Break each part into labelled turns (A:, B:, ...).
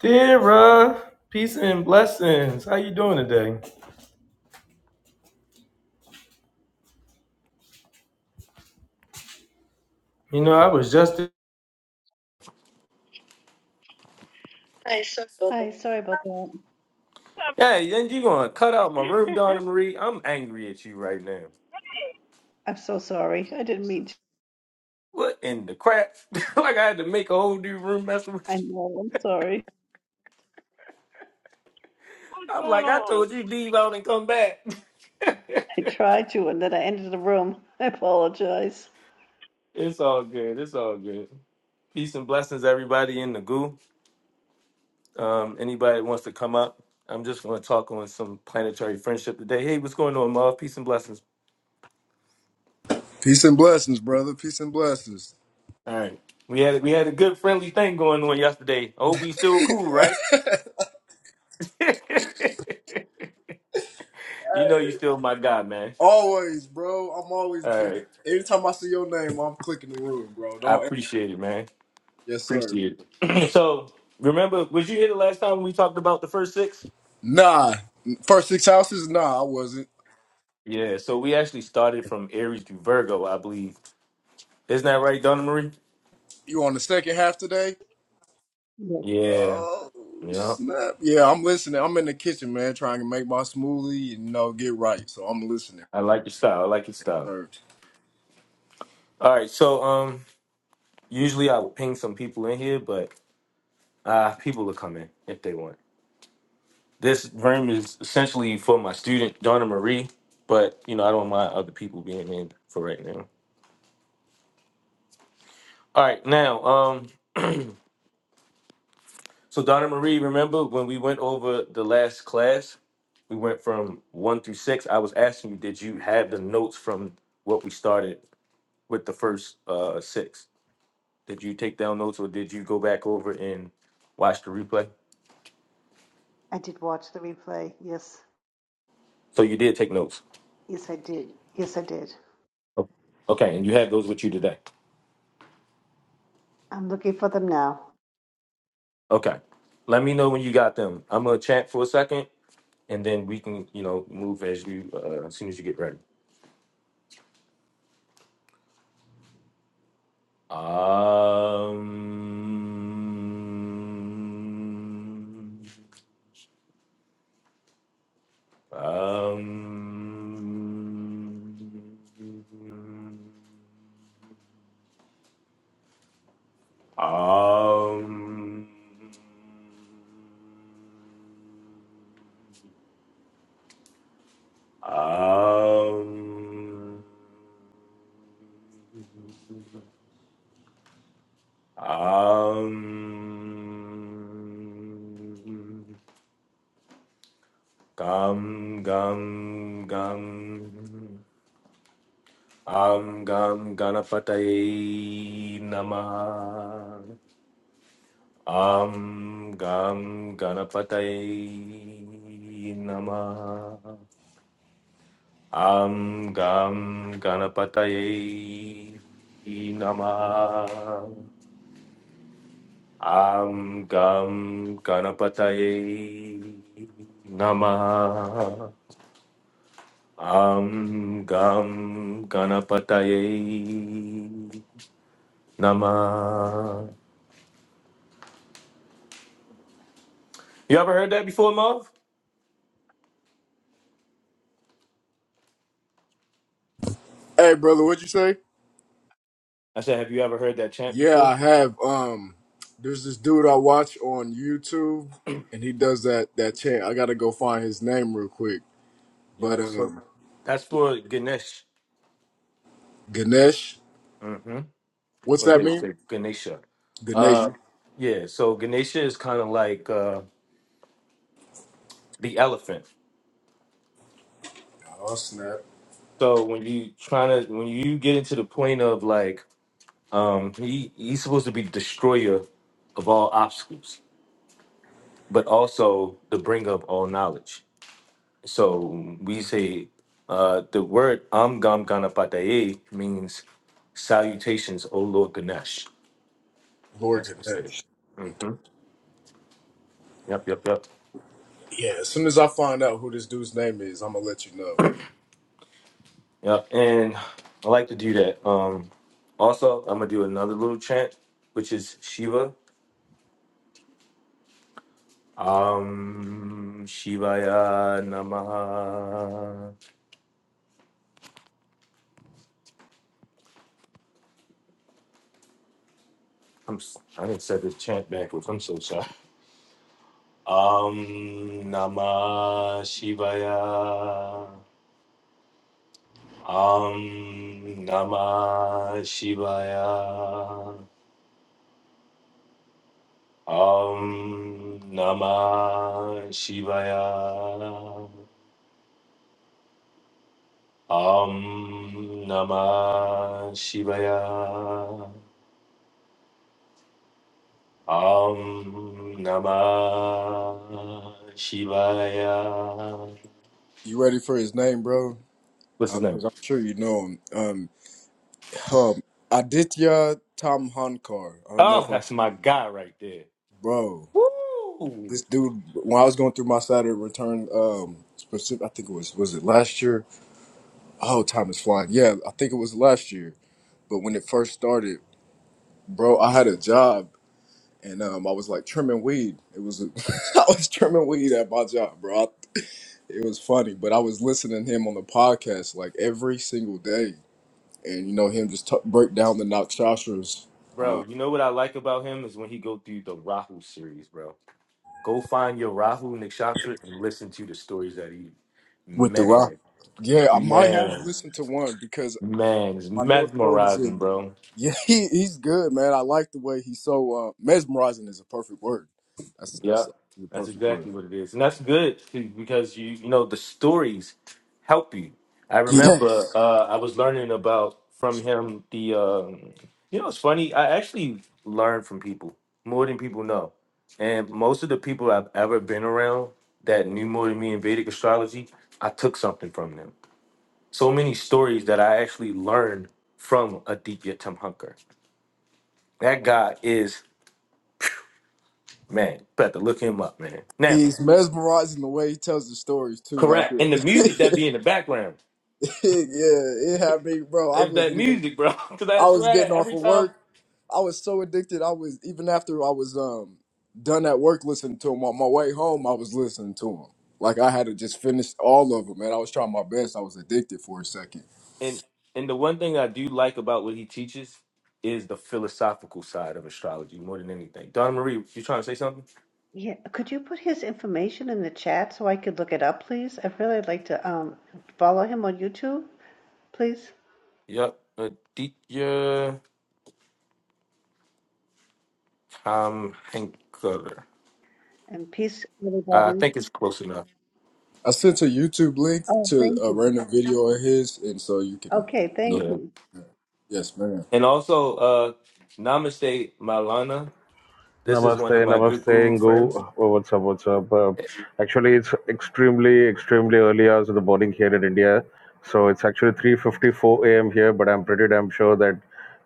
A: Dear peace and blessings. How you doing today? You know, I was just.
B: Hi, sorry about that.
A: Hey, and you gonna cut out my room, Donna
C: What's
A: Marie? I'm angry at you right now.
B: I'm so sorry. I didn't mean to.
A: What in the crap? like I had to make a whole new room messing with
B: I know, I'm sorry.
A: you. I'm
C: going
A: like, I
C: on?
A: told you leave out and come back.
B: I tried to and then I entered the room. I apologize.
A: it's all good. It's all good. Peace and blessings, everybody in the goo. Um, anybody that wants to come up, I'm just gonna talk on some planetary friendship today. Hey, what's going on, Mav? Peace and blessings.
D: Peace and blessings, brother. Peace and blessings.
A: All right. We had we had a good friendly thing going on yesterday. I hope he's still cool, right? you know you still my guy, man.
D: always, bro. I'm always
A: All
D: been.
A: right.
D: Anytime I see your name, I'm clicking the room, bro.
A: I
D: Don't.
A: appreciate it, man.
D: Yes, sir.
A: Appreciate it. so remember, was you here the last time we talked about the first six?
D: Nah. First six houses. Nah, I wasn't.
A: Yeah, so we actually started from Aries to Virgo, I believe. Isn't that right, Donna Marie?
D: You on the second half today?
B: Yes,
A: Yeah.
D: Oh
A: Yeah.
D: snap! Yeah, I'm listening. I'm in the kitchen, man, trying to make my smoothie and you know get right. So I'm listening,
A: I like your style. I like your style.
D: sir.
A: All right, so um usually I would ping some people in here, but uh people will come in if they want. This room is essentially for my student Donna Marie, but you know I don't mind other people being in for right now. All right, now, um, so Donna Marie, remember when we went over the last class? We went from one through six. I was asking you, did you have the notes from what we started with the first uh six? Did you take down notes, or did you go back over and watch the replay?
B: I did watch the replay. Yes,
A: So you did take notes.
B: yes, I did. Yes, I did.
A: O- Okay, and you have those with you today.
B: I'm looking for them now.
A: Okay. Let me know when you got them. I'm gonna chat for a second and then we can, you know, move as you uh, as soon as you get ready. Um, um, um, um, um, Gam gam gam Am gam ganapataye namah Am gam ganapataye namah Am gam ganapataye namah Am gam ganapataye namah Am Gam Ganapataye Nama. You ever heard that before, Mav?
D: Hey, brother, what would you say?
A: I said, have you ever heard that chant
D: Yeah,
A: before?
D: I have. Um, there's this dude I watch on YouTube, and he does that that chant. I gotta go find his name real quick. But
A: Yep. So
D: um,
A: that's for Ganesh.
D: Ganesh,
A: Mm-hmm.
D: what's
A: Or
D: that
A: they would
D: mean?
A: say Ganesha.
D: Ganesh.
A: Uh, yeah. So Ganesha is kind of like uh, the elephant.
D: Oh snap,
A: So when you trying to when you get into the point of like um, he he's supposed to be the destroyer of all obstacles, but also the bringer of all knowledge. So we say uh, the word Am Gam Ganapataye means salutations, O Lord Ganesh.
D: Lord
A: That's what it says.
D: Ganesh.
A: hmm Yep, yep, yep.
D: Yeah, as soon as I find out who this dude's name is, I'm gonna let you know.
A: Yep. And I like to do that. Um, also, I'm going to do another little chant, which is Shiva. Um, Shivaya Namaha. I'm, s- I didn't say this chant backwards. I'm so sorry. Um, Namah Shivaya. Om Namah Shivaya. Om Namah Shivaya. Om Namah Shivaya. Om Namah Shivaya.
D: You ready for his name, bro?
A: What's his name?
D: Because I'm sure you know him. Um, um, Aditya Tamhankar. I don't know
A: Oh,
D: if I,
A: that's
D: s-
A: my guy right there.
D: bro.
A: Woo!
D: this dude when I was going through my Saturday return um specific I think it was was it last year? Oh, time is flying. Yeah, I think it was last year. But when it first started, bro, I had a job and um I was like trimming weed. It was I was trimming weed at my job, bro. I, it was funny, but I was listening to him on the podcast like every single day and you know him just t- break down the Nock Shostra's uh
A: Bro, you know what I like about him is when he go through the Rahu series, bro. Go find your Rahu Nikshatra and listen to the stories that he.
D: with the rock.
A: Man,
D: Yeah, I might have
A: man,
D: listened to one because
A: man, it's
D: My North Node is
A: mesmerizing,
D: in.
A: bro.
D: Yeah, he, he's good, man. I like the way he's so uh, mesmerizing. Is a perfect word. That's that's
A: Yep,
D: the
A: that's
D: perfect
A: exactly
D: word.
A: what it is, and that's good too, because you you know the stories help you. I remember
D: Yes,
A: uh, I was learning about from him the um you know it's funny I actually learn from people more than people know, and most of the people I've ever been around that knew more than me in Vedic astrology, I took something from them so many stories that I actually learned from Aditya Tamhankar. That guy is man. Better look him up, man. Now,
D: he's mesmerizing the way he tells the stories too. Like
A: correct.
D: it,
A: And the music that be in the background,
D: yeah, it had me, bro. I
A: it's that
D: wasn't even.
A: music, bro. Because I
D: I was
A: swear,
D: getting off
A: every
D: of
A: time.
D: work. I was so addicted. I was even after I was um done at work listening to him on my way home. I was listening to him. Like I had to just finish all of them, man. I was trying my best. I was addicted for a second.
A: And and the one thing I do like about what he teaches is the philosophical side of astrology more than anything. Donna Marie, you trying to say something?
B: Yeah, could you put his information in the chat so I could look it up, please? I'd really like to um follow him on YouTube, please.
A: Yep. Aditya Tamhankar.
B: And peace,
A: I
B: everybody.
A: think it's close enough.
D: I sent a YouTube link
B: Oh,
D: to
B: thank
D: a
B: you.
D: random video of his, and so you can,
B: Okay,
D: you
B: thank
A: Yeah.
B: you.
D: know, yes, man.
A: And also, uh, Namaste Malana. This is
E: Namaste,
A: one of my good
E: namaste,
A: guru friends.
E: Ngu. Oh, what's up, what's up? Uh, actually, it's extremely, extremely early hours of the morning here in India. So it's actually 3.54 a.m. here, but I'm pretty damn sure that,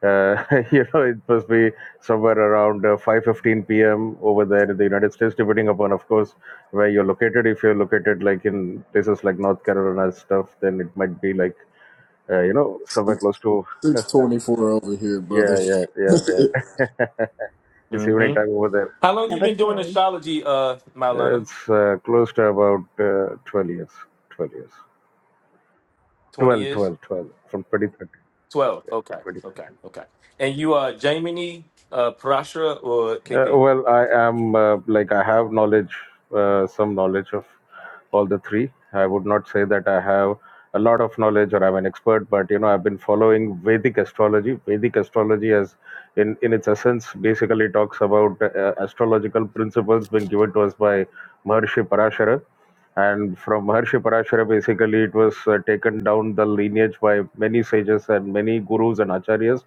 E: uh, you know, it must be somewhere around uh, 5.15 p.m. over there in the United States, depending upon, of course, where you're located. If you're located, like, in places like North Carolina and stuff, then it might be, like, uh, you know, somewhere
D: Six
E: close to,
D: six twenty four over here, brother.
E: yeah, yeah, yeah, yeah. it's evening
A: hmm
E: time over there.
A: How long you
B: Number
A: been doing
B: three.
A: astrology, uh, Malana?
E: It's uh, close to about uh, 12 years. 12 years.
A: Twenty
E: 12,
A: years?
E: 12, 12. From 2013.
A: Twelve. Okay,
E: 2013.
A: okay, okay. And you are Jaimini, uh, Parashara, or
E: Uh,
A: KP?
E: well, I am uh, like I have knowledge, uh, some knowledge of all the three. I would not say that I have a lot of knowledge or I'm an expert, but you know I've been following Vedic astrology. Vedic astrology, as in in its essence, basically talks about uh, astrological principles being given to us by Maharshi Parashara, and from Maharshi Parashara, basically it was uh, taken down the lineage by many sages and many gurus and acharyas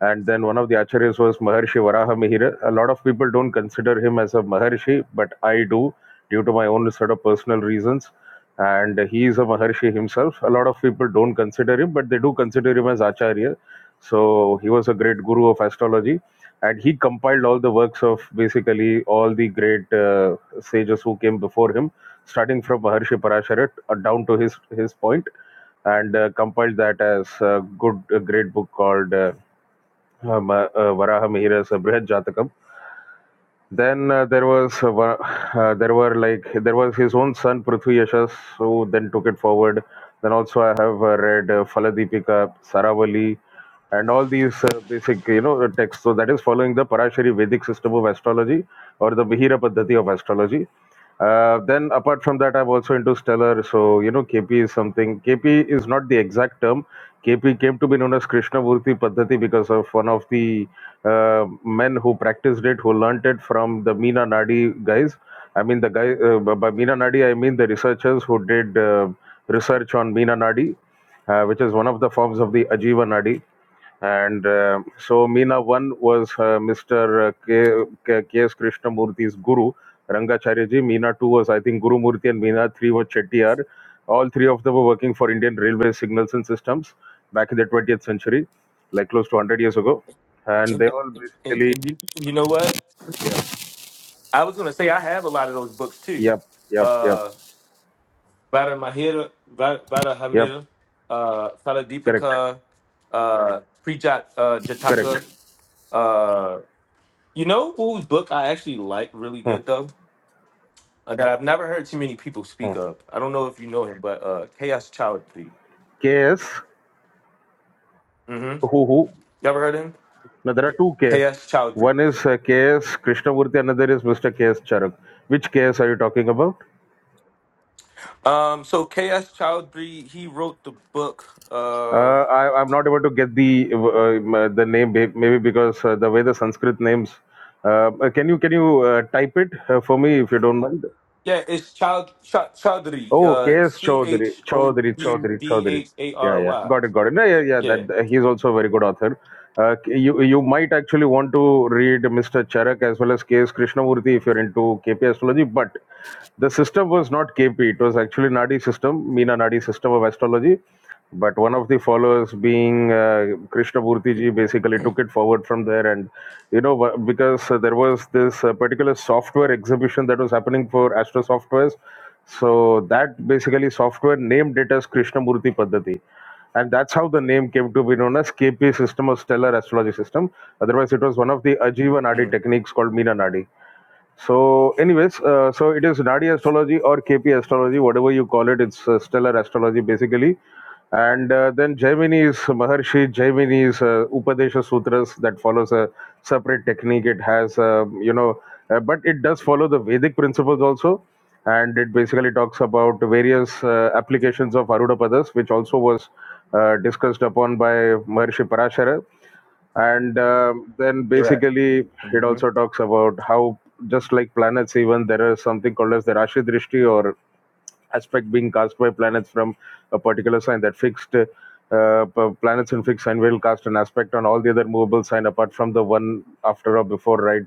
E: and then one of the acharyas was Maharshi Varaha Mihira. A lot of people don't consider him as a Maharshi, but I do due to my own sort of personal reasons. And he is a Maharshi himself. A lot of people don't consider him, but they do consider him as Acharya. So he was a great guru of astrology. And he compiled all the works of basically all the great uh, sages who came before him, starting from Maharshi Parashara uh, down to his, his point and uh, compiled that as a good a great book called Uh, uh, Ma- uh, Varaha Mihira's uh, Jatakam. Then uh, there was uh, Va- uh, there were like there was his own son Prithvi Yashas who then took it forward. Then also I have uh, read uh, Faladipika, Saravali, and all these uh, basic you know texts. So that is following the Parashari Vedic system of astrology or the Bihira Paddhati of astrology. Uh, then apart from that, I'm also into stellar. So you know, KP is something. KP is not the exact term. KP came to be known as Krishnamurti Paddhati because of one of the uh, men who practiced it, who learnt it from the Meena Nadi guys. I mean, the guy uh, by by Meena Nadi, I mean the researchers who did uh, research on Meena Nadi, uh, which is one of the forms of the Ajiva Nadi. And uh, so Meena 1 was uh, Mr. K. K. K S Krishnamurthy's guru, Rangacharya ji. Meena 2 was, I think, Guru Murthy, and Meena 3 was Chettiar. All three of them were working for Indian Railway Signals and Systems back in the 20th century, like close to 100 years ago. And they
A: And,
E: all
A: and,
E: basically,
A: and you, you know what? I was gonna say I have a lot of those books too.
E: yep, yep, yep,
A: Uh, Vada Mahira, Va- Vada
E: yep,
A: Hamira, uh,
E: correct,
A: Saladipika, uh, Prijat uh,
E: correct.
A: Jataka. uh, You know whose book I actually like really
E: Hmm,
A: good though? Uh, that I've never heard too many people
E: hmm.
A: speak of. I don't know if you know him, but uh K.S. Chowdhury.
E: K.S.
A: Mm-hmm.
E: Who who?
A: You ever heard of him?
E: Now there are two Ks.
A: K.S. Chowdhury.
E: One is uh, KS Krishnamurti, another is Mr. KS Charak. Which KS are you talking about?
A: Um, so K.S. Chowdhury, he wrote the book.
E: Uh,
A: Uh,
E: I, I'm not able to get the uh, the name, may- maybe because uh, the way the Sanskrit names. Uh, uh, can you can you uh, type it uh, for me if you don't mind?
A: yeah, it's Chow Chow- Chowdhury.
E: Oh,
A: Uh,
E: KS
A: C
E: Chaudhary,
A: H O
E: Chaudhary,
A: U
E: Chaudhary,
A: D
E: Chaudhary.
A: H A
E: Yeah,
A: R
E: yeah,
A: Y.
E: got it, got it. No, yeah, yeah.
A: Yeah.
E: That uh, he's also a very good author. Uh, you you might actually want to read Mr. Charak as well as KS Krishnamurti if you're into KP astrology, but The system was not KP. It was actually Nadi system, Meena Nadi system of astrology. But one of the followers, being uh, Krishnamurti ji, basically took it forward from there. And you know, wha- because uh, there was this uh, particular software exhibition that was happening for Astro Softwares, so that basically software named it as Krishnamurti Paddhati and that's how the name came to be known as KP system or stellar astrology system. Otherwise, it was one of the Ajiva Nadi
A: Mm,
E: techniques called Meena Nadi. So, anyways, uh, so it is Nadi astrology or KP astrology, whatever you call it. It's uh, stellar astrology, basically. And uh, then Jaimini's Maharshi, Jaimini's uh, Upadesha Sutras that follows a separate technique. It has, uh, you know, uh, but it does follow the Vedic principles also. And it basically talks about various uh, applications of Arudapadas, which also was uh, discussed upon by Maharshi Parashara and um, then
A: correct.
E: basically it
A: hmm
E: also talks about how just like planets even there is something called as the rashi drishti or aspect being cast by planets from a particular sign that fixed uh, p- planets in fixed sign will cast an aspect on all the other movable sign apart from the one after or before right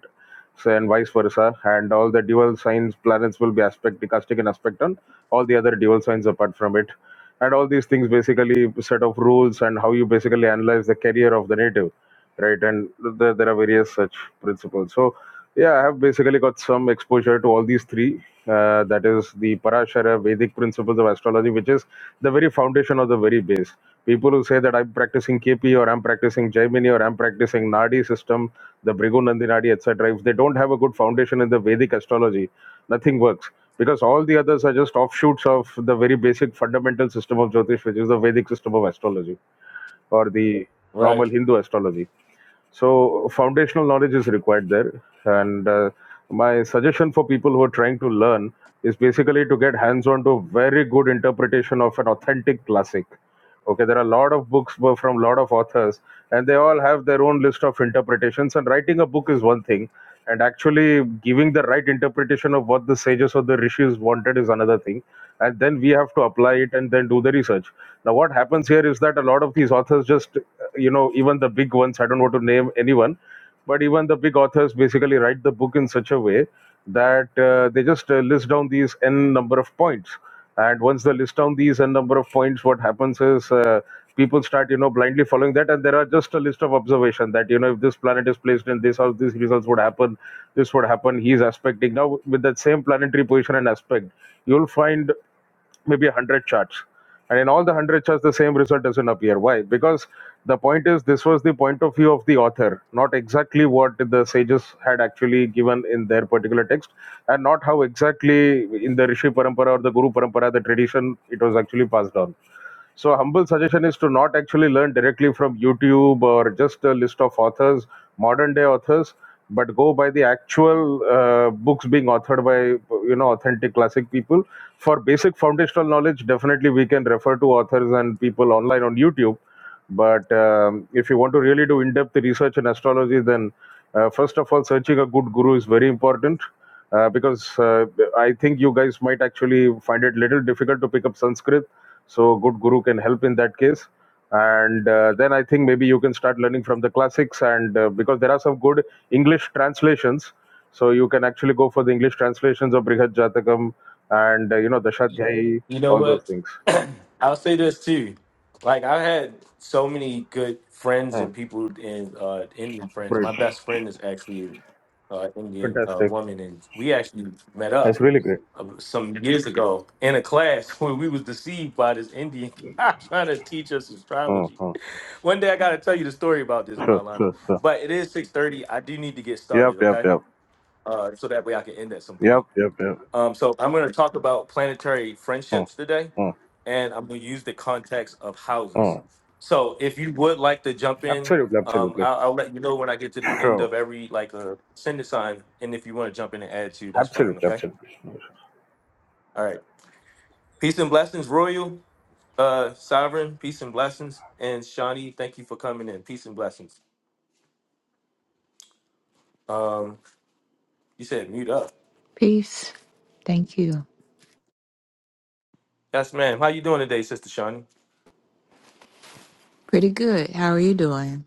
E: so and vice versa. And all the dual signs planets will be aspect stochastic and aspect on all the other dual signs apart from it. And all these things basically set of rules and how you basically analyze the career of the native, right? And there, there are various such principles. So yeah, I have basically got some exposure to all these three. Uh, that is the Parashara Vedic principles of astrology, which is the very foundation of the very base. People who say that I'm practicing KP or I'm practicing Jaimini or I'm practicing Nadi system the Brigu Nandinadi, etc., if they don't have a good foundation in the Vedic astrology, nothing works. Because all the others are just offshoots of the very basic fundamental system of Jyotish, which is the Vedic system of astrology or the
A: Right.
E: normal Hindu astrology. So, foundational knowledge is required there. And uh, my suggestion for people who are trying to learn is basically to get hands on to very good interpretation of an authentic classic okay there are a lot of books from a lot of authors and they all have their own list of interpretations and writing a book is one thing and actually giving the right interpretation of what the sages or the rishis wanted is another thing and then we have to apply it and then do the research now what happens here is that a lot of these authors just uh, you know even the big ones i don't want to name anyone but even the big authors basically write the book in such a way that uh, they just uh, list down these n number of points and once they list down these n number of points what happens is uh, people start you know blindly following that and there are just a list of observation that you know if this planet is placed in this or these results would happen this would happen he is aspecting now with that same planetary position and aspect you'll find maybe 100 charts and in all the 100 charts the same result doesn't appear why because the point is this was the point of view of the author not exactly what the sages had actually given in their particular text and not how exactly in the rishi parampara or the guru parampara the tradition it was actually passed on so humble suggestion is to not actually learn directly from YouTube or just a list of authors, modern day authors, but go by the actual uh, books being authored by you know authentic classic people. For basic foundational knowledge, definitely we can refer to authors and people online on YouTube. But um, if you want to really do in-depth research in astrology, then uh, first of all, searching a good guru is very important. Uh, because uh, I think you guys might actually find it little difficult to pick up Sanskrit so good guru can help in that case. And uh, then I think maybe you can start learning from the classics, and uh, because there are some good English translations, so you can actually go for the English translations of Brihad Jatakam and uh, you know Dashadhyayi,
A: You know
E: all those
A: what?
E: things.
A: I'll say this too. Like I had so many good friends
E: Hmm.
A: and people and uh, Indian friends.
E: Great,
A: My best friend is actually an uh, Indian uh,
E: fantastic.
A: woman, and we actually met
E: That's
A: up
E: really great.
A: uh, some years ago in a class where we was deceived by this Indian guy trying to teach us
E: Hmm,
A: astrology.
E: hmm.
A: One day I got to tell you the story about this,
E: Sure,
A: Marlana.
E: sure, sure.
A: But it is six thirty. I do need to get
E: Yep,
A: started,
E: yep,
A: okay?
E: yep,
A: Uh, so that way I can end at some point.
E: yep, yep, yep.
A: Um, so I'm going to talk about planetary
E: Hmm,
A: friendships today,
E: hmm,
A: and I'm going to use the context of houses.
E: hmm.
A: So if you would like to jump in,
E: Absolutely,
A: um,
E: absolutely.
A: I'll, I'll let you know when I get to the end
E: Sure,
A: of every like uh, send a sign, and if you want to jump in and add to, that's fine.
E: absolutely,
A: Okay.
E: absolutely.
A: All right. Peace and blessings, Royal, uh, Sovereign. Peace and blessings, and Shawnee. Thank you for coming in. Peace and blessings. Um, you said mute up.
F: Peace. Thank you.
A: Yes, ma'am. How you doing today, Sister Shawnee?
F: Pretty good. How are you doing?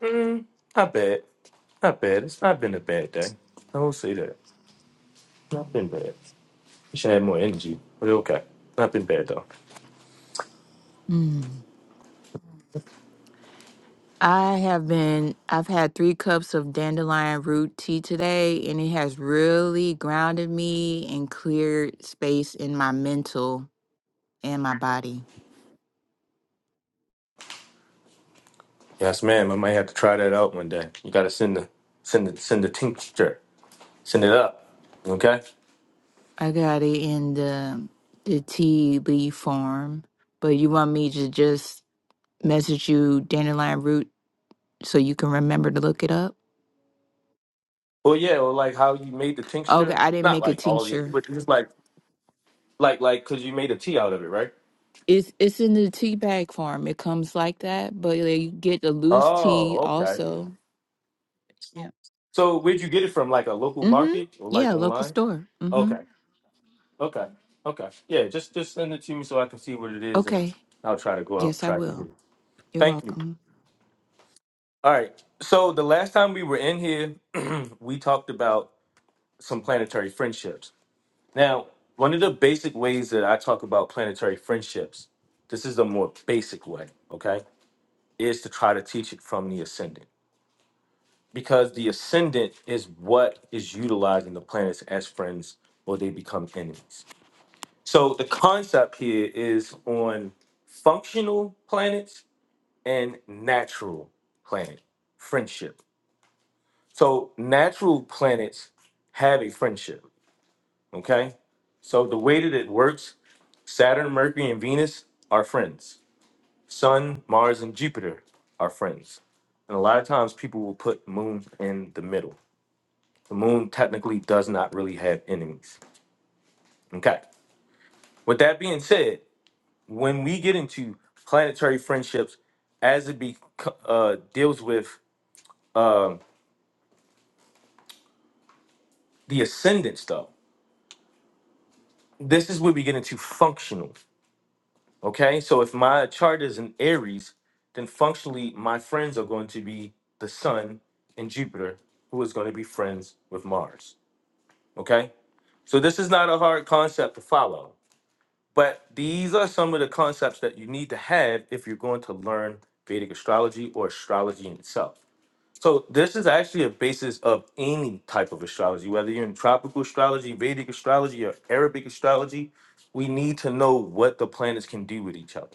A: Mm, not bad. Not bad. It's not been a bad day. I will say that. Not been bad. Wish I had more energy, but okay. Not been bad though.
F: Mm. I have been, I've had three cups of dandelion root tea today, and it has really grounded me and cleared space in my mental and my body.
A: Yes, ma'am. I might have to try that out one day. You gotta send the send the send the tincture. Send it up. Okay.
F: I got it in the, the tea leaf form, but you want me to just message you dandelion root so you can remember to look it up?
A: Well, yeah. Or like how you made the
F: Okay,
A: tincture.
F: I didn't
A: Not
F: make a
A: like all the,
F: tincture.
A: but just like like like because you made a tea out of it, right?
F: It's it's in the tea bag form. It comes like that, but they get the loose tea
A: Oh, okay.
F: also. Yeah.
A: So where'd you get it from? Like a local
F: Mm-hmm.
A: market or like
F: Yeah, local
A: online?
F: store. Mm-hmm.
A: Okay. Okay. Okay. Yeah. Just just send it to me so I can see what it is, and
F: Okay.
A: I'll try to go out and
F: Yes, I
A: try to get
F: will.
A: it.
F: You're
A: Thank you.
F: welcome.
A: All right. So the last time we were in here, we talked about some planetary friendships. Now, one of the basic ways that I talk about planetary friendships, this is the more basic way, okay, is to try to teach it from the ascendant. Because the ascendant is what is utilizing the planets as friends or they become enemies. So the concept here is on functional planets and natural planet friendship. So natural planets have a friendship, okay? So the way that it works, Saturn, Mercury, and Venus are friends. Sun, Mars, and Jupiter are friends. And a lot of times people will put moon in the middle. The moon technically does not really have enemies. Okay. With that being said, when we get into planetary friendships, as it be, uh, deals with um the ascendants, though, this is where we get into functional. Okay, so if my chart is in Aries, then functionally my friends are going to be the Sun and Jupiter, who is going to be friends with Mars. Okay, so this is not a hard concept to follow, but these are some of the concepts that you need to have if you're going to learn Vedic astrology or astrology in itself. So this is actually a basis of any type of astrology, whether you're in tropical astrology, Vedic astrology, or Arabic astrology. We need to know what the planets can do with each other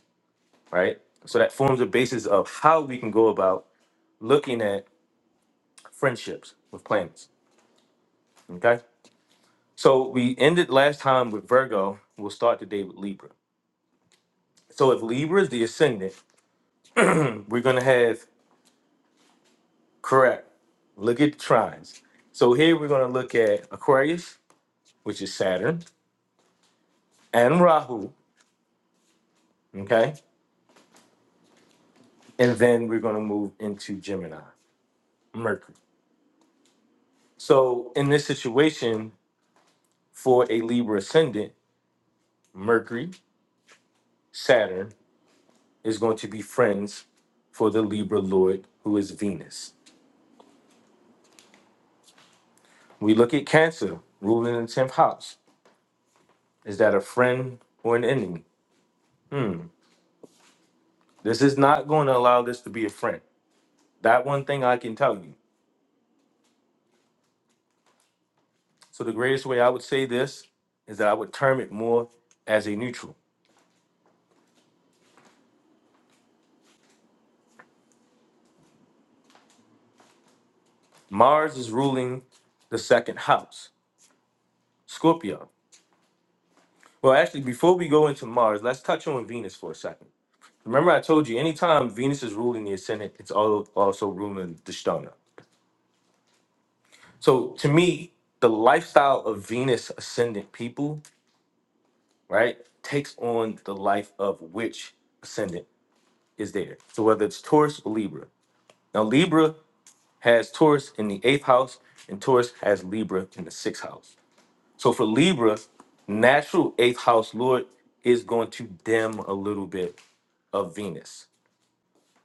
A: right? So that forms the basis of how we can go about looking at friendships with planets. Okay. So we ended last time with Virgo. We'll start today with Libra. So if Libra is the ascendant, we're gonna have correct. Look at the trines. So here we're gonna look at Aquarius, which is Saturn, and Rahu. Okay. And then we're gonna move into Gemini, Mercury. So in this situation, for a Libra ascendant, Mercury, Saturn, is going to be friends for the Libra Lord, who is Venus. We look at Cancer ruling in the 10th house. Is that a friend or an enemy? This is not going to allow this to be a friend. That one thing I can tell you. So, the greatest way I would say this is that I would term it more as a neutral. Mars is ruling the second house, Scorpio. Well, actually, before we go into Mars, let's touch on Venus for a second. Remember, I told you anytime Venus is ruling the ascendant, it's al- also ruling the stone. So to me, the lifestyle of Venus ascendant people, right, takes on the life of which ascendant is there. So whether it's Taurus or Libra. Now Libra has Taurus in the eighth house, and Taurus has Libra in the sixth house. So for Libra, natural eighth house lord is going to dim a little bit of Venus.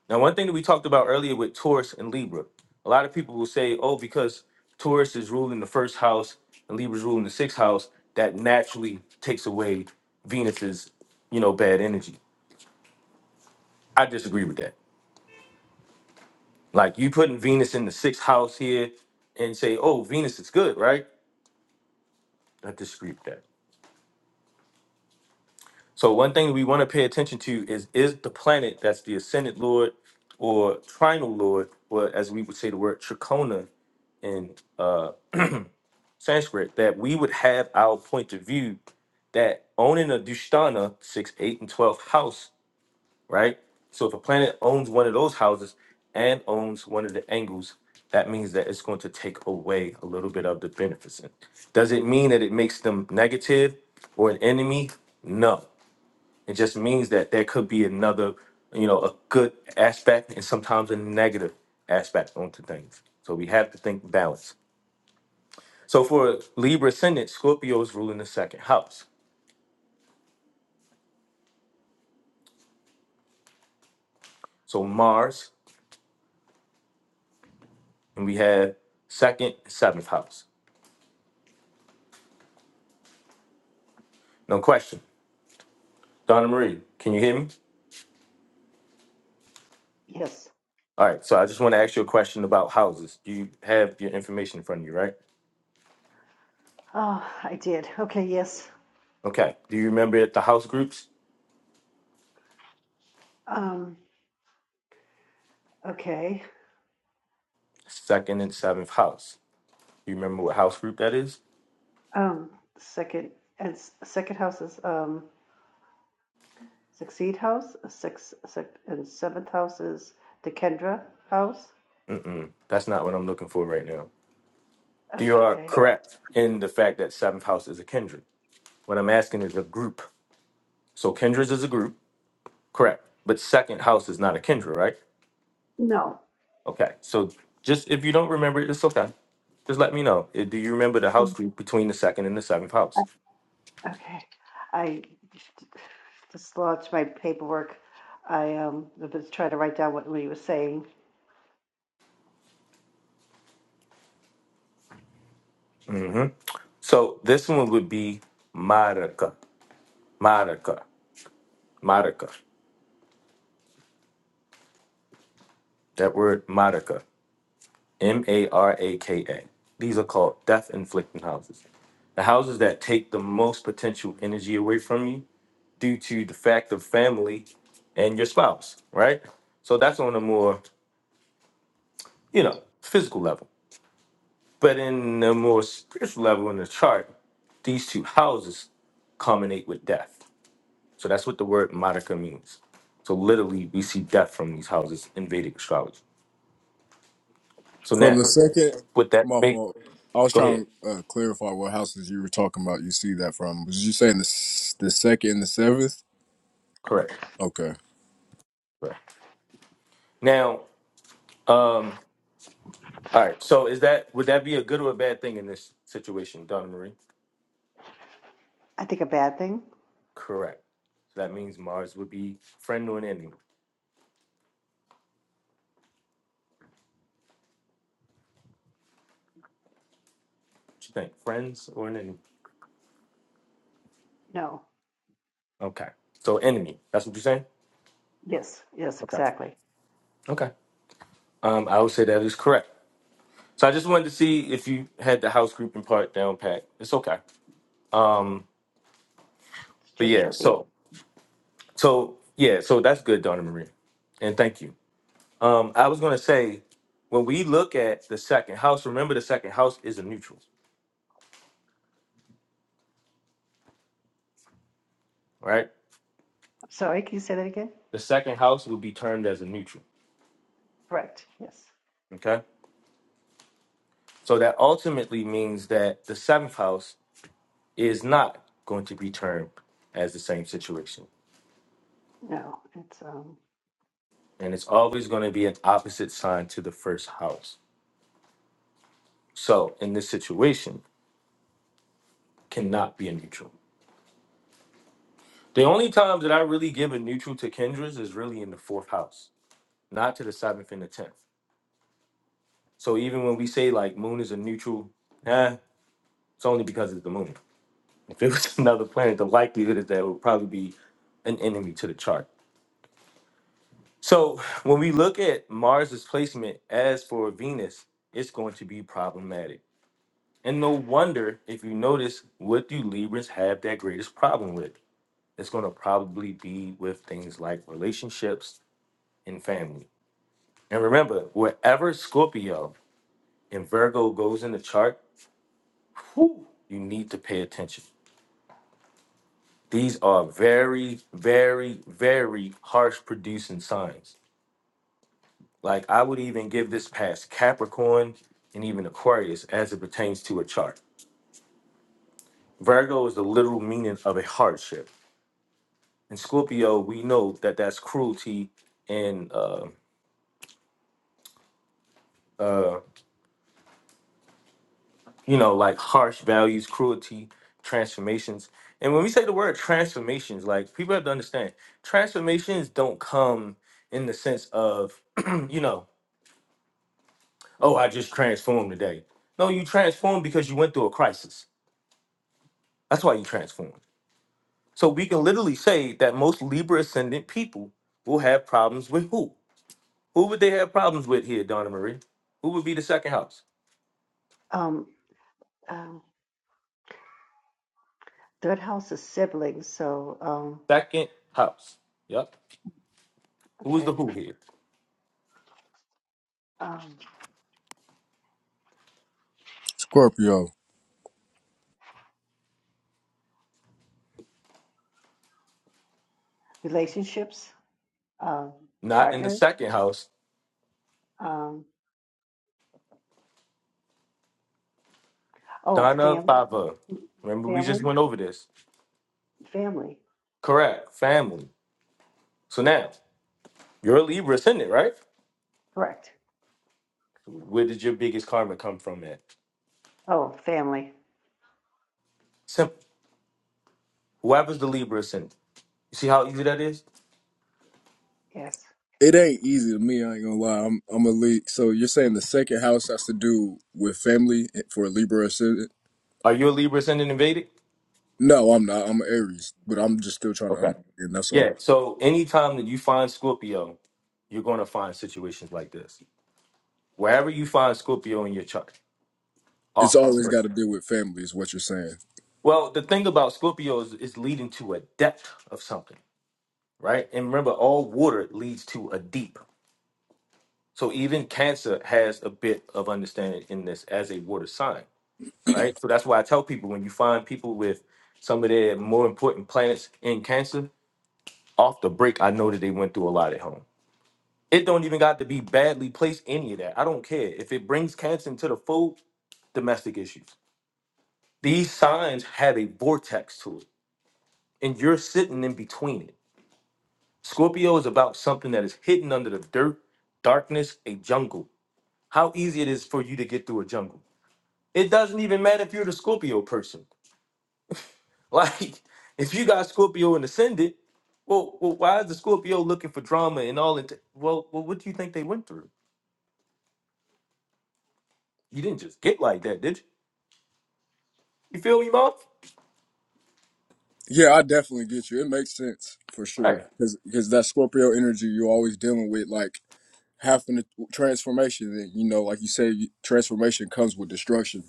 A: Now, one thing that we talked about earlier with Taurus and Libra, a lot of people will say, oh, because Taurus is ruling the first house and Libra's ruling the sixth house, that naturally takes away Venus's, you know, bad energy. I disagree with that. Like you putting Venus in the sixth house here and say, oh, Venus is good, right? I disagree with that. So one thing we want to pay attention to is is the planet that's the ascendant lord or trinal lord, or as we would say the word trichona in uh Sanskrit, that we would have our point of view that owning a Dushtana, six, eight, and twelfth house, right? So if a planet owns one of those houses and owns one of the angles, that means that it's going to take away a little bit of the beneficent. Does it mean that it makes them negative or an enemy? No. It just means that there could be another, you know, a good aspect and sometimes a negative aspect onto things. So we have to think balance. So for Libra ascendant, Scorpio is ruling the second house. So Mars, and we have second, seventh house. No question. Donna Marie, can you hear me?
B: Yes.
A: All right. So I just want to ask you a question about houses. Do you have your information in front of you, right?
B: Oh, I did. Okay, yes.
A: Okay. Do you remember the house groups?
B: Um, Okay.
A: Second and seventh house. Do you remember what house group that is?
B: Um, second and s- second house is um succeed house. Six, six and seventh house is the Kendra house.
A: Mm-mm. That's not what I'm looking for right now. You are
B: Okay.
A: correct in the fact that seventh house is a kindred. What I'm asking is a group. So kindreds is a group. Correct. But second house is not a Kendra, right?
B: No.
A: Okay. So just if you don't remember it, it's okay. Just let me know. Uh, Do you remember the house
B: Um,
A: group between the second and the seventh
B: I-
A: house?
B: Okay. I just launched my paperwork. I um was trying to write down what Lee was saying.
A: So this one would be Maraka. Maraka. Maraka. That word Maraka. M A R A K A. These are called death inflicting houses. The houses that take the most potential energy away from you due to the fact of family and your spouse, right? So that's on a more, you know, physical level. But in the more spiritual level in the chart, these two houses culminate with death. So that's what the word Monica means. So literally, we see death from these houses in Vedic astrology. So
D: From
A: now,
D: the second,
A: with that
D: my
A: make
D: fault. I was
A: go ahead.
D: trying to uh, clarify what houses you were talking about. You see that from? Was you saying the s- the second and the seventh?
A: Correct.
D: Okay,
A: Correct. Now, um, all right. So is that would that be a good or a bad thing in this situation, Donna Marie?
B: I think a bad thing.
A: Correct. So that means Mars would be friend or an enemy. What you think? Friends or an enemy?
B: No.
A: Okay. So enemy. That's what you're saying?
B: Yes. Yes.
A: Okay.
B: Exactly.
A: Okay. Um, I would say that is correct. So I just wanted to see if you had the house grouping part down pat. It's okay. Um,
B: It's
A: but yeah,
B: Jupiter being.
A: so so yeah, so that's good, Donna Maria, and thank you. Um, I was gonna say when we look at the second house, remember the second house is a neutral, right?
B: I'm sorry. Can you say that again?
A: The second house will be termed as a neutral.
B: Correct. Yes.
A: Okay, so that ultimately means that the seventh house is not going to be termed as the same situation,
B: No. It's um
A: and it's always going to be an opposite sign to the first house So in this situation, cannot be a neutral. The only times that I really give a neutral to Kendra's is really in the fourth house, not to the seventh and the tenth. So even when we say like moon is a neutral, eh, it's only because it's the moon. If it was another planet, the likelihood is that it would probably be an enemy to the chart. So when we look at Mars's placement as for Venus, it's going to be problematic. And no wonder if you notice what do Libras have that greatest problem with? it's going to probably be with things like relationships and family. And remember, wherever Scorpio and Virgo goes in the chart, whew, you need to pay attention. These are very, very, very harsh producing signs. Like I would even give this past Capricorn and even Aquarius as it pertains to a chart. Virgo is the literal meaning of a hardship. In Scorpio, we know that that's cruelty and uh, uh, you know, like harsh values, cruelty, transformations. And when we say the word transformations, like people have to understand, transformations don't come in the sense of, you know, oh, I just transformed today. No, you transformed because you went through a crisis. That's why you transformed. So we can literally say that most Libra ascendant people will have problems with who? Who would they have problems with here, Donna Marie? Who would be the second house?
B: um um third house is siblings. So um
A: Second house. Yep. Who is the
B: okay
A: who here?
B: um
D: Scorpio.
B: relationships um
A: Not in the
B: partner
A: second house
B: um oh
A: Donna
B: family
A: Papa. Remember, we just
B: family
A: went over this.
B: Family,
A: Correct. Family. So now, you're a Libra ascendant, right?
B: correct.
A: Where did your biggest karma come from at?
B: Oh, family.
A: Simple. Whoever's the Libra ascendant. You see how easy that is?
B: Yes.
D: It ain't easy to me. I ain't gonna lie. I'm I'm a leak. So you're saying the second house has to do with family for Libra
A: Are you a Libra ascendant and Vedic?
D: No, I'm not. I'm an Aries, but I'm just still trying to
A: Okay.
D: understand. That's all.
A: Yeah. So anytime that you find Scorpio, you're going to find situations like this. Wherever you find Scorpio in your chart,
D: It's
A: off the
D: always got
A: script.
D: to deal with family, is what you're saying.
A: Well, the thing about Scorpio is it's leading to a depth of something, right? And remember, all water leads to a deep. So even Cancer has a bit of understanding in this as a water sign, right? So that's why I tell people when you find people with some of their more important planets in Cancer, off the break, I know that they went through a lot at home. It don't even got to be badly placed, any of that. I don't care. If it brings Cancer into the fold, domestic issues. These signs have a vortex to it, and you're sitting in between it. Scorpio is about something that is hidden under the dirt, darkness, a jungle. How easy it is for you to get through a jungle It doesn't even matter if you're the Scorpio person. Like, if you got Scorpio and ascendant, well, well, why is the Scorpio looking for drama and all that? Well, well, what do you think they went through? You didn't just get like that, did you? You feel me, Mark?
D: Yeah, I definitely get you. It makes sense for
A: Right.
D: sure, because that Scorpio energy, you're always dealing with like having the transformation. And you know, like you say, you- transformation comes with destruction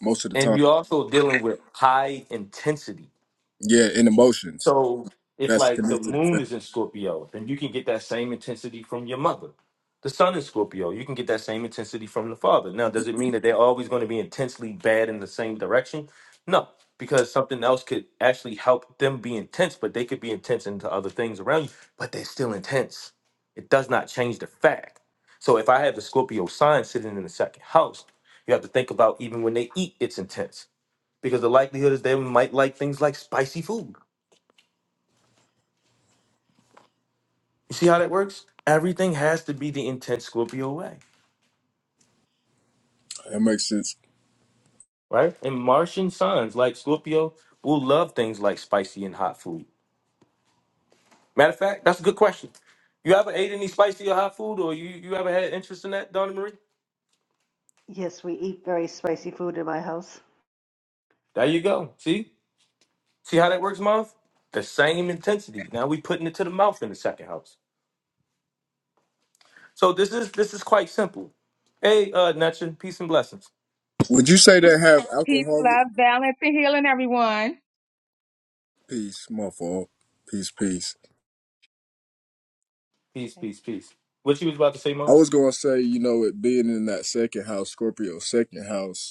D: most of the
A: And
D: time.
A: you're also dealing with high intensity.
D: Yeah, and emotions
A: So if
D: that's
A: like the
D: connected. To
A: moon is
D: family.
A: in Scorpio, then you can get that same intensity from your mother. The sun is Scorpio, you can get that same intensity from the father. Now, does it mean that they're always going to be intensely bad in the same direction? No, because something else could actually help them be intense, but they could be intense into other things around you, but they're still intense. It does not change the fact. So if I have the Scorpio sign sitting in the second house, you have to think about even when they eat, it's intense because the likelihood is they might like things like spicy food You see how that works? Everything has to be the intense Scorpio way,
D: That makes sense.
A: right? And Martian sons like Scorpio will love things like spicy and hot food. Matter of fact, that's a good question. You ever ate any spicy or hot food, or you, you ever had interest in that, Donna Marie?
B: Yes, we eat very spicy food in my house.
A: There you go. See? See how that works, Marv? The same intensity. Now we putting it to the mouth in the second house. So this is this is quite simple. Hey, uh, Nacha, peace and blessings.
D: Would you say they have
G: Peace,
D: alcoholic?
G: love, balance, and healing, everyone.
D: Peace, my fault. Peace, peace.
A: Peace,
G: Okay.
A: peace, peace. What you was about to say,
D: I
A: Marv?
D: was gonna say, you know, it being in that second house, Scorpio second house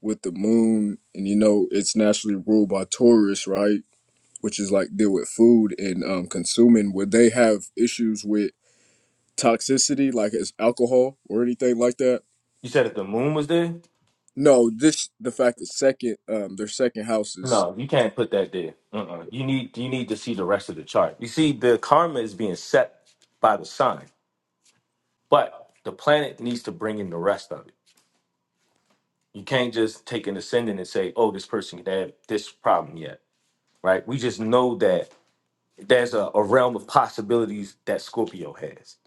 D: with the moon, and you know it's naturally ruled by Taurus, right? Which is like deal with food and um, consuming. Would they have issues with toxicity, like as alcohol or anything like that?
A: You said if the moon was there?
D: No, this the fact that second, um, their second house is
A: No, you can't put that there. Uh-uh. You need you need to see the rest of the chart. You see, the karma is being set by the sign, but the planet needs to bring in the rest of it. You can't just take an ascendant and say, "Oh, this person can have this problem yet." Right? We just know that there's a, a realm of possibilities that Scorpio has.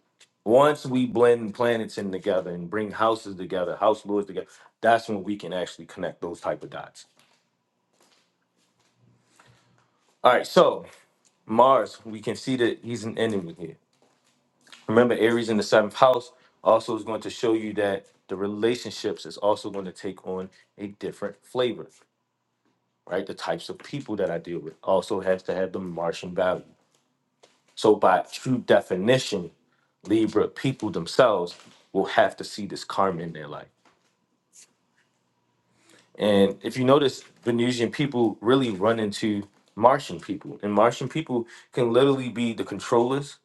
A: Once we blend planets in together and bring houses together, house lords together, that's when we can actually connect those type of dots. All right, so Mars, we can see that he's an enemy here. Remember, Aries in the seventh house also is going to show you that the relationships is also going to take on a different flavor, right? The types of people that I deal with also has to have the Martian value. So, by true definition, Libra people themselves will have to see this karma in their life. And if you notice, Venusian people really run into Martian people, and Martian people can literally be the controllers,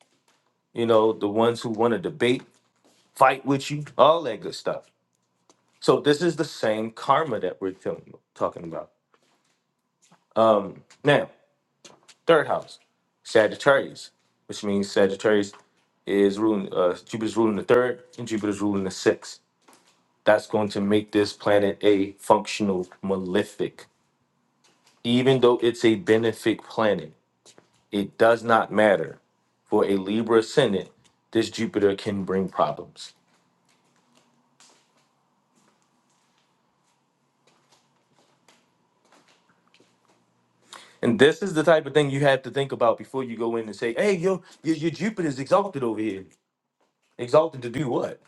A: you know, the ones who want to debate, fight with you, all that good stuff So this is the same karma that we're feeling, talking about. Now, third house, Sagittarius, which means Sagittarius is ruling uh, Jupiter's ruling the third and Jupiter's ruling the sixth. That's going to make this planet a functional malefic. Even though it's a benefic planet, it does not matter. For a Libra ascendant, this Jupiter can bring problems. And this is the type of thing you have to think about before you go in and say, hey, yo, your, your Jupiter's exalted over here. Exalted to do what?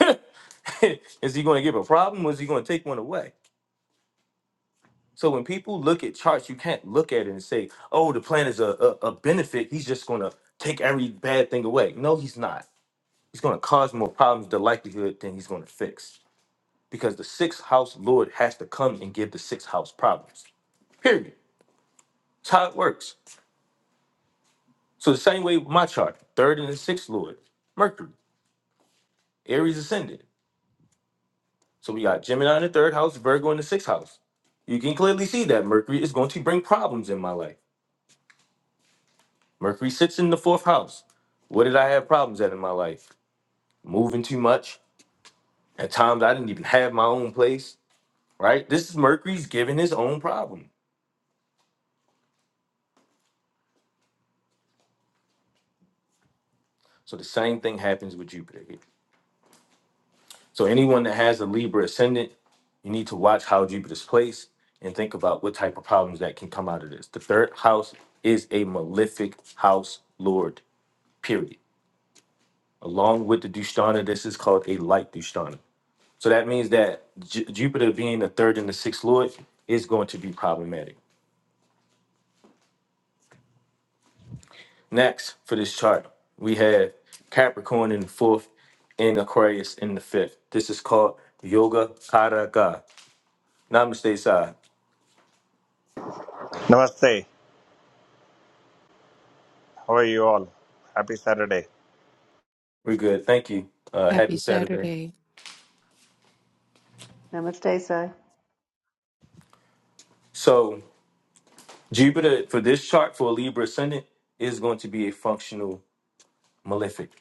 A: is he going to give a problem or is he going to take one away? So when people look at charts, you can't look at it and say, oh, the plan is a, a, a benefit. He's just going to take every bad thing away. No, he's not. He's going to cause more problems, the likelihood, than he's going to fix. Because the sixth house Lord has to come and give the sixth house problems. Period. That's how it works. So the same way with my chart, third and the sixth Lord, Mercury, Aries ascendant. So we got Gemini in the third house, Virgo in the sixth house. You can clearly see that Mercury is going to bring problems in my life. Mercury sits in the fourth house. What did I have problems at in my life? Moving too much. At times I didn't even have my own place, right? This is Mercury's giving his own problem. So the same thing happens with Jupiter here. So anyone that has a Libra ascendant, you need to watch how Jupiter's placed and think about what type of problems that can come out of this. The third house is a malefic house lord, period. Along with the Dushtana, this is called a light Dushtana. So that means that Ju- Jupiter being the third and the sixth lord is going to be problematic. Next for this chart, we have Capricorn in the fourth and Aquarius in the fifth. This is called Yoga Karaka. Namaste, Sai.
H: Namaste. How are you all? Happy Saturday.
A: We're good. Thank you. Uh,
F: Happy
A: happy Saturday.
F: Saturday,
B: Namaste, Sai.
A: So Jupiter for this chart for a Libra ascendant is going to be a functional malefic.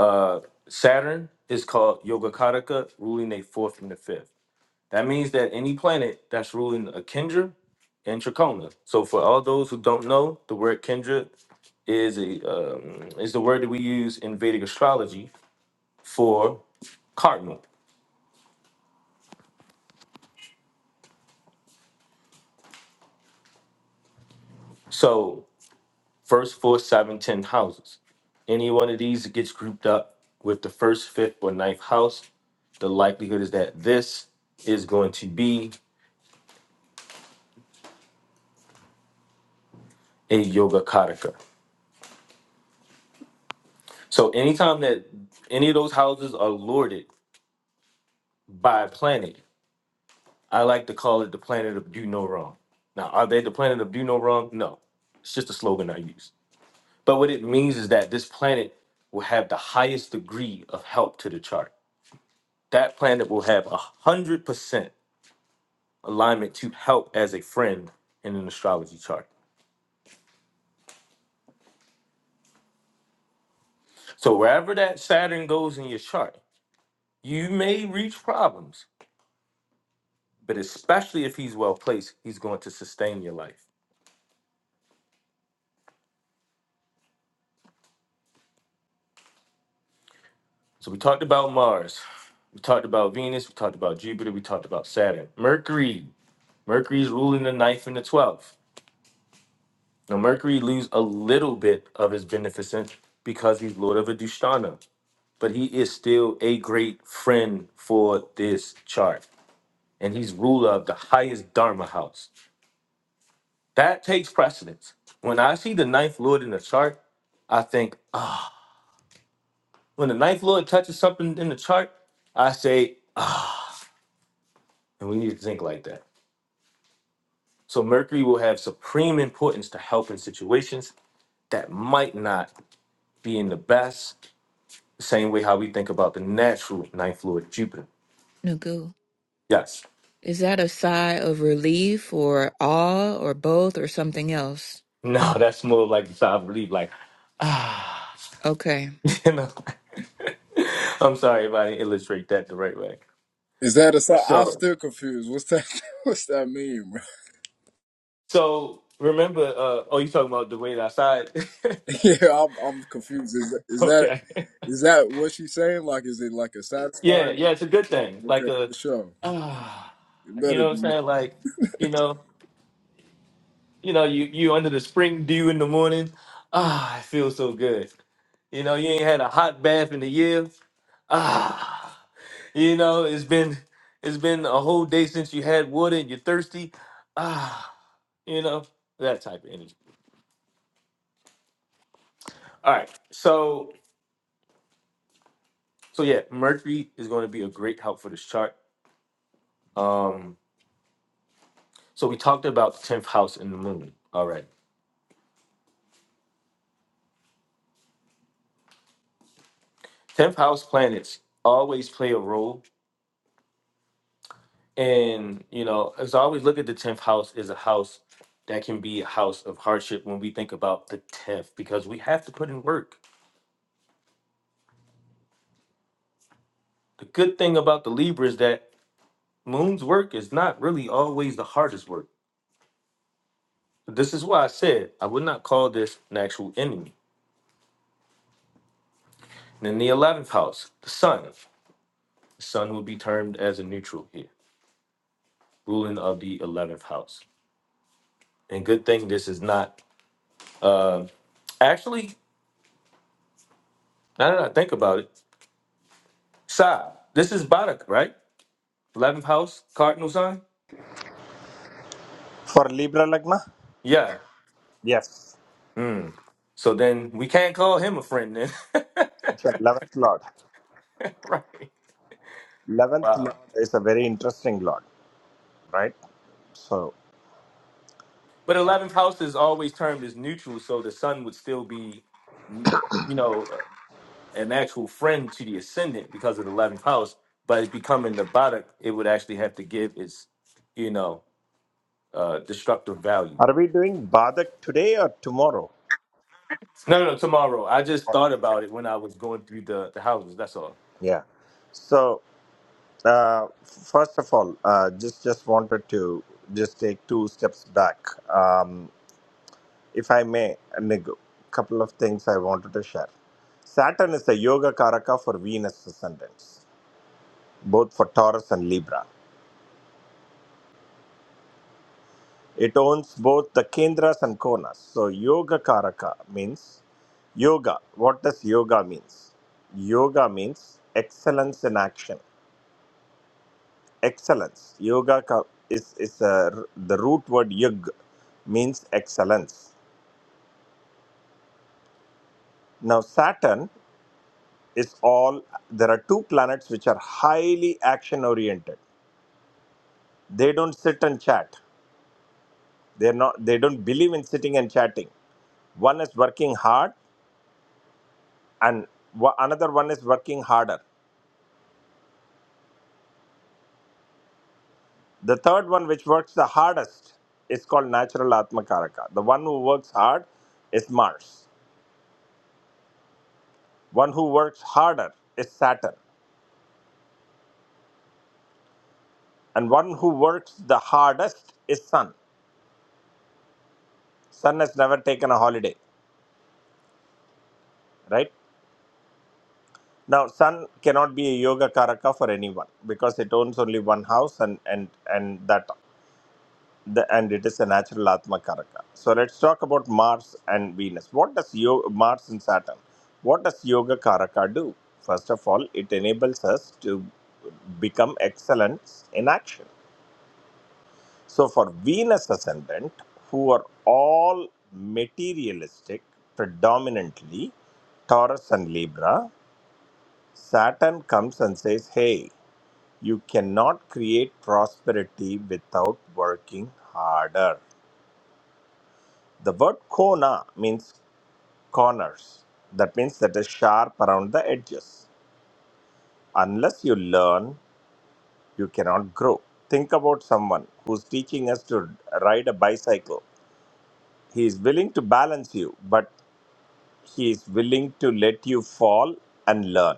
A: uh, Saturn is called Yogacaraka, ruling a fourth and a fifth. That means that any planet that's ruling a Kendra and Trachona. So for all those who don't know, the word Kendra is a um, is the word that we use in Vedic astrology for cardinal. So first, fourth, seventh, tenth houses. Any one of these that gets grouped up with the first, fifth, or ninth house, the likelihood is that this is going to be a Yogacaraka. So anytime that any of those houses are lorded by a planet, I like to call it the planet of do no wrong. Now, are they the planet of do no wrong? No. It's just a slogan I use. But what it means is that this planet will have the highest degree of help to the chart. That planet will have a hundred percent alignment to help as a friend in an astrology chart. So wherever that Saturn goes in your chart, you may reach problems, but especially if he's well placed, he's going to sustain your life. So we talked about Mars, we talked about Venus, we talked about Jupiter, we talked about Saturn. Mercury, Mercury's ruling the ninth and the twelfth. Now Mercury loses a little bit of his beneficence because he's Lord of Adushtana, but he is still a great friend for this chart, and he's ruler of the highest Dharma house. That takes precedence. When I see the ninth Lord in the chart, I think ah, when the ninth Lord touches something in the chart, I say, and we need to think like that. So Mercury will have supreme importance to help in situations that might not be in the best, the same way how we think about the natural ninth lord Jupiter.
F: Nagu.
A: Yes.
F: Is that a sigh of relief or awe or both or something else?
A: No, that's more like the side of relief, like, ah,
F: Okay.
A: you know. I'm sorry if I didn't illustrate that the right way.
D: is that a sign? I'm
A: So,
D: still confused. What's that? What's that mean, bro?
A: so remember, uh, oh, you talking about the way outside?
D: Yeah, I'm I'm confused. Is that, is that
A: okay.
D: is that what she's saying? Like, is it like a
A: Yeah,
D: satisfying?
A: yeah, it's a good thing. Like
D: Okay,
A: a,
D: for sure.
A: ah,
D: It
A: you know
D: better
A: what I'm
D: be.
A: saying? Like, you know, You know, you you under the spring dew in the morning. Ah, it feels so good. You know, you ain't had a hot bath in a year. Ah, you know, it's been it's been a whole day since you had water and you're thirsty. Ah, you know, that type of energy. All right. So so yeah, Mercury is going to be a great help for this chart. Um, so we talked about the 10th house and the moon. All right. 10th house planets always play a role And you know, as I always look at the tenth house as a house that can be a house of hardship when we think about the tenth, because we have to put in work. The good thing about the Libra is that Moon's work is not really always the hardest work. This is why I said I would not call this an actual enemy. And in the eleventh house, the Sun. The Sun would be termed as a neutral here, ruling of the eleventh house. And good thing this is not. Uh, actually, now that I think about it, Sa, this is Barak, right? Eleventh house, cardinal sign.
H: For Libra Lagna?
A: Yeah.
H: Yes.
A: Mm. So then we can't call him a friend then.
H: It's the 11th Lord.
A: right.
H: 11th
A: Wow.
H: Lord is a very interesting Lord, right? So,
A: But eleventh house is always termed as neutral, so the sun would still be, mm, you know, uh, an actual friend to the ascendant because of the eleventh house. But it's becoming the bottom, it would actually have to give its, you know, uh, destructive value.
H: are we doing Badak today or tomorrow?
A: No, no, no, tomorrow. I just thought about it when I was going through the, the houses. That's all.
H: Yeah. So, uh, first of all, uh, just just wanted to just take two steps back, um, if I may. A couple of things I wanted to share. Saturn is the Yoga Karaka for Venus ascendants, both for Taurus and Libra. It owns both the kendras and konas. So yoga karaka means yoga. What does yoga means? Yoga means excellence in action. Excellence. Yoga ka- is is a, the root word yug means excellence. Now Saturn is all. There are two planets which are highly action oriented. They don't sit and chat. They're not. They don't believe in sitting and chatting. One is working hard, and wa- another one is working harder The third one, which works the hardest, is called natural Atmakaraka. The one who works hard is Mars. One who works harder is Saturn. And one who works the hardest is Sun. Sun has never taken a holiday, right? Now, Sun cannot be a Yoga Karaka for anyone because it owns only one house and, and, and that. the, and it is a natural Atma Karaka. So let's talk about Mars and Venus. What does yoga, Mars and Saturn? What does Yoga Karaka do? First of all, it enables us to become excellence in action. So for Venus ascendant, who are all materialistic, predominantly Taurus and Libra, Saturn comes and says, "Hey, you cannot create prosperity without working harder." The word kona means corners. That means that is sharp around the edges. Unless you learn, you cannot grow. Think about someone who's teaching us to ride a bicycle. He is willing to balance you, but he is willing to let you fall and learn.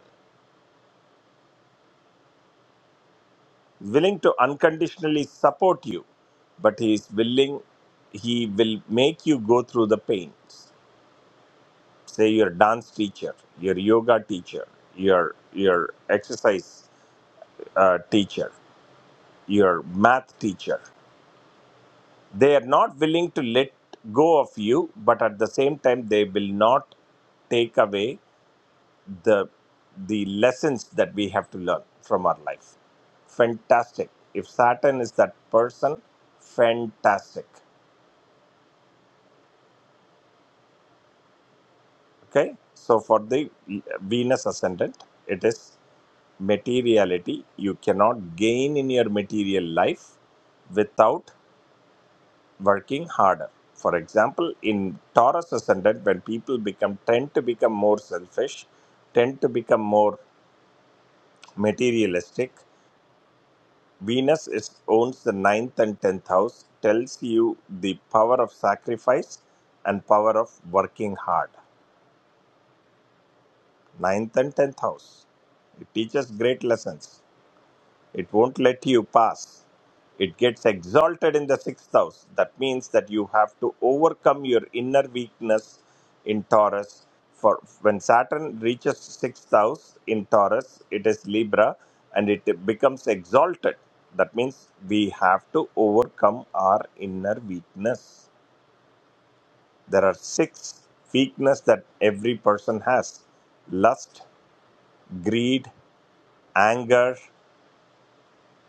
H: Willing to unconditionally support you, but he is willing, he will make you go through the pains say your dance teacher your yoga teacher your your exercise uh, teacher, your math teacher. They are not willing to let go of you, but at the same time, they will not take away the the lessons that we have to learn from our life. Fantastic. If Saturn is that person, fantastic. Okay. So for the Venus ascendant, it is materiality. You cannot gain in your material life without working harder. For example, in Taurus ascendant, when people become tend to become more selfish, tend to become more materialistic, Venus is owns the ninth and tenth house, tells you the power of sacrifice and power of working hard. Ninth and tenth house. It teaches great lessons. It won't let you pass. It gets exalted in the sixth house. That means that you have to overcome your inner weakness in Taurus. For when Saturn reaches sixth house in Taurus, it is Libra and it becomes exalted. That means we have to overcome our inner weakness. There are six weaknesses that every person has lust, greed, anger,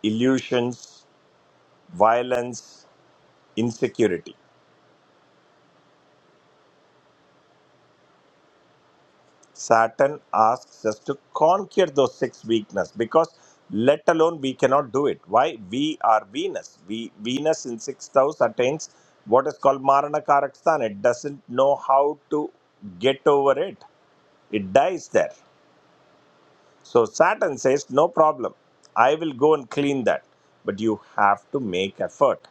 H: illusions, violence, insecurity. Saturn asks us to conquer those six weaknesses because let alone we cannot do it. Why? We are Venus. We Venus in sixth house attains what is called Marana Karaksthan. It doesn't know how to get over it. It dies there. So Saturn says, No problem. I will go and clean that. But you have to make effort.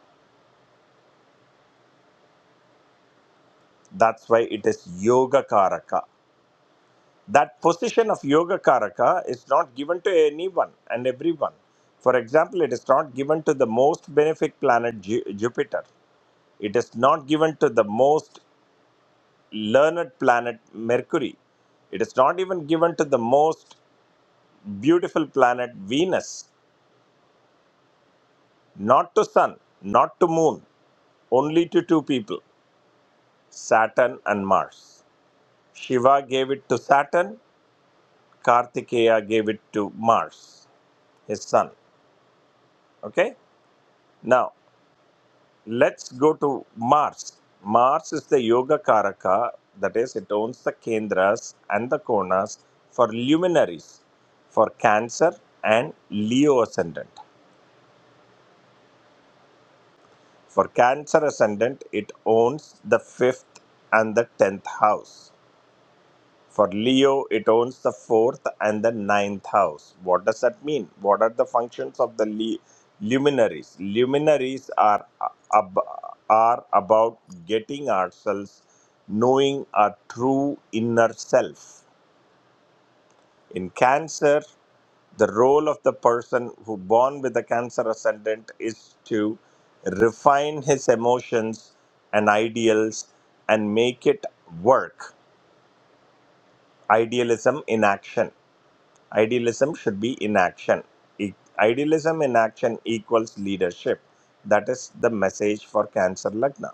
H: That's why it is Yoga Karaka that position of yogacaraka is not given to anyone and everyone for example it is not given to the most benefic planet Ju- jupiter it is not given to the most learned planet mercury it is not even given to the most beautiful planet venus not to sun not to moon only to two people Saturn and Mars. Shiva gave it to Saturn, Kartikeya gave it to Mars, his son. Okay? Now, let's go to Mars. Mars is the Yoga Karaka, that is, it owns the Kendras and the Konas for luminaries, for Cancer and Leo Ascendant. For Cancer Ascendant, it owns the fifth and the tenth house. For Leo, it owns the fourth and the ninth house. What does that mean? What are the functions of the li- luminaries? Luminaries are uh, ab- are about getting ourselves knowing our true inner self. In Cancer, the role of the person who born with the Cancer ascendant is to refine his emotions and ideals and make it work. Idealism in action Idealism should be in action. E- Idealism in action equals leadership. That is the message for Cancer Lagna.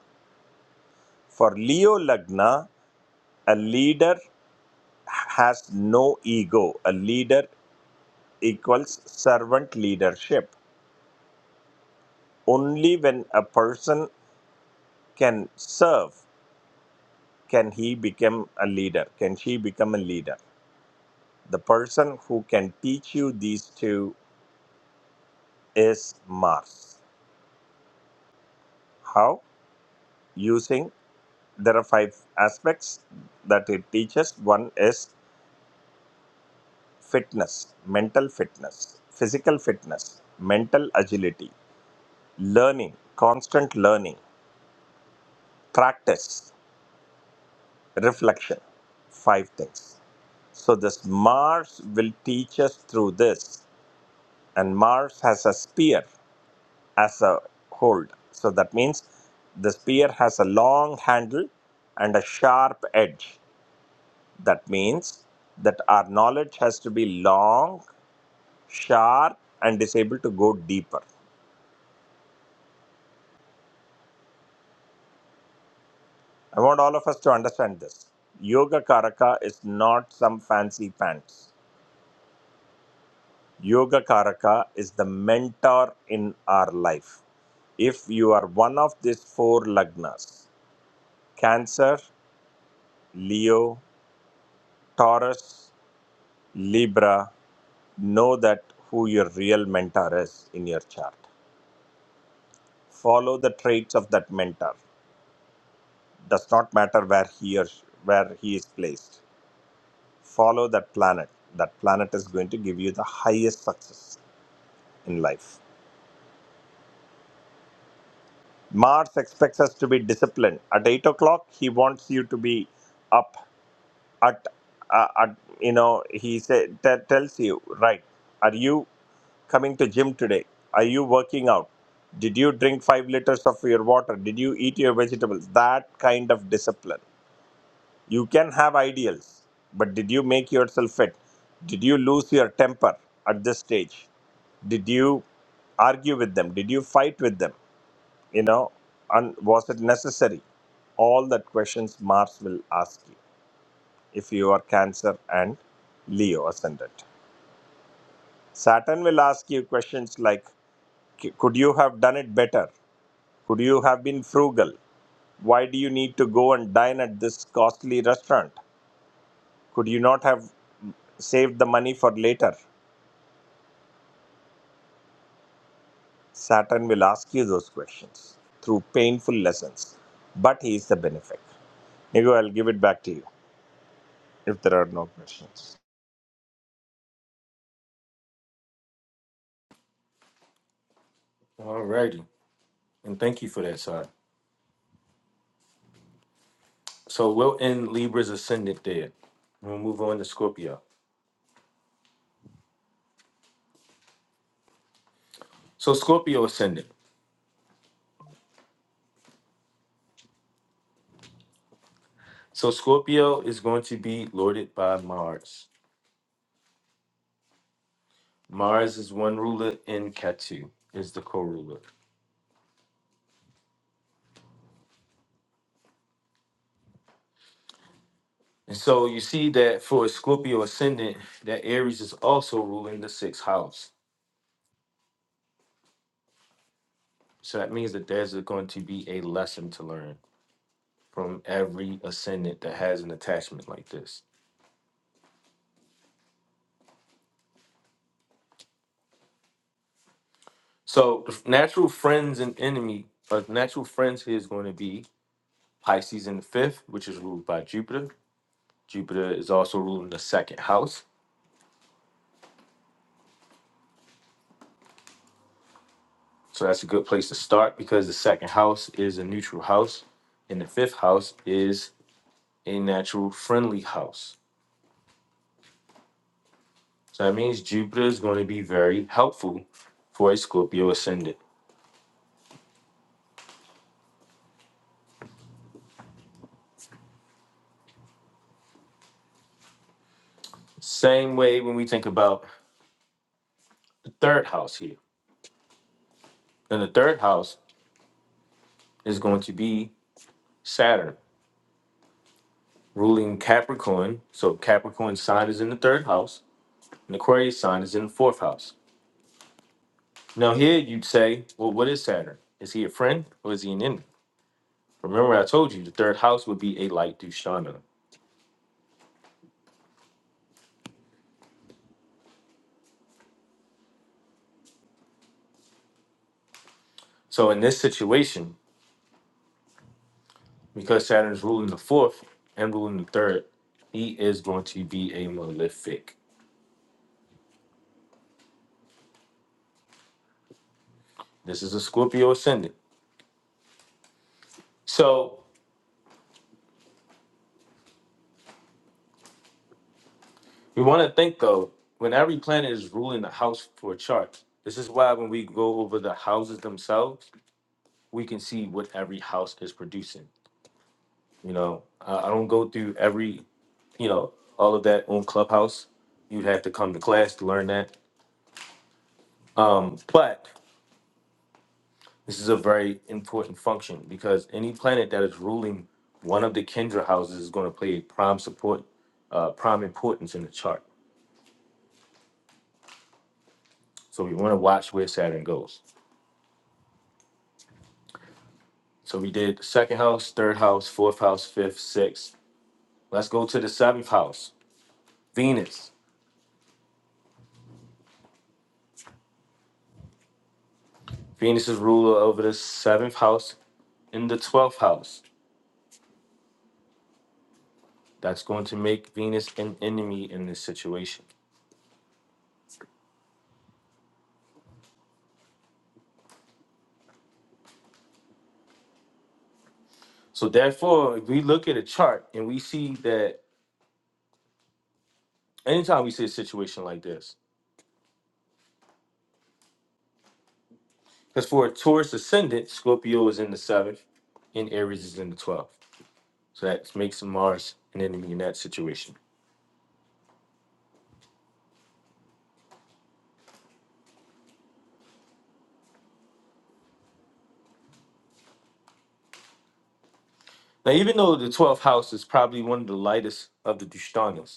H: For Leo Lagna, a leader has no ego. A leader equals servant leadership. Only when a person can serve can he become a leader, can she become a leader. The person who can teach you these two is Mars. How? Using there are five aspects that it teaches one is fitness mental fitness physical fitness mental agility learning constant learning practice reflection five things so this mars will teach us through this and mars has a spear as a hold so that means the spear has a long handle and a sharp edge That means that our knowledge has to be long, sharp, and is able to go deeper. I want all of us to understand this. Yoga Karaka is not some fancy pants. Yoga Karaka is the mentor in our life. If you are one of these four lagnas, Cancer, Leo, Taurus, Libra, know that who your real mentor is in your chart. Follow the traits of that mentor. does not matter where he or where he is placed follow that planet that planet is going to give you the highest success in life mars expects us to be disciplined at 8 o'clock he wants you to be up at, uh, at you know he say, t- tells you right are you coming to gym today are you working out did you drink 5 liters of your water did you eat your vegetables that kind of discipline You can have ideals, but did you make yourself fit? Did you lose your temper at this stage? Did you argue with them? Did you fight with them? You know, and was it necessary? All that questions Mars will ask you if you are Cancer and Leo ascendant. Saturn will ask you questions like "C- Could you have done it better? Could you have been frugal? Why do you need to go and dine at this costly restaurant? Could you not have? Save the money for later. Saturn will ask you those questions through painful lessons, but he is the benefactor. Maybe I'll give it back to you if there are no questions.
A: Alrighty. And thank you for that, sir. So we'll end Libra's ascendant there. We'll move on to Scorpio. So Scorpio ascendant. So Scorpio is going to be lorded by Mars. Mars is one ruler and Ketu is the co-ruler. And so you see that for Scorpio ascendant, that Aries is also ruling the sixth house. So that means that there's going to be a lesson to learn from every ascendant that has an attachment like this. So the f- natural friends and enemy, uh, natural friends here is going to be Pisces in the fifth, which is ruled by Jupiter. Jupiter is also ruling the second house. So that's a good place to start because the second house is a neutral house and the fifth house is a natural friendly house. So that means Jupiter is going to be very helpful for a Scorpio ascendant. Same way when we think about the third house here. And the third house is going to be Saturn ruling Capricorn. So Capricorn sign is in the third house and Aquarius sign is in the fourth house. Now here you'd say, well, what is Saturn? Is he a friend or is he an enemy? Remember, I told you the third house would be a light Dushana. So in this situation, because Saturn is ruling the fourth and ruling the third, he is going to be a malefic. This is a Scorpio ascendant. So we want to think though, when every planet is ruling the house for a chart, this is why when we go over the houses themselves, we can see what every house is producing. You know, I, I don't go through every, you know, all of that on Clubhouse. You'd have to come to class to learn that. Um, but this is a very important function because any planet that is ruling one of the Kendra houses is going to play a prime support, uh, prime importance in the chart. So we want to watch where Saturn goes. So we did second house, third house, fourth house, fifth, sixth. Let's go to the seventh house, Venus. Venus is ruler over the seventh house in the 12th house. That's going to make Venus an enemy in this situation. So therefore, if we look at a chart and we see that anytime we see a situation like this, because for a Taurus ascendant, Scorpio is in the seventh and Aries is in the twelfth. So that makes Mars an enemy in that situation. Now, even though the twelfth house is probably one of the lightest of the Dishtanas,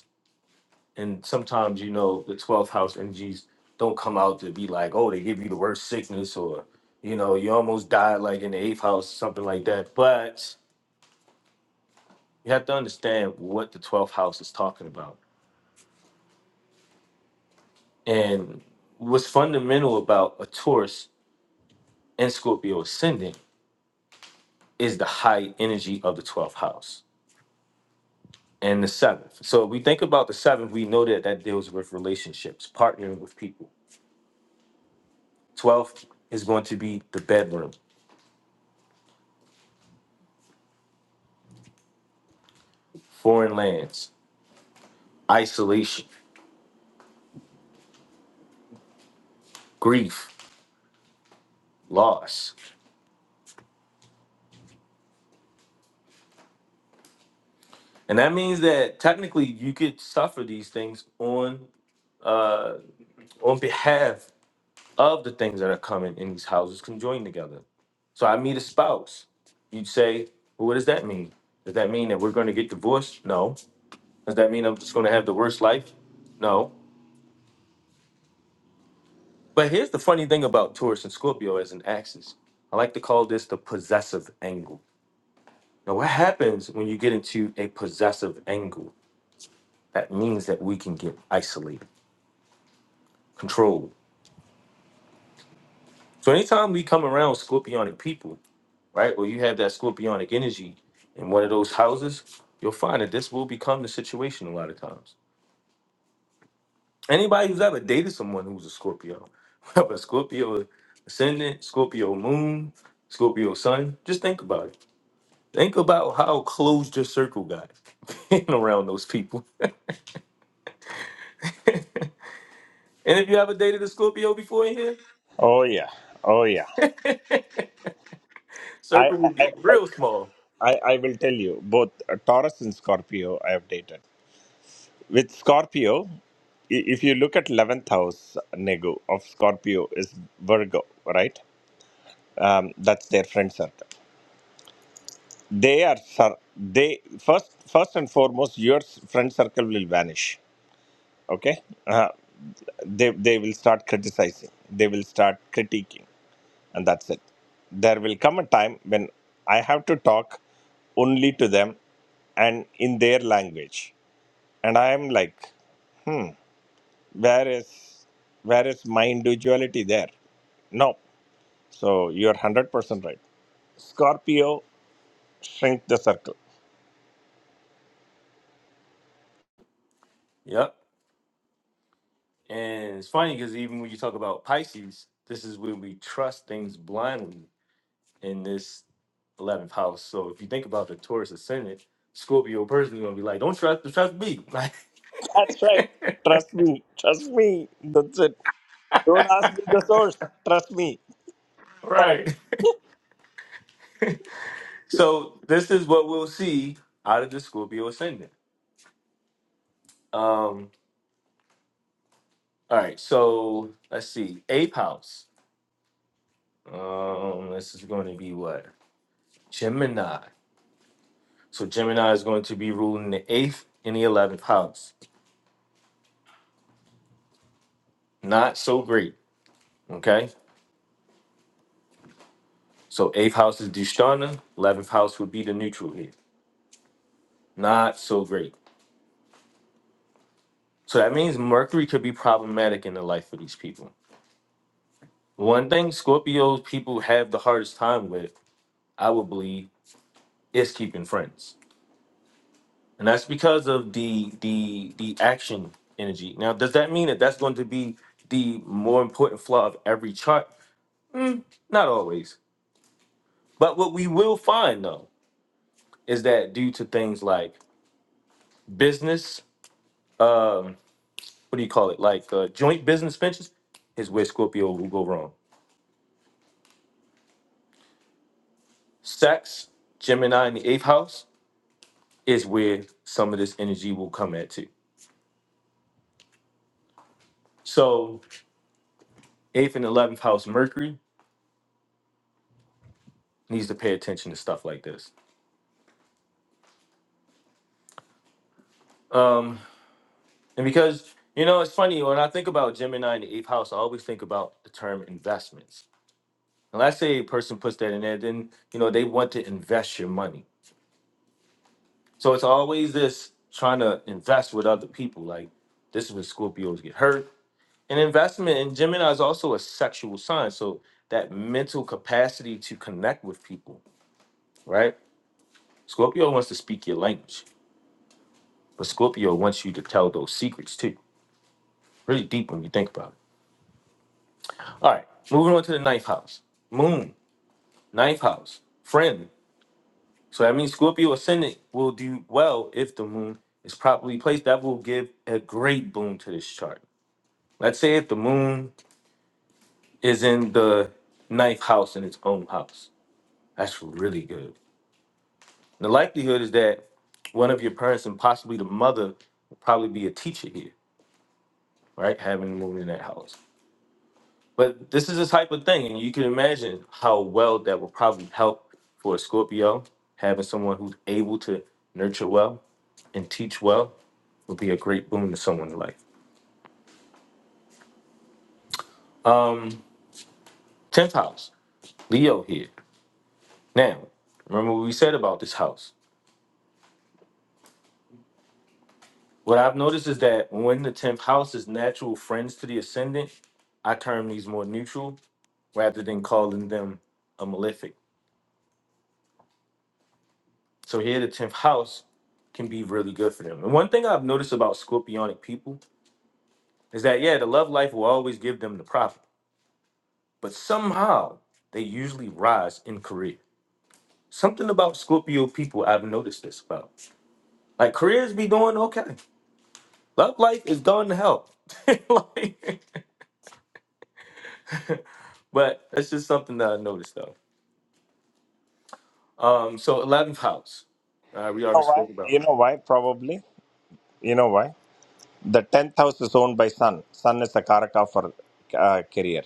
A: and sometimes you know the 12th house energies don't come out to be like oh they give you the worst sickness or you know you almost died like in the eighth house something like that but you have to understand what the 12th house is talking about and what's fundamental about a taurus and scorpio ascendant is the high energy of the 12th house and the seventh so if we think about the seventh we know that that deals with relationships partnering with people 12th is going to be the bedroom foreign lands isolation, grief, loss. And that means that technically you could suffer these things on uh, on behalf of the things that are coming in these houses conjoined together. So I meet a spouse. You'd say, well, what does that mean? Does that mean that we're going to get divorced? No. Does that mean I'm just going to have the worst life? No. But here's the funny thing about Taurus and Scorpio as an axis. I like to call this the possessive angle. Now, what happens when you get into a possessive angle? that means that we can get isolated, controlled. So anytime we come around scorpionic people, right, or you have that scorpionic energy in one of those houses, you'll find that this will become the situation a lot of times. Anybody who's ever dated someone who's a Scorpio, whether Scorpio ascendant, Scorpio moon, Scorpio sun, just think about it. Think about how closed your circle got being around those people. And if you ever dated a Scorpio before in
H: Oh yeah, oh yeah.
A: here,
H: I
A: circle would
H: I,
A: get
H: I,
A: real small.
H: I I will tell you both uh, Taurus and Scorpio. I have dated with Scorpio. i- If you look at eleventh house, Negu of Scorpio is Virgo, right? Um, that's their friend circle. they are sir they first first and foremost your friend circle will vanish okay uh, they they will start criticizing they will start critiquing and that's it there will come a time when i have to talk only to them and in their language and i am like hmm where is where is my individuality there no so you're 100% right scorpio shrink the circle
A: Yep. And it's funny because even when you talk about Pisces, this is when we trust things blindly in this 11th house. So if you think about the Taurus ascendant, Scorpio person is going to be like, don't trust, trust me. Like,
H: That's right. Trust me. Trust me. That's it. Don't ask me the source. Trust me. Correct.
A: right. So this is what we'll see out of the Scorpio ascendant. Um, all right. So let's see. eighth house. Um, this is going to be what? Gemini. So Gemini is going to be ruling the eighth and the 11th house. Not so great. Okay So eighth house is Dishtana, eleventh house would be the neutral here. Not so great. So that means Mercury could be problematic in the life of these people. One thing Scorpios people have the hardest time with, I would believe, is keeping friends, and that's because of the the the action energy. Now, does that mean that that's going to be the more important flaw of every chart? Mm, not always. But what we will find though is that due to things like business, um what do you call it? Like uh, joint business ventures is where Scorpio will go wrong. Sex, Gemini in the eighth house is where some of this energy will come at too. So eighth and eleventh house Mercury needs to pay attention to stuff like this. Um, and because you know it's funny when I think about Gemini in the eighth house, I always think about the term investments. And let's say a person puts that in there, then you know they want to invest your money. So it's always this trying to invest with other people. Like this is where Scorpios get hurt an investment in gemini is also a sexual sign so that mental capacity to connect with people right scorpio wants to speak your language but scorpio wants you to tell those secrets too really deep when you think about it all right moving on to the ninth house moon ninth house friend so that means scorpio ascendant will do well if the moon is properly placed that will give a great boon to this chart let's say if the moon is in the ninth house in its own house that's really good The likelihood is that one of your parents and possibly the mother would probably be a teacher here, right? Having moved in that house. But this is the type of thing, and you can imagine how well that will probably help for a Scorpio. Having someone who's able to nurture well and teach well would be a great boon to someone's life. Um, 10th house, Leo here. Now, remember what we said about this house. What I've noticed is that when the 10th house is natural friends to the ascendant, I term these more neutral rather than calling them a malefic. So here, the tenth house can be really good for them. And one thing I've noticed about Scorpionic people is that yeah, the love life will always give them the profit, but somehow they usually rise in career. Something about Scorpio people I've noticed this about. Like careers be doing okay, love life is going to hell. like, but that's just something that I noticed though. Um, so eleventh house, uh, we
H: You
A: already
H: know why?
A: spoke about.
H: You know why? Probably. You know why? The tenth house is owned by Sun. Sun is a Karaka for uh, career.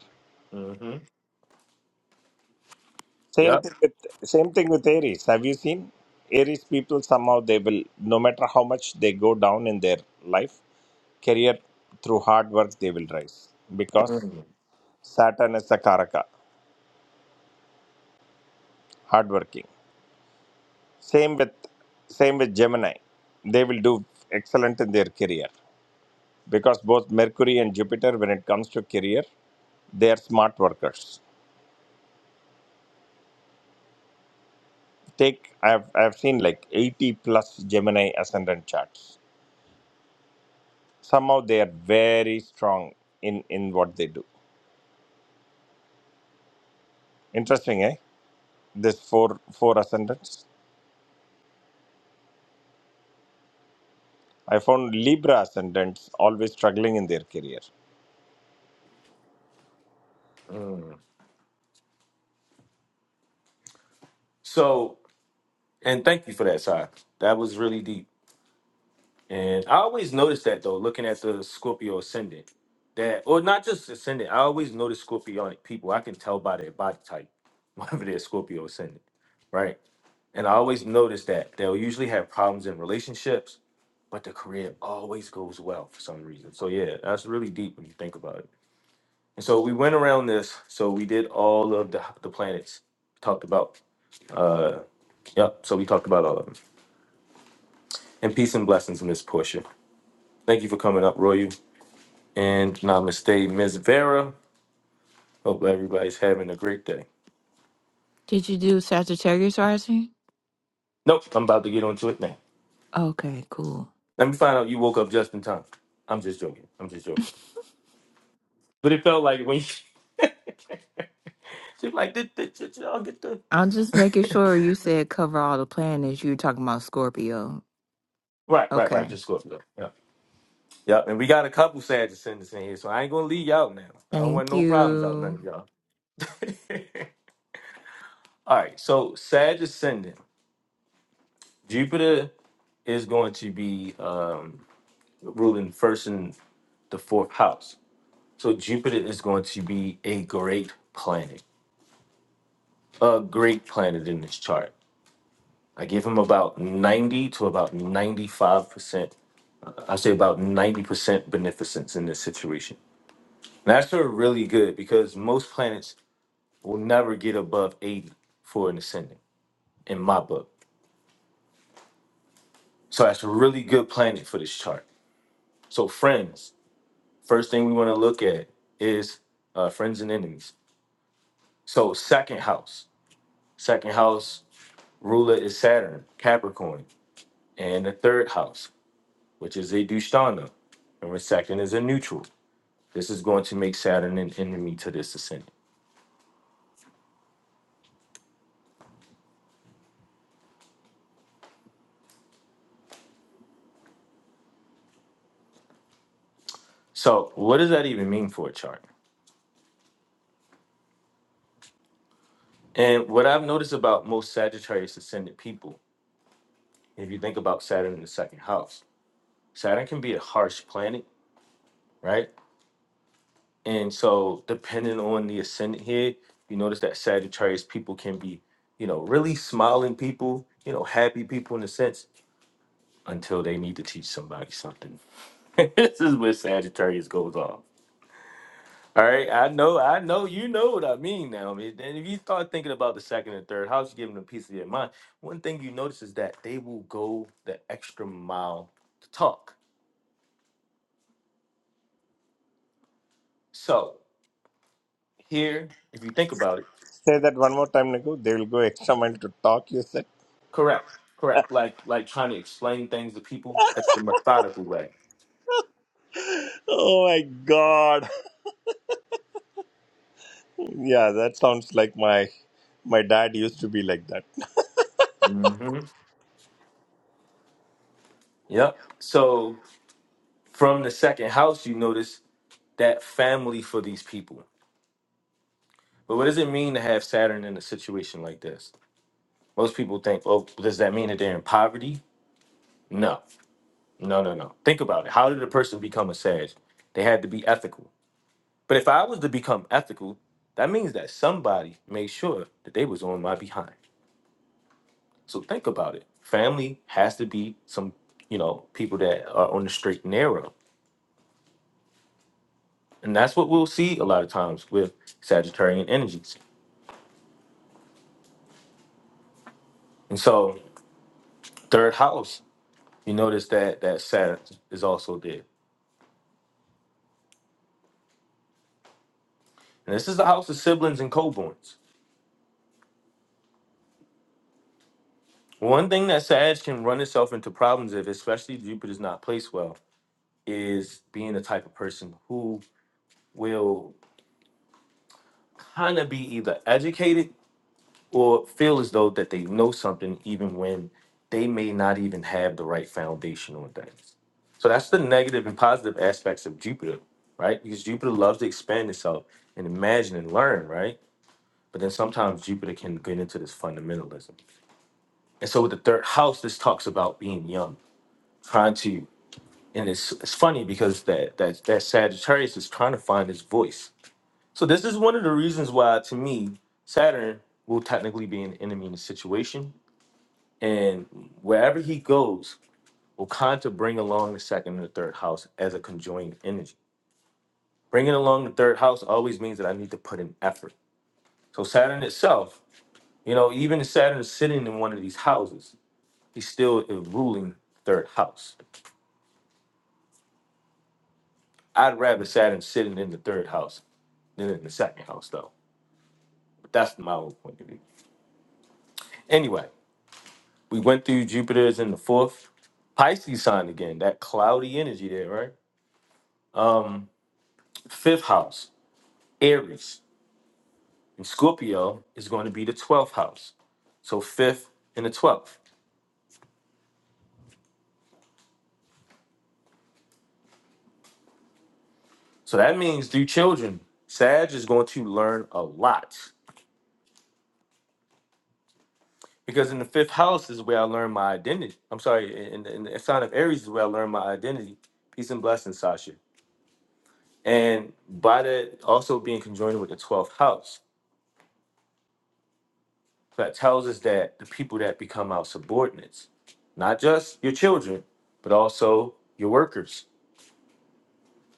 A: Mm-hmm.
H: Same
A: Yep.
H: thing with same thing with Aries. Have you seen Aries people? Somehow they will, no matter how much they go down in their life, career through hard work they will rise because
A: Mhm.
H: Saturn is a Karaka, hardworking. Same with same with Gemini. They will do excellent in their career because both Mercury and Jupiter, when it comes to career, they are smart workers. Take I've I've seen like 80 plus Gemini ascendant charts. Somehow they are very strong in in what they do. Interesting, eh? This four four ascendants. I found Libra ascendants always struggling in their career.
A: So And thank you for that, Sai. That was really deep. And I always notice that though, looking at the Scorpio ascendant, that or not just ascendant. I always notice Scorpionic people. I can tell by their body type whether they're Scorpio ascendant, right? And I always notice that they'll usually have problems in relationships, but the career always goes well for some reason. So yeah, that's really deep when you think about it. And so we went around this. So we did all of the the planets talked about. Uh, yep. So we talked about all of them. And peace and blessings, Miss Portia. Thank you for coming up, Roy. And namaste, Ms. Vera. Hope everybody's having a great day.
F: Did you do Sagittarius rising?
A: Nope, I'm about to get onto it now.
F: Okay, cool.
A: Let me find out you woke up just in time. I'm just joking. I'm just joking. But it felt like when you... She's like, did, did, did y'all get the...
F: I'm just making sure you said cover all the planets. You're talking about Scorpio.
A: Right, right, right.
F: Okay.
A: Just go up there. Yeah. yeah. And we got a couple sad descendants in here, so I ain't gonna leave y'all now. I don't want
F: Thank
A: no problems out none
F: you.
A: of y'all. All right. So Sag Ascendant Jupiter is going to be um, ruling first and. the fourth house. So Jupiter is going to be a great planet, a great planet in this chart. I give him about 90 to about 95%, I say about 90% beneficence in this situation. And that's sort of really good because most planets will never get above 80 for an ascendant in my book. So that's a really good planet for this chart. So, friends, first thing we want to look at is uh, friends and enemies. So, second house, second house. ruler is Saturn, Capricorn, and the third house, which is a Dushtana. And second is a neutral. This is going to make Saturn an enemy to this ascendant. So, what does that even mean for a chart? And what I've noticed about most Sagittarius ascendant people, if you think about Saturn in the second house, Saturn can be a harsh planet, right? And so, depending on the ascendant here, you notice that Sagittarius people can be, you know, really smiling people, you know, happy people in a sense, until they need to teach somebody something. this is where Sagittarius goes off. All right, I know, I know, you know what I mean now. man. And if you start thinking about the second and third house, giving them a piece of your mind, one thing you notice is that they will go the extra mile to talk. So here, if you think about it,
H: Say that one more time, Niku. They will go extra mile to talk. You said.
A: correct, correct, like like trying to explain things to people. That's the methodical way.
H: oh my God. Yeah, that sounds like my my dad used to be like that.
A: hmm Yep. So from the second house, you notice that family for these people. But what does it mean to have Saturn in a situation like this? Most people think, oh, does that mean that they're in poverty? No, no, no, no. Think about it. How did a person become a Sag? They had to be ethical. But if I was to become ethical, that means that somebody made sure that they was on my behind. So think about it. Family has to be some, you know, people that are on the straight and narrow. And that's what we'll see a lot of times with Sagittarian energies. And so third house, you notice that that Saturn is also there. And this is the house of siblings and coborns. One thing that Sag can run itself into problems if, especially if Jupiter's not placed well, is being the type of person who will kind of be either educated or feel as though that they know something even when they may not even have the right foundation on things. So that's the negative and positive aspects of Jupiter, right? Because Jupiter loves to expand itself and imagine and learn, right? But then sometimes Jupiter can get into this fundamentalism. And so with the third house, this talks about being young, trying to, and it's it's funny because that that that Sagittarius is trying to find his voice. So this is one of the reasons why, to me, Saturn will technically be an enemy in the situation, and wherever he goes, will kind of bring along the second and the third house as a conjoined energy. Bringing along the third house always means that I need to put in effort. So Saturn itself, you know, even if Saturn is sitting in one of these houses, he's still uh, ruling third house. I'd rather Saturn sitting in the third house than in the second house, though. But that's my old point of view. Anyway, we went through Jupiter's in the fourth. Pisces sign again, that cloudy energy there, right? Fifth house, Aries. And Scorpio is going to be the 12th house. So fifth and the 12th. So that means through children, Sag is going to learn a lot. Because in the fifth house is where I learned my identity. I'm sorry, in, in the sign of Aries is where I learned my identity. Peace and blessings, Sasha. And by that also being conjoined with the 12th house, that tells us that the people that become our subordinates, not just your children, but also your workers,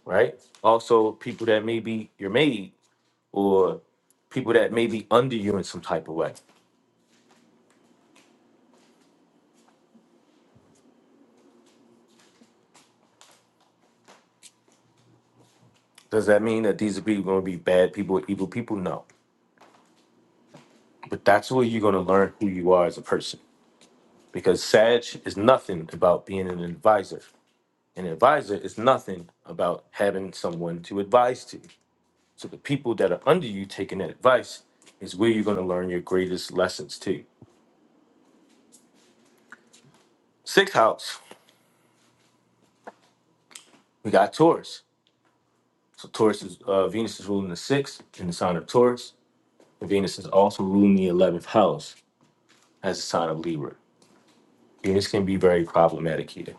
A: right? Also people that may be your maid or people that may be under you in some type of way. Does that mean that these are people going to be bad people or evil people? No. But that's where you're going to learn who you are as a person. Because Sag is nothing about being an advisor. An advisor is nothing about having someone to advise to. So the people that are under you taking that advice is where you're going to learn your greatest lessons too. Sixth house, we got Taurus. So Taurus is uh, Venus is ruling the sixth in the sign of Taurus. And Venus is also ruling the eleventh house as a sign of Libra. Venus can be very problematic here.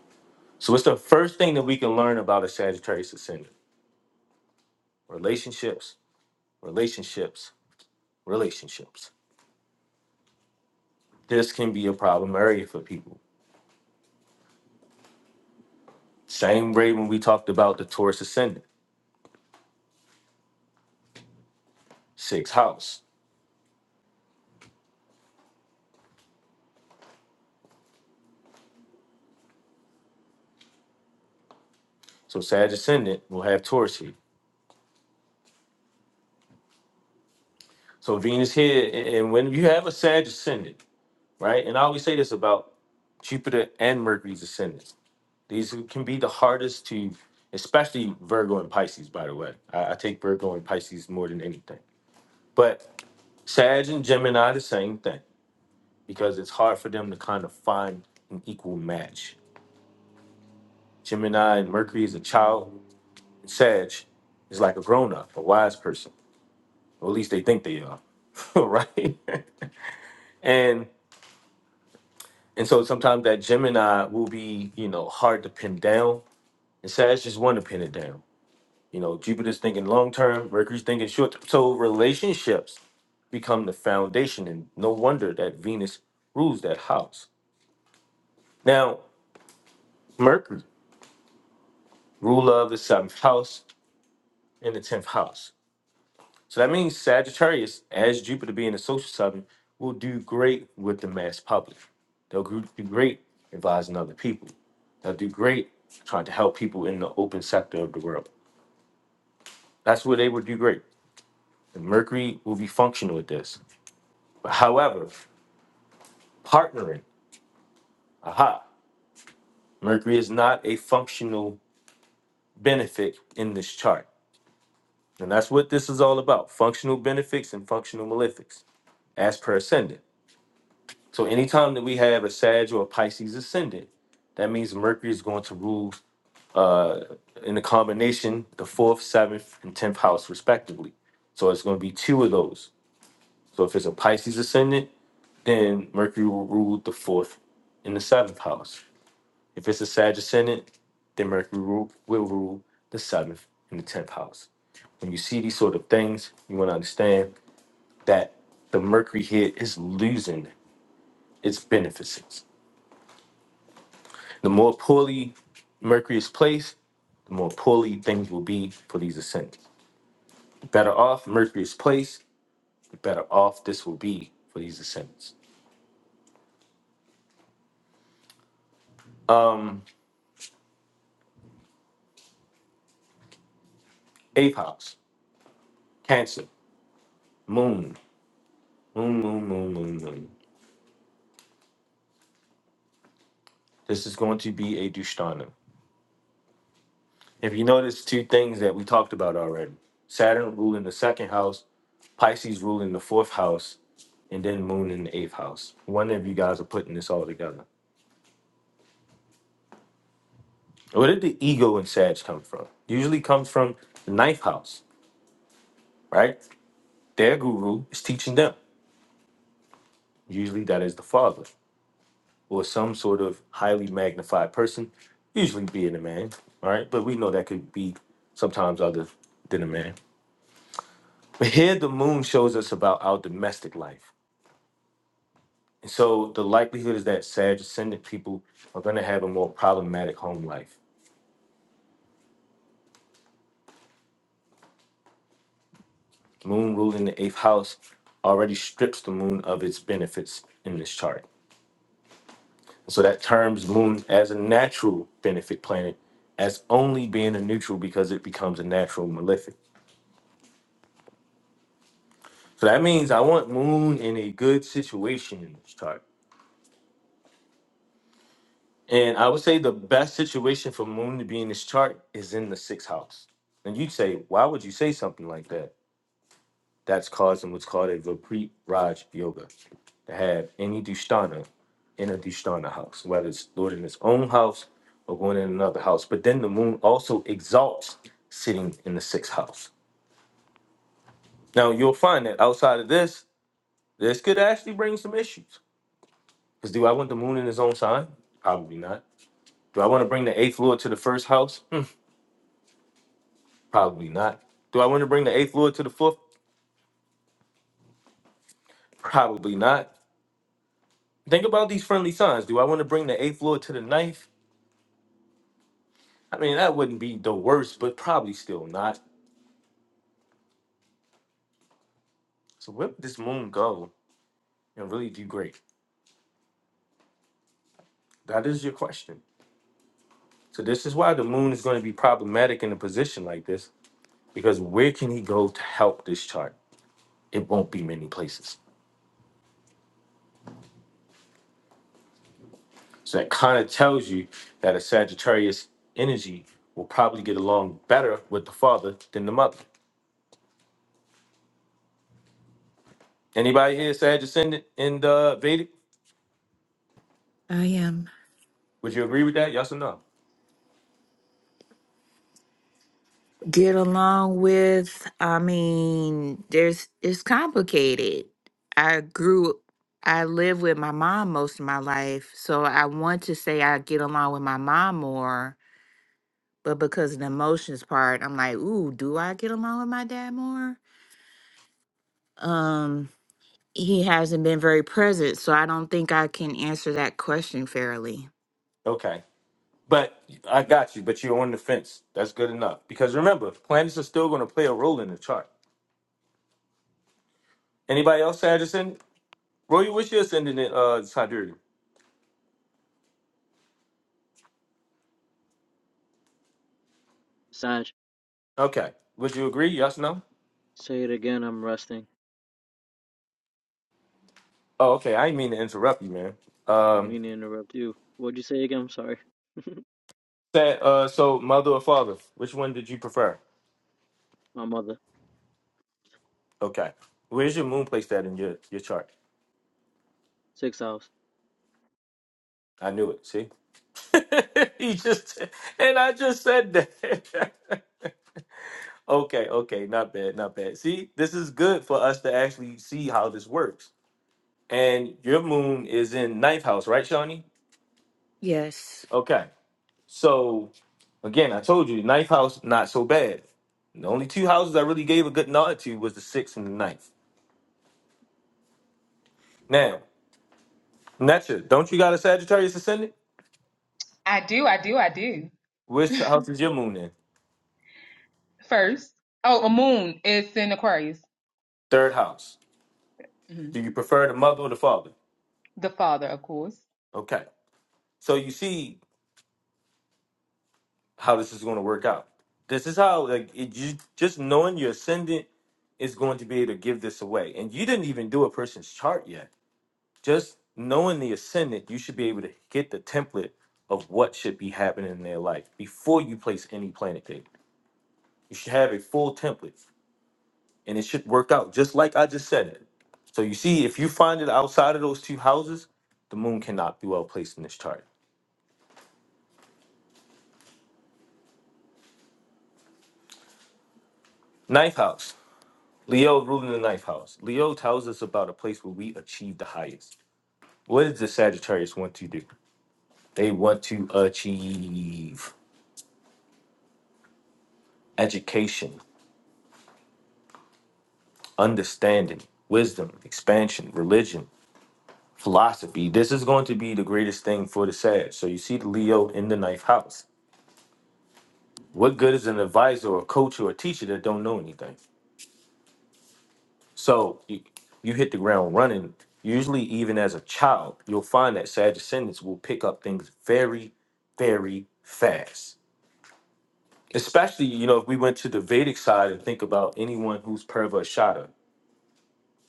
A: So what's the first thing that we can learn about a Sagittarius ascendant? Relationships, relationships, relationships. This can be a problem area for people Same way when we talked about the Taurus ascendant, sixth house. So Sag ascendant will have Taurus here. So Venus here, and and when you have a Sag ascendant, right? And I always say this about Jupiter and Mercury's ascendants. These can be the hardest to, especially Virgo and Pisces. By the way, I, I take Virgo and Pisces more than anything. But Sag and Gemini the same thing because it's hard for them to kind of find an equal match. Gemini and Mercury is a child Sag is like a grown up, a wise person, or at least they think they are, right? and and so sometimes that Gemini will be, you know, hard to pin down, and Sag just want to pin it down. You know, Jupiter's thinking long term, Mercury's thinking short. term. So relationships become the foundation, and no wonder that Venus rules that house. Now, Mercury, ruler of the seventh house and the tenth house. So that means Sagittarius, as Jupiter being a social sign, will do great with the mass public. They'll gr- do great advising other people. They'll do great trying to help people in the open sector of the world. That's where they would do great. And Mercury will be functional with this. But however, partnering, aha, Mercury is not a functional benefit in this chart. And that's what this is all about functional benefits and functional malefics as per ascendant. So anytime that we have a Sag or a Pisces ascendant, that means Mercury is going to rule uh, in the combination the fourth, seventh, and tenth house respectively. So it's going to be two of those. So if it's a Pisces ascendant, then Mercury will rule the fourth and the seventh house. If it's a Sag ascendant, then Mercury will, will rule the seventh and the tenth house. When you see these sort of things, you want to understand that the Mercury here is losing its beneficence The more poorly Mercury is placed, the more poorly things will be for these ascents. The better off Mercury is placed, the better off this will be for these ascents. Um, eighth house, Cancer, Moon, Moon, Moon, Moon, Moon, Moon. This is going to be a Dushtana. If you notice two things that we talked about already Saturn ruling the second house, Pisces ruling the fourth house, and then Moon in the eighth house. One of you guys are putting this all together. Where did the ego and Sag come from? Usually comes from the ninth house, right? Their guru is teaching them. Usually that is the father or some sort of highly magnified person, usually being a man, all right? But we know that could be sometimes other than a man. But here the moon shows us about our domestic life. And so the likelihood is that Sag ascendant people are going to have a more problematic home life. Moon ruling the eighth house already strips the moon of its benefits in this chart So that terms moon as a natural benefic planet as only being a neutral because it becomes a natural malefic. So that means I want moon in a good situation in this chart. And I would say the best situation for moon to be in this chart is in the sixth house. And you'd say, why would you say something like that? That's causing what's called a Vipreet Raj Yoga. To have any Dushtana in a Dushtana house, whether it's Lord in his own house or going in another house. But then the moon also exalts sitting in the sixth house. Now you'll find that outside of this, this could actually bring some issues. Because do I want the moon in his own sign? Probably not. Do I want to bring the eighth lord to the first house? Hmm, Probably not. Do I want to bring the eighth lord to the fourth? Probably not. Think about these friendly signs. Do I want to bring the eighth lord to the ninth? I mean, that wouldn't be the worst, but probably still not. So where would this moon go and really do great? That is your question. So this is why the moon is going to be problematic in a position like this, because where can he go to help this chart? It won't be many places. So that kind of tells you that a Sagittarius energy will probably get along better with the father than the mother. Anybody here Sag ascendant in the Vedic?
F: I am.
A: Would you agree with that? Yes or no?
F: get along with. I mean, there's it's complicated. I grew I lived with my mom most of my life, so I want to say I get along with my mom more, but because of the emotions part, I'm like, "Ooh, do I get along with my dad more?" Um, he hasn't been very present, so I don't think I can answer that question fairly.
A: Okay. But I got you. But you're on the fence. That's good enough. Because remember, planets are still going to play a role in the chart. Anybody else, Anderson? Roy, what's your ascendant, in, uh, Sidereal?
I: Sanj,
A: Okay. Would you agree? Yes, no?
I: say it again. I'm resting.
A: Oh, okay. I didn't mean to interrupt you, man.
I: I didn't
A: Um,
I: mean to interrupt you. What'd you say again? I'm sorry.
A: that, uh, so mother or father, which one did you prefer?
I: My mother.
A: Okay. Where's your moon placed at in your, your chart?
I: Six hours.
A: I knew it. See? he just, and I just said that. okay. Okay. Not bad. Not bad. See, this is good for us to actually see how this works and your moon is in ninth house, right, Shawnee?
F: Yes.
A: Okay. So again, I told you ninth house not so bad. The only two houses I really gave a good nod to was the sixth and the ninth. Now, Netcha, don't you got a Sagittarius ascendant?
G: I do, I do, I do.
A: Which house is your moon in?
G: First, oh, a moon is in Aquarius.
A: Third house.
G: hmm
A: Do you prefer the mother or the father?
G: The father, of course.
A: Okay. So you see how this is going to work out. This is how like it, you just knowing your ascendant is going to be able to give this away. And you didn't even do a person's chart yet just knowing the ascendant, you should be able to get the template of what should be happening in their life before you place any planet date. You should have a full template and it should work out just like I just said it. So you see, if you find it outside of those two houses, the moon cannot be well placed in this chart. Ninth house. Leo ruling the ninth house. Leo tells us about a place where we achieve the highest. What does the Sagittarius want to do? They want to achieve education. understanding, wisdom, expansion, religion, philosophy. This is going to be the greatest thing for the Sag. So you see the Leo in the ninth house. What good is an advisor or coach or a teacher that don't know anything? So you, you hit the ground running. Usually, even as a child, you'll find that Sag descendants will pick up things very, very fast. Especially, you know, if we went to the Vedic side and think about anyone who's Purva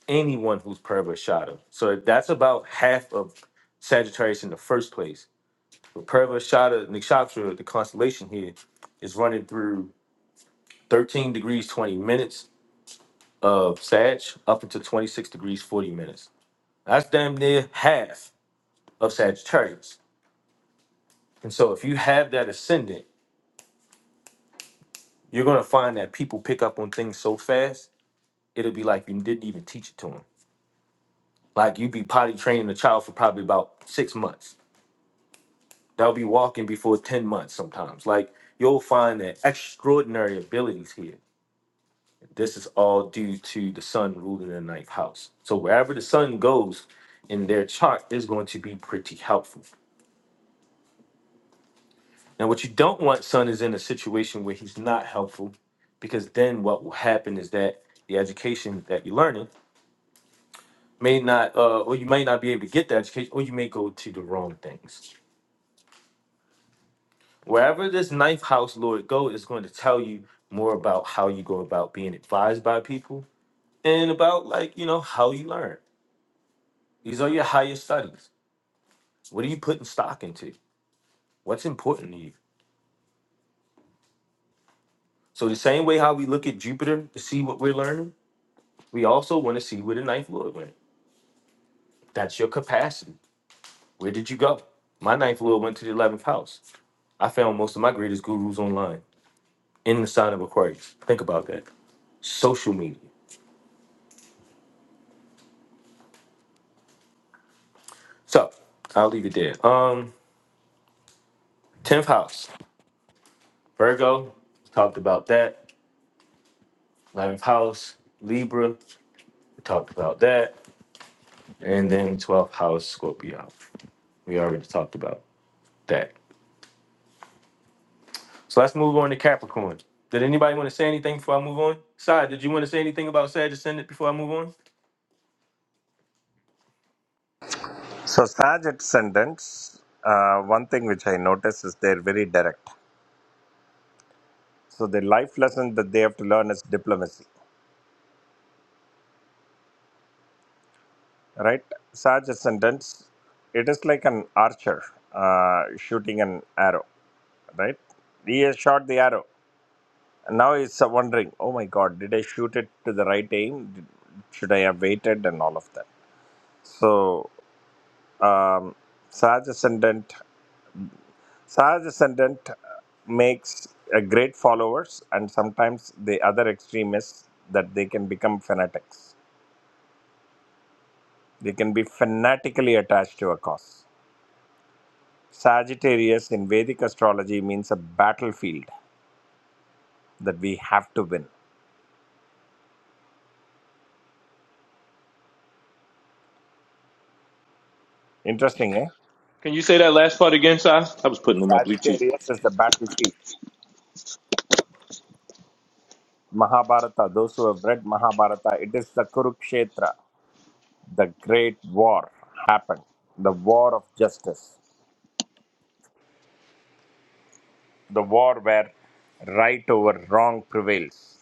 A: anyone who's Purva Shada. So that's about half of Sagittarius in the first place. But Purva Shada, Nikshatra, the constellation here, is running through 13 degrees 20 minutes of Sag up into 26 degrees 40 minutes. That's damn near half of Sagittarius. And so if you have that ascendant, you're gonna find that people pick up on things so fast, it'll be like you didn't even teach it to them. Like you'd be potty training a child for probably about six months They'll be walking before 10 months sometimes. Like you'll find that extraordinary abilities here. This is all due to the sun ruling the ninth house. So wherever the sun goes in their chart is going to be pretty helpful. Now, what you don't want sun is in a situation where he's not helpful, because then what will happen is that the education that you're learning may not, uh, or you may not be able to get the education, or you may go to the wrong things. Wherever this ninth house lord go is going to tell you more about how you go about being advised by people and about like, you know, how you learn. These are your higher studies. What are you putting stock into? What's important to you? So the same way how we look at Jupiter to see what we're learning, we also want to see where the ninth lord went. That's your capacity. Where did you go? My ninth lord went to the eleventh house. I found most of my greatest gurus online in the sign of Aquarius. Think about that. Social media. So I'll leave it there. Um 10th house, Virgo, talked about that. 11th house, Libra, we talked about that. And then 12th house, Scorpio. We already talked about that. So let's move on to Capricorn. Did anybody want to say anything before I move on? Sai, did you want to say anything about Sag Ascendant before I move on?
H: So Sag ascendants, uh, one thing which I notice is they're very direct. So the life lesson that they have to learn is diplomacy, right? Sag ascendants, it is like an archer uh, shooting an arrow, right? He has shot the arrow. And now he's wondering, oh my God, did I shoot it to the right aim? Did- Should I have waited and all of that? So um, Sag ascendant Sage ascendant makes a great followers, and sometimes the other extreme is that they can become fanatics. They can be fanatically attached to a cause. Sagittarius in Vedic astrology means a battlefield that we have to win. Interesting, eh?
A: Can you say that last part again, Si? I was putting on my Bluetooth.
H: Sagittarius is the battlefield. Mahabharata, those who have read Mahabharata, it is the Kurukshetra, the great war happened, the war of justice. the war where right over wrong prevails,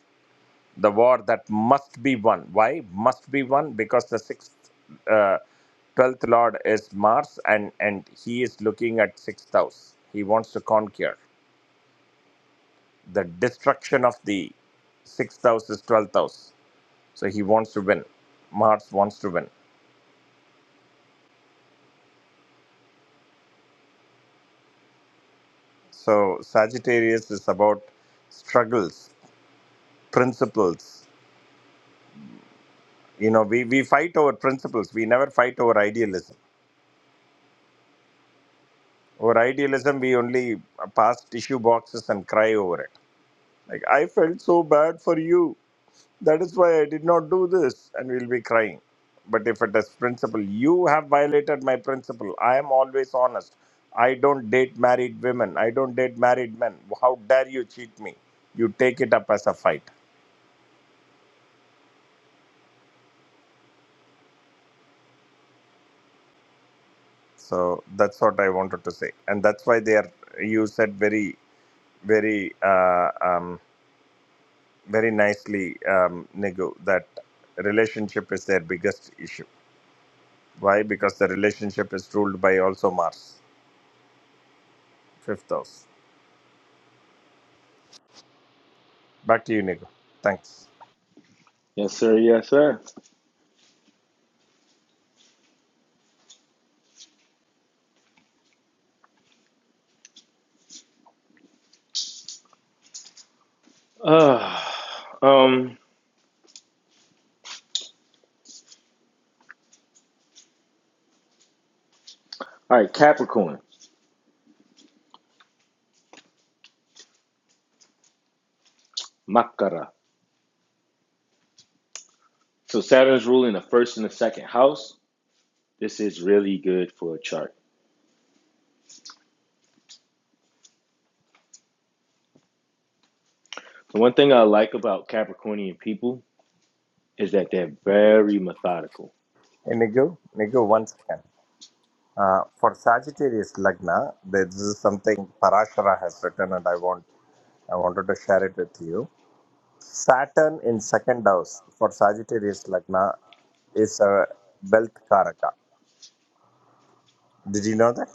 H: the war that must be won. Why must be won? Because the sixth, uh, twelfth lord is Mars, and and he is looking at sixth house. He wants to conquer the destruction of the sixth house is twelfth house, so he wants to win. Mars wants to win. So Sagittarius is about struggles, principles. You know, we, we fight over principles. We never fight over idealism Over idealism, we only pass tissue boxes and cry over it. Like, I felt so bad for you. That is why I did not do this. And we'll be crying. But if it is principle, you have violated my principle. I am always honest. I don't date married women. I don't date married men. How dare you cheat me? You take it up as a fight. So that's what I wanted to say. And that's why they are, you said very, very, uh, um, very nicely, um, Nigu, that relationship is their biggest issue. Why? Because the relationship is ruled by also Mars, fifth house. Back to you, Nigu. Thanks.
A: Yes, sir. Yes, sir. Uh, um, All right, Capricorn, Makara. So Saturn's ruling the first and the second house. This is really good for a chart. One thing I like about Capricornian people is that they're very methodical.
H: Hey, Nigu, Nigu,
A: Yeah.
H: once again. Uh, for Sagittarius Lagna, there- this is something Parashara has written, and I want I wanted to share it with you. Saturn in second house for Sagittarius Lagna is a wealth karaka. Did you know that?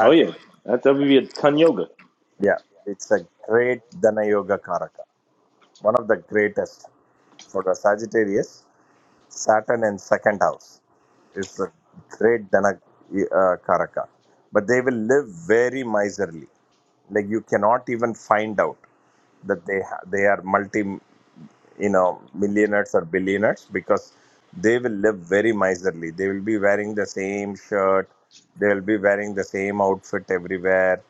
A: Oh yeah. That's that would be a ton yoga.
H: yeah, it's a great Dana Yoga karaka one of the greatest for the Sagittarius, Saturn in second house is a great Dhana uh, Karaka. But they will live very miserly. Like you cannot even find out that they ha- they are multi you know millionaires or billionaires because they will live very miserly they will be wearing the same shirt they will be wearing the same outfit everywhere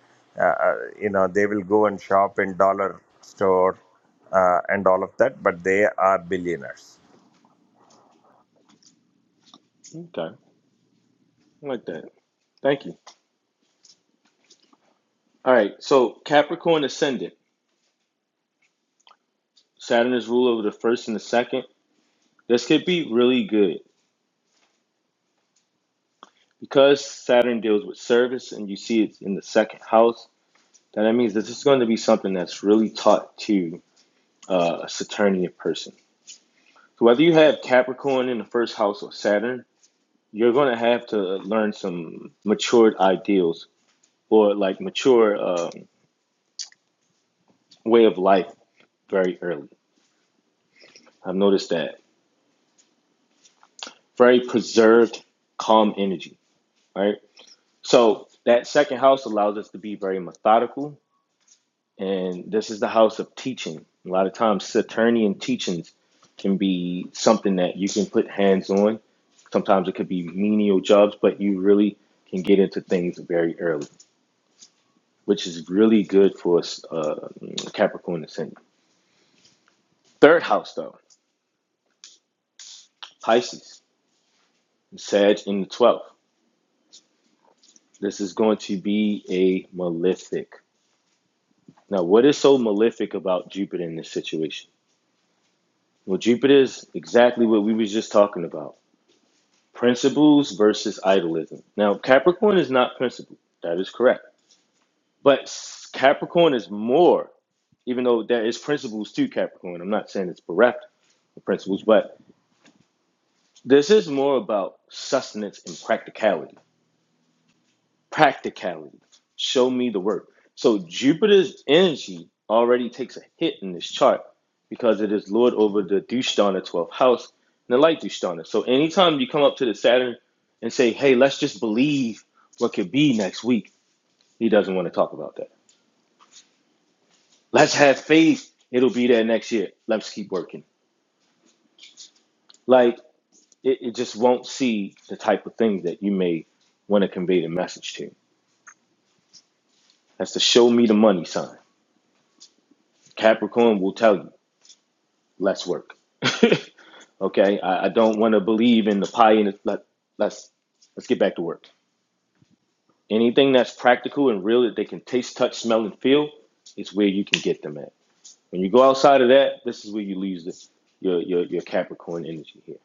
H: uh, uh, you know they will go and shop in dollar store uh, and all of that but they are billionaires
A: Okay. I like that. Thank you. All right. So Capricorn ascendant. Saturn is ruler over the first and the second. This could be really good because Saturn deals with service and you see it's in the second house. Then That means this is going to be something that's really taught to uh, a Saturnian person. So whether you have Capricorn in the first house or Saturn, you're going to have to learn some matured ideals or like mature um, way of life very early. I've noticed that very preserved, calm energy, right? So that second house allows us to be very methodical, and this is the house of teaching. A lot of times, Saturnian teachings can be something that you can put hands on. Sometimes it could be menial jobs, but you really can get into things very early. which is really good for uh, Capricorn ascendant. Third house, though, Pisces, Sag in the 12th. This is going to be a malefic. Now, what is so malefic about Jupiter in this situation? Well, Jupiter is exactly what we were just talking about principles versus idolism. Now, Capricorn is not principle. That is correct. But Capricorn is more, even though there is principles to Capricorn. I'm not saying it's bereft of principles, but This is more about sustenance and practicality. Practicality. Show me the work. So Jupiter's energy already takes a hit in this chart because it is lord over the Dushtana 12th house and the light Dushtana. So anytime you come up to the Saturn and say, hey, let's just believe what could be next week, he doesn't want to talk about that. Let's have faith. It'll be there next year. Let's keep working. Like, it, it just won't see the type of things that you may want to convey the message to. That's the show me the money sign. Capricorn will tell you, let's work. okay, I, I don't want to believe in the pie in the, let, let's let's get back to work. Anything that's practical and real that they can taste, touch, smell, and feel, it's where you can get them at. When you go outside of that, this is where you lose this, your, your your Capricorn energy here.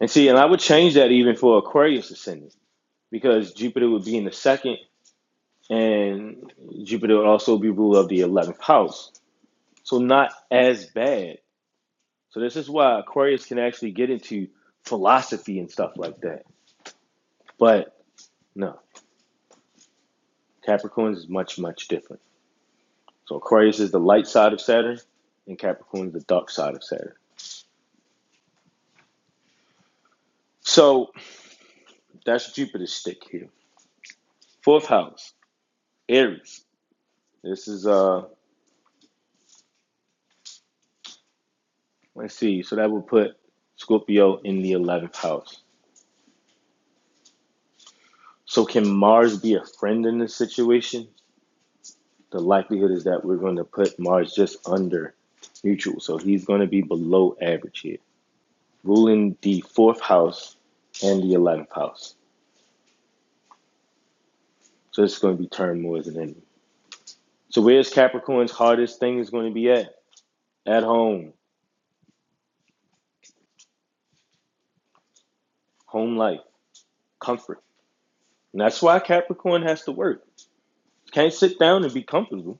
A: And see, and I would change that even for Aquarius ascendant because Jupiter would be in the second, and Jupiter would also be ruler of the eleventh house. So not as bad So this is why Aquarius can actually get into philosophy and stuff like that. But no, Capricorns is much, much different. So Aquarius is the light side of Saturn, and Capricorn is the dark side of Saturn. So that's Jupiter's stick here. Fourth house, Aries. This is uh, let's see. So that would put Scorpio in the eleventh house. So can Mars be a friend in this situation? The likelihood is that we're going to put Mars just under neutral. So he's going to be below average here. ruling the fourth house and the 11th house. So it's going to be turmoil as an enemy. So where's Capricorn's hardest thing is going to be at? At home, home life, comfort. And that's why Capricorn has to work. You Can't sit down and be comfortable.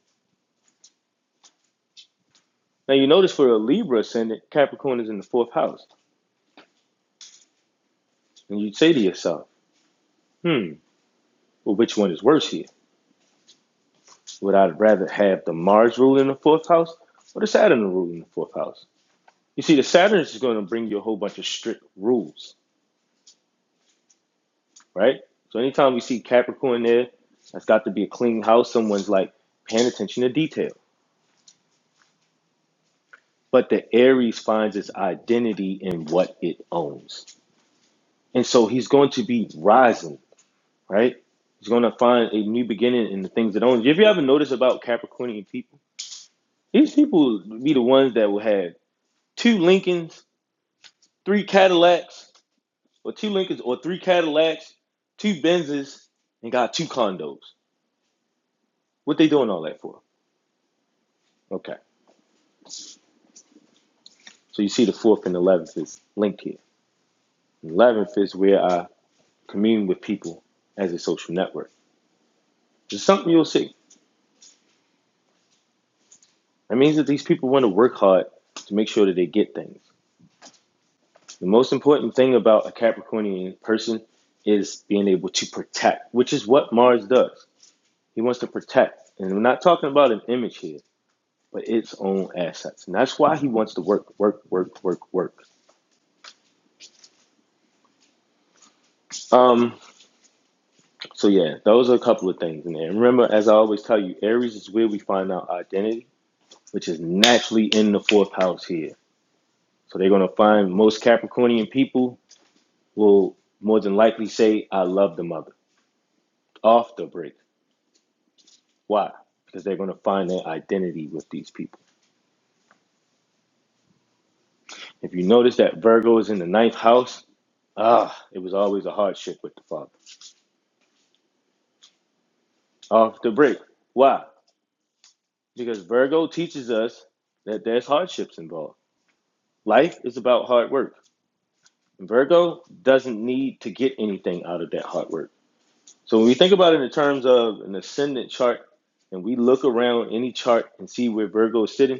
A: Now you notice for a Libra ascendant, Capricorn is in the fourth house. And you'd say to yourself, hmm, well, which one is worse here? Would I rather have the Mars rule in the fourth house or the Saturn rule in the fourth house? You see, the Saturn is going to bring you a whole bunch of strict rules. right? So anytime we see Capricorn there, that's got to be a clean house. Someone's like paying attention to detail. But the Aries finds its identity in what it owns. And so he's going to be rising, right? He's going to find a new beginning in the things that owns. If you ever notice about Capricornian people, these people will be the ones that will have two Lincolns, three Cadillacs, or two Lincolns, or three Cadillacs, two Benzes, and got two condos. What they doing all that for? Okay. So you see the fourth and eleventh is linked here. Eleventh is where I commune with people as a social network. It's something you'll see. That means that these people want to work hard to make sure that they get things. The most important thing about a Capricornian person is being able to protect, which is what Mars does. He wants to protect. And we're not talking about an image here, but its own assets. And that's why he wants to work, work, work, work, work. Um, so yeah, those are a couple of things in there. And remember, as I always tell you, Aries is where we find our identity which is naturally in the fourth house here. So they're going to find most Capricornian people will more than likely say, I love the mother off the break. Why? Because they're going to find their identity with these people. If you notice that Virgo is in the ninth house, ah, it was always a hardship with the father. Off the break. Why? Because Virgo teaches us that there's hardships involved. Life is about hard work. Virgo doesn't need to get anything out of that hard work. So when we think about it in terms of an ascendant chart, and we look around any chart and see where Virgo is sitting,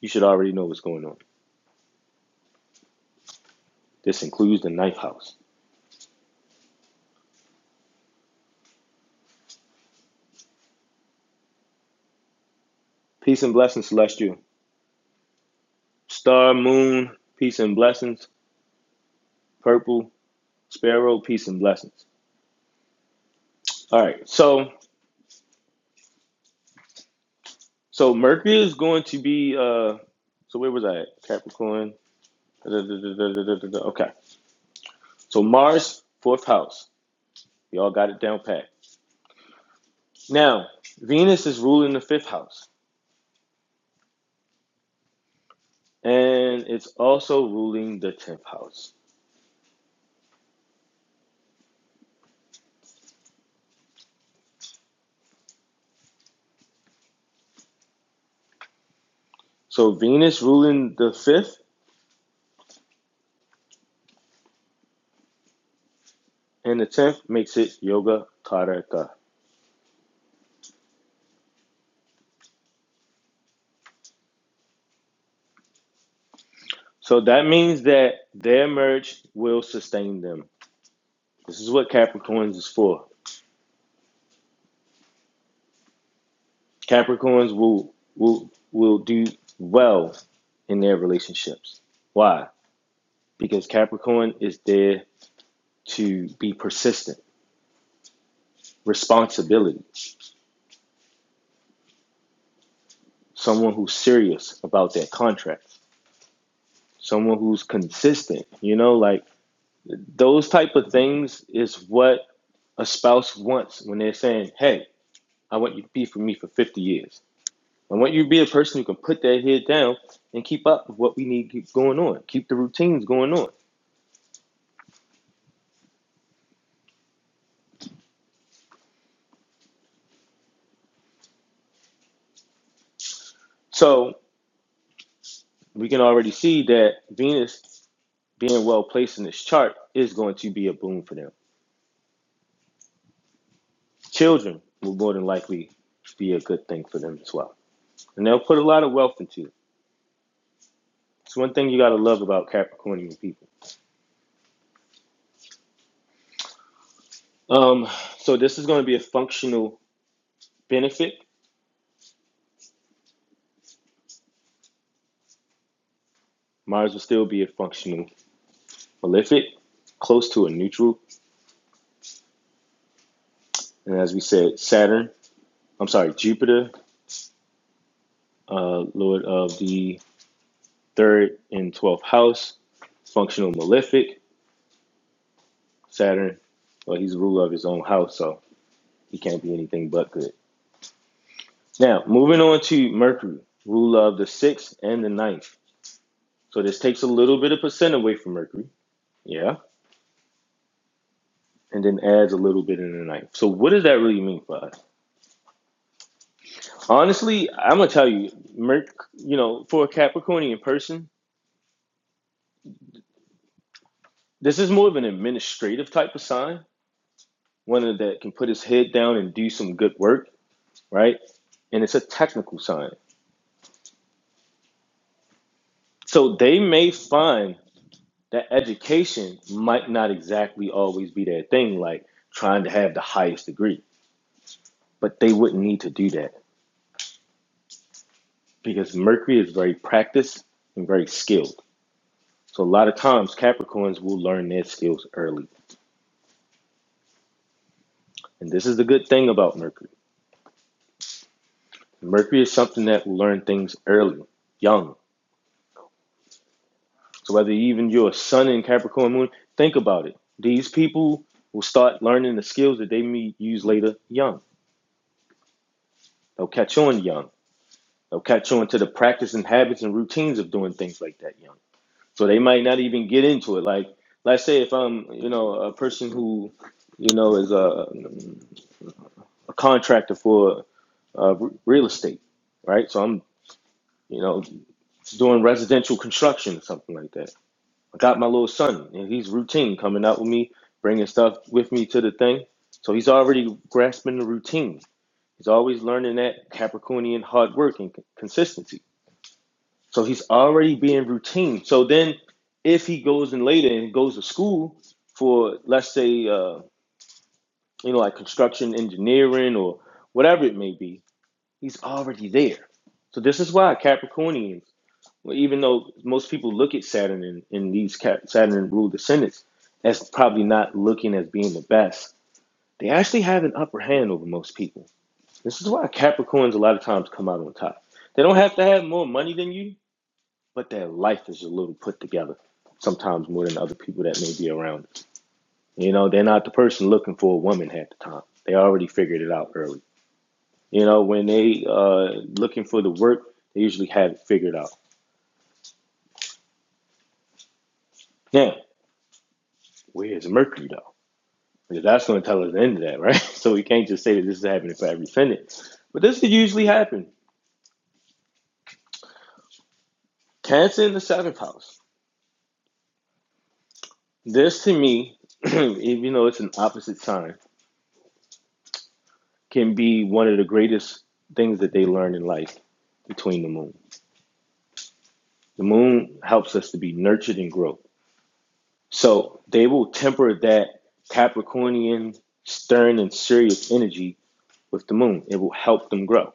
A: you should already know what's going on. This includes the ninth house. Peace and blessings, Celestial. Star, Moon, peace and blessings. Purple, Sparrow, peace and blessings. All right, so so Mercury is going to be. uh So where was I at? Capricorn. da, da, da, da, da, da, da, Okay, so Mars, fourth house. Y'all got it down pat. Now Venus is ruling the fifth house. and it's also ruling the 10th house. So Venus ruling the 5th and the 10th makes it Yoga Karaka. So that means that their merge will sustain them. This is what Capricorns is for. Capricorns will will will do well in their relationships. Why? Because Capricorn is there to be persistent, responsibility, someone who's serious about their contracts, someone who's consistent, you know, like Those type of things is what a spouse wants when they're saying, "Hey, I want you to be for me for 50 years. I want you to be a person who can put their head down and keep up with what we need to keep going on, keep the routines going on." So we can already see that Venus being well placed in this chart is going to be a boon for them. Children will more than likely be a good thing for them as well, and they'll put a lot of wealth into it. It's one thing you got to love about Capricornian people. Um, so this is going to be a functional Benefic might as well still be a functional malefic, close to a neutral. And as we said, Saturn, I'm sorry, Jupiter, uh, lord of the third and twelfth house, functional malefic. Saturn, well, he's the ruler of his own house, so he can't be anything but good. Now, moving on to Mercury, ruler of the sixth and the ninth. So this takes a little bit of percent away from Mercury, yeah, and then adds a little bit in the ninth. So what does that really mean for us? Honestly, I'm gonna tell you, Merc, you know, for a Capricornian person, this is more of an administrative type of sign, one that can put his head down and do some good work, right? And it's a technical sign. So they may find that education might not exactly always be their thing, like trying to have the highest degree, but they wouldn't need to do that because Mercury is very practiced and very skilled. So a lot of times Capricorns will learn their skills early. And this is the good thing about Mercury. Mercury is something that will learn things early, young. So whether even you're a sun in Capricorn moon, think about it. These people will start learning the skills that they may use later young. They'll catch on young. They'll catch on to the practice and habits and routines of doing things like that young. So they might not even get into it. Like let's say if I'm, you know, a person who, you know, is a, a contractor for uh, real estate, right? So I'm, you know, doing residential construction or something like that I got my little son, and he's routine coming out with me, bringing stuff with me to the thing. So he's already grasping the routine. He's always learning that Capricornian hard work and consistency. So he's already being routine. So then, if he goes in later and goes to school for, let's say, uh, you know, like construction engineering or whatever it may be, he's already there. So this is why Capricornians well, even though most people look at Saturn and, and these cat, Saturn and ruled descendants as probably not looking as being the best, they actually have an upper hand over most people. This is why Capricorns a lot of times come out on top. They don't have to have more money than you, but their life is a little put together, sometimes more than other people that may be around. You know, they're not the person looking for a woman half the time. They already figured it out early. You know, when they uh looking for the work, they usually have it figured out. Now, where is Mercury though? Because that's going to tell us the end of that, right? So we can't just say that this is happening for every Senate. But this could usually happen. Cancer in the seventh house. This to me, even though it's an opposite sign, can be one of the greatest things that they learn in life between the moon. The moon helps us to be nurtured and grow. So they will temper that Capricornian, stern, and serious energy with the moon. It will help them grow.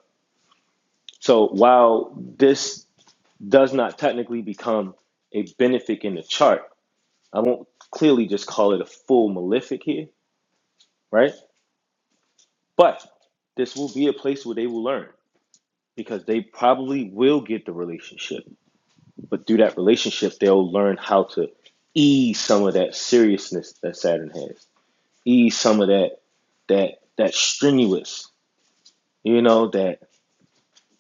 A: So while this does not technically become a benefic in the chart. I won't clearly just call it a full malefic here, right? But this will be a place where they will learn because they probably will get the relationship. But through that relationship, they'll learn how to ease some of that seriousness that Saturn has, ease some of that that that strenuous, you know, that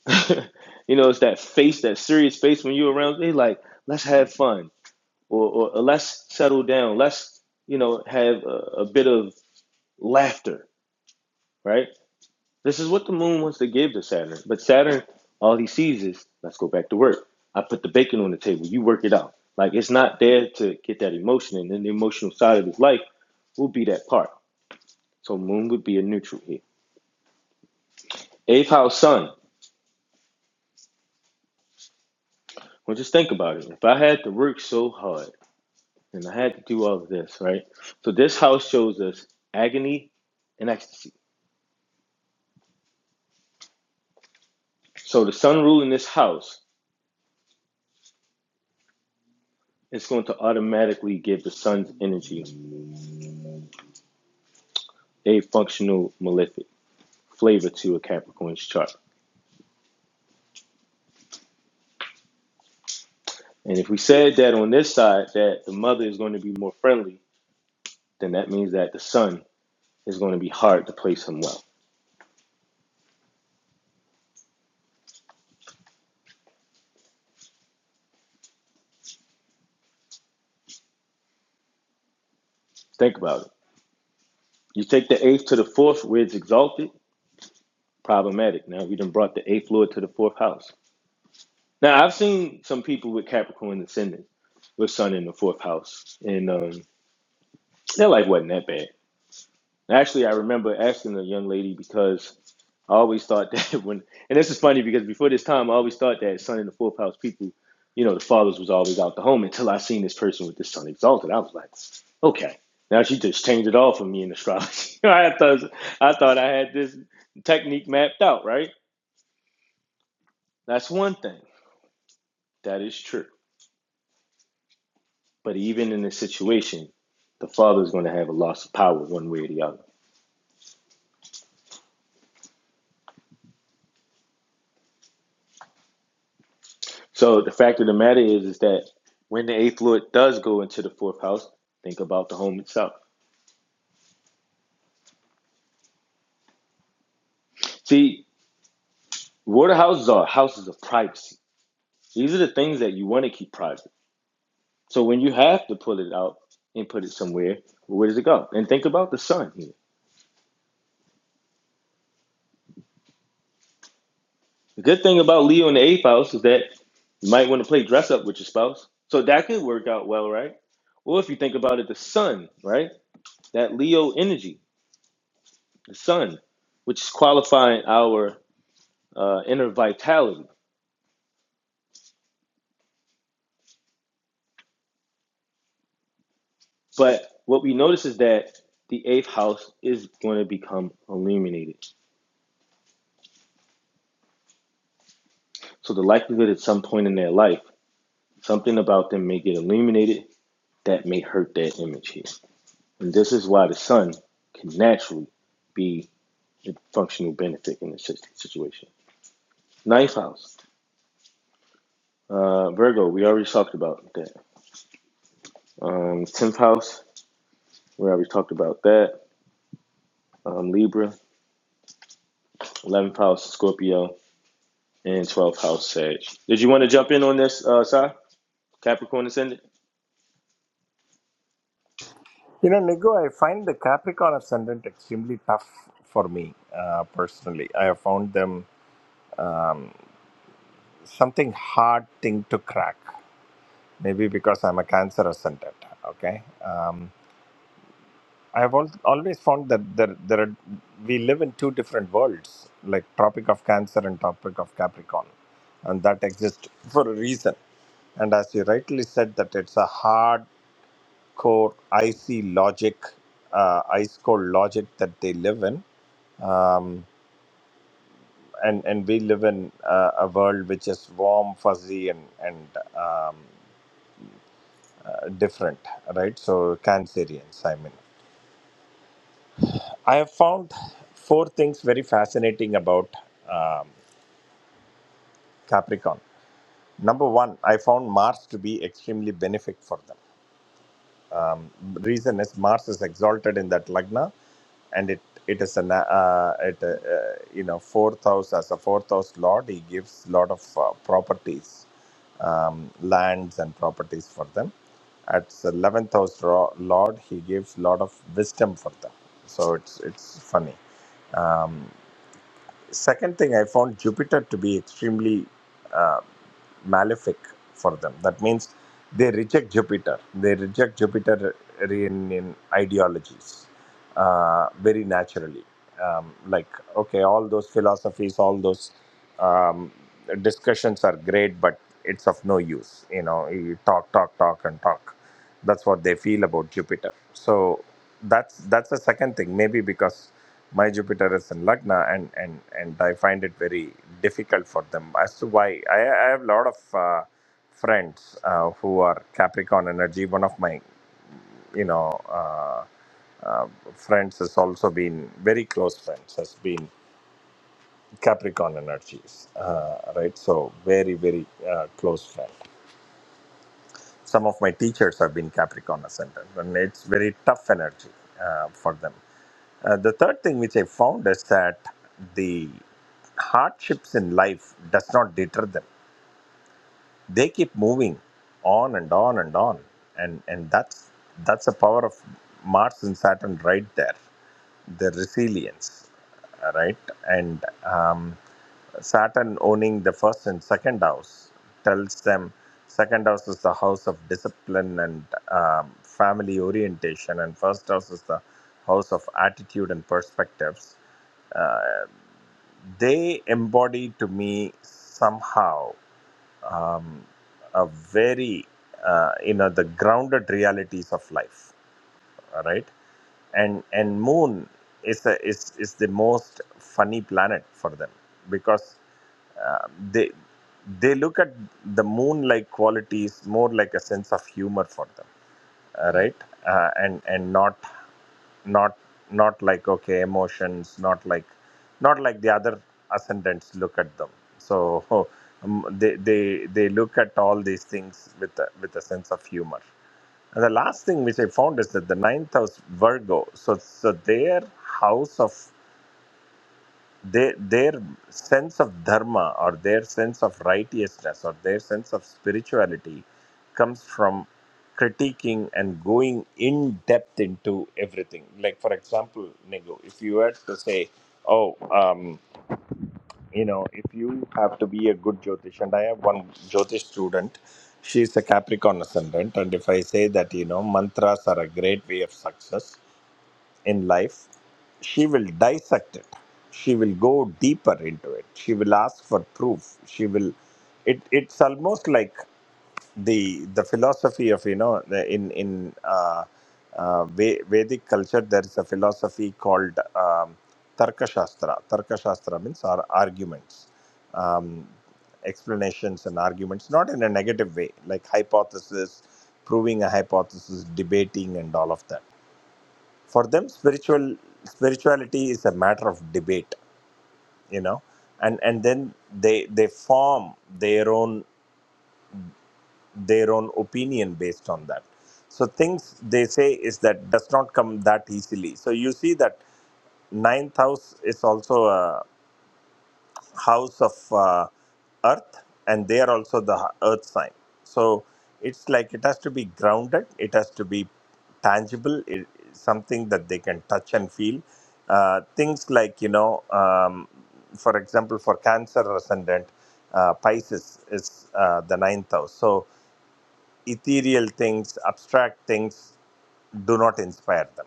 A: you know, it's that face, that serious face when you're around. They like, let's have fun or, or, or let's settle down. Let's, you know, have a, a bit of laughter, right? This is what the moon wants to give to Saturn. But Saturn, all he sees is, let's go back to work. I put the bacon on the table. You work it out. Like it's not there to get that emotion. And then the emotional side of his life will be that part. So moon would be a neutral here. Eighth house sun. Well, just think about it. If I had to work so hard and I had to do all of this, right? So this house shows us agony and ecstasy So the sun rule in this house is going to automatically give the sun's energy a functional malefic flavor to a Capricorn's chart. And if we said that on this side that the mother is going to be more friendly, then that means that the sun is going to be hard to place him well. Think about it. You take the eighth to the fourth where it's exalted, problematic. Now we done brought the eighth lord to the fourth house. Now I've seen some people with Capricorn ascendant with sun in the fourth house, and um, their life wasn't that bad Actually, I remember asking the young lady because I always thought that when, and this is funny because before this time, I always thought that Son in the Fourth House people, you know, the fathers was always out the home until I seen this person with this Son Exalted. I was like, okay, now she just changed it all for me in astrology. I thought, I thought I had this technique mapped out, right? That's one thing. That is true. But even in this situation, the father is going to have a loss of power one way or the other. So the fact of the matter is, is that when the eighth lord does go into the fourth house, think about the home itself. See, water houses are houses of privacy. These are the things that you want to keep private. So when you have to pull it out and put it somewhere, where does it go? And think about the sun here. The good thing about Leo in the eighth house is that you might want to play dress up with your spouse. So that could work out well, right? Or if you think about it, the sun, right? That Leo energy, the sun, which is qualifying our uh, inner vitality. But what we notice is that the eighth house is going to become illuminated. So the likelihood at some point in their life, something about them may get illuminated that may hurt that image here. And this is why the sun can naturally be a functional benefit in this situation. Ninth house, uh, Virgo, we already talked about that. Um, tenth house, we already talked about that. Um, Libra, eleventh house, Scorpio. and 12th house Sag. Did you want to jump in on this, uh, Si? Capricorn Ascendant?
H: you know nigo i find the capricorn ascendant extremely tough for me uh, personally i have found them um, something hard thing to crack maybe because i'm a cancer ascendant okay um, I've al- always found that there, there are, we live in two different worlds, like Tropic of Cancer and Tropic of Capricorn, and that exists for a reason. And as you rightly said, that it's a hardcore, icy logic, uh, ice cold logic that they live in, um, and and we live in uh, a world which is warm, fuzzy, and and um, uh, different, right? So Cancerians, I mean. I have found four things very fascinating about um, Capricorn. Number one, I found Mars to be extremely benefic for them. Reason is Mars is exalted in that lagna, and it it is an uh, it uh, uh, you know fourth house as a fourth house lord. He gives lot of uh, properties, um, lands and properties for them. At the eleventh house ro- lord, he gives lot of wisdom for them. So it's it's funny Um, Second thing, I found Jupiter to be extremely uh, malefic for them. That means they reject Jupiter. They reject Jupiterian ideologies uh, very naturally. Um, like, okay, all those philosophies, all those um, discussions are great, but it's of no use. You know, you talk, talk, talk, and talk. That's what they feel about Jupiter so that's that's the second thing maybe because my jupiter is in lagna and and and i find it very difficult for them as to why i, I have a lot of uh, friends uh, who are capricorn energy one of my you know uh, uh, friends has also been very close friends has been capricorn energies uh, right so very very uh, close friend some of my teachers have been Capricorn ascendant, and it's very tough energy uh, for them. Uh, the third thing which I found is that the hardships in life does not deter them. They keep moving on and on and on, and and that's that's the power of Mars and Saturn right there the resilience, right? And um, Saturn owning the first and second house tells them second house is the house of discipline and um, family orientation, and first house is the house of attitude and perspectives. Uh, they embody to me somehow um, a very, uh, you know, the grounded realities of life right? And and Moon is the is is the most funny planet for them because uh, they they look at the moon like qualities more like a sense of humor for them uh, right uh, and and not not not like okay emotions not like not like the other ascendants look at them so um, they they they look at all these things with a, with a sense of humor and the last thing which i found is that the ninth house virgo so so their house of they, their sense of dharma or their sense of righteousness or their sense of spirituality comes from critiquing and going in depth into everything like for example nego if you were to say oh um, you know if you have to be a good jyotish and i have one jyotish student she's a capricorn ascendant and if i say that you know mantras are a great way of success in life, she will dissect it. She will go deeper into it. She will ask for proof. She will. It, it's almost like the the philosophy of you know the, in in uh, uh, Ve- Vedic culture there is a philosophy called um, Tarka Shastra. Tarka Shastra means ar- arguments, um, explanations and arguments, not in a negative way like hypothesis, proving a hypothesis, debating and all of that for them spiritual spirituality is a matter of debate you know and and then they they form their own their own opinion based on that so things they say is that does not come that easily so you see that ninth house is also a house of uh, earth and they are also the h- earth sign so it's like it has to be grounded it has to be tangible it, something that they can touch and feel uh, things like you know um, for example for cancer ascendant uh, pisces is uh, the ninth house so ethereal things abstract things do not inspire them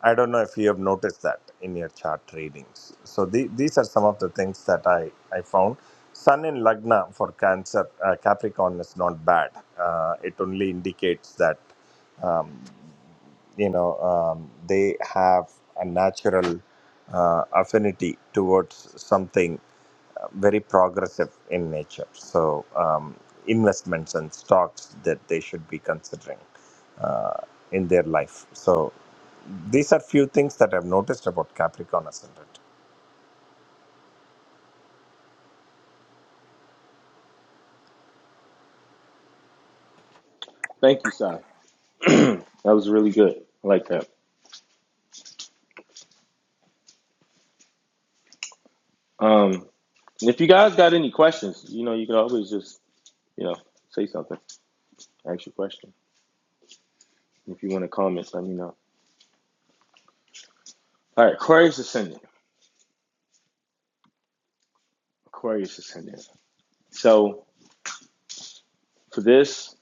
H: I don't know if you have noticed that in your chart readings. So the, these are some of the things that I, I found. Sun in Lagna for Cancer, uh, Capricorn is not bad. Uh, it only indicates that, um, you know, um, they have a natural uh, affinity towards something uh, very progressive in nature. So um, investments and stocks that they should be considering uh, in their life. So these are few things that I've noticed about Capricorn ascendant.
A: Thank you, Si. That was really good. I like that. Um, and if you guys got any questions, you know, you can always just, you know, say something, ask your question. If you want to comment, let me know. All right, Aquarius Ascendant. Aquarius Ascendant. So for this,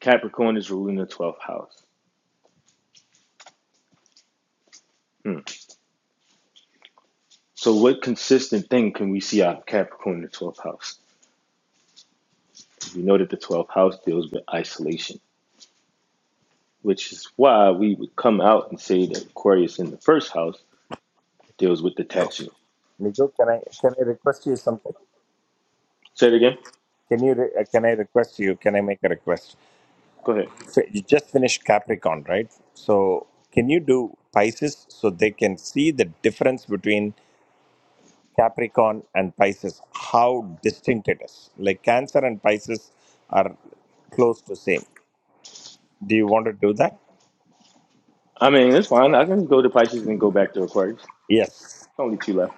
A: Capricorn is ruling the 12th house. Hmm. So what consistent thing can we see out of Capricorn in the 12th house? We know that the 12th house deals with isolation which is why we would come out and say that Aquarius in the first house deals with detachment.
H: Migo, can I can I request you something?
A: Say it again.
H: Can you re- uh, can I request you? Can I make a request?
A: Go ahead.
H: So you just finished Capricorn, right? So can you do Pisces so they can see the difference between Capricorn and Pisces? How distinct it is. Like Cancer and Pisces are close to same. Do you want to do that?
A: I mean, it's fine. I can go to Pisces and go back to Aquarius. It's
H: Yes.
A: only two left.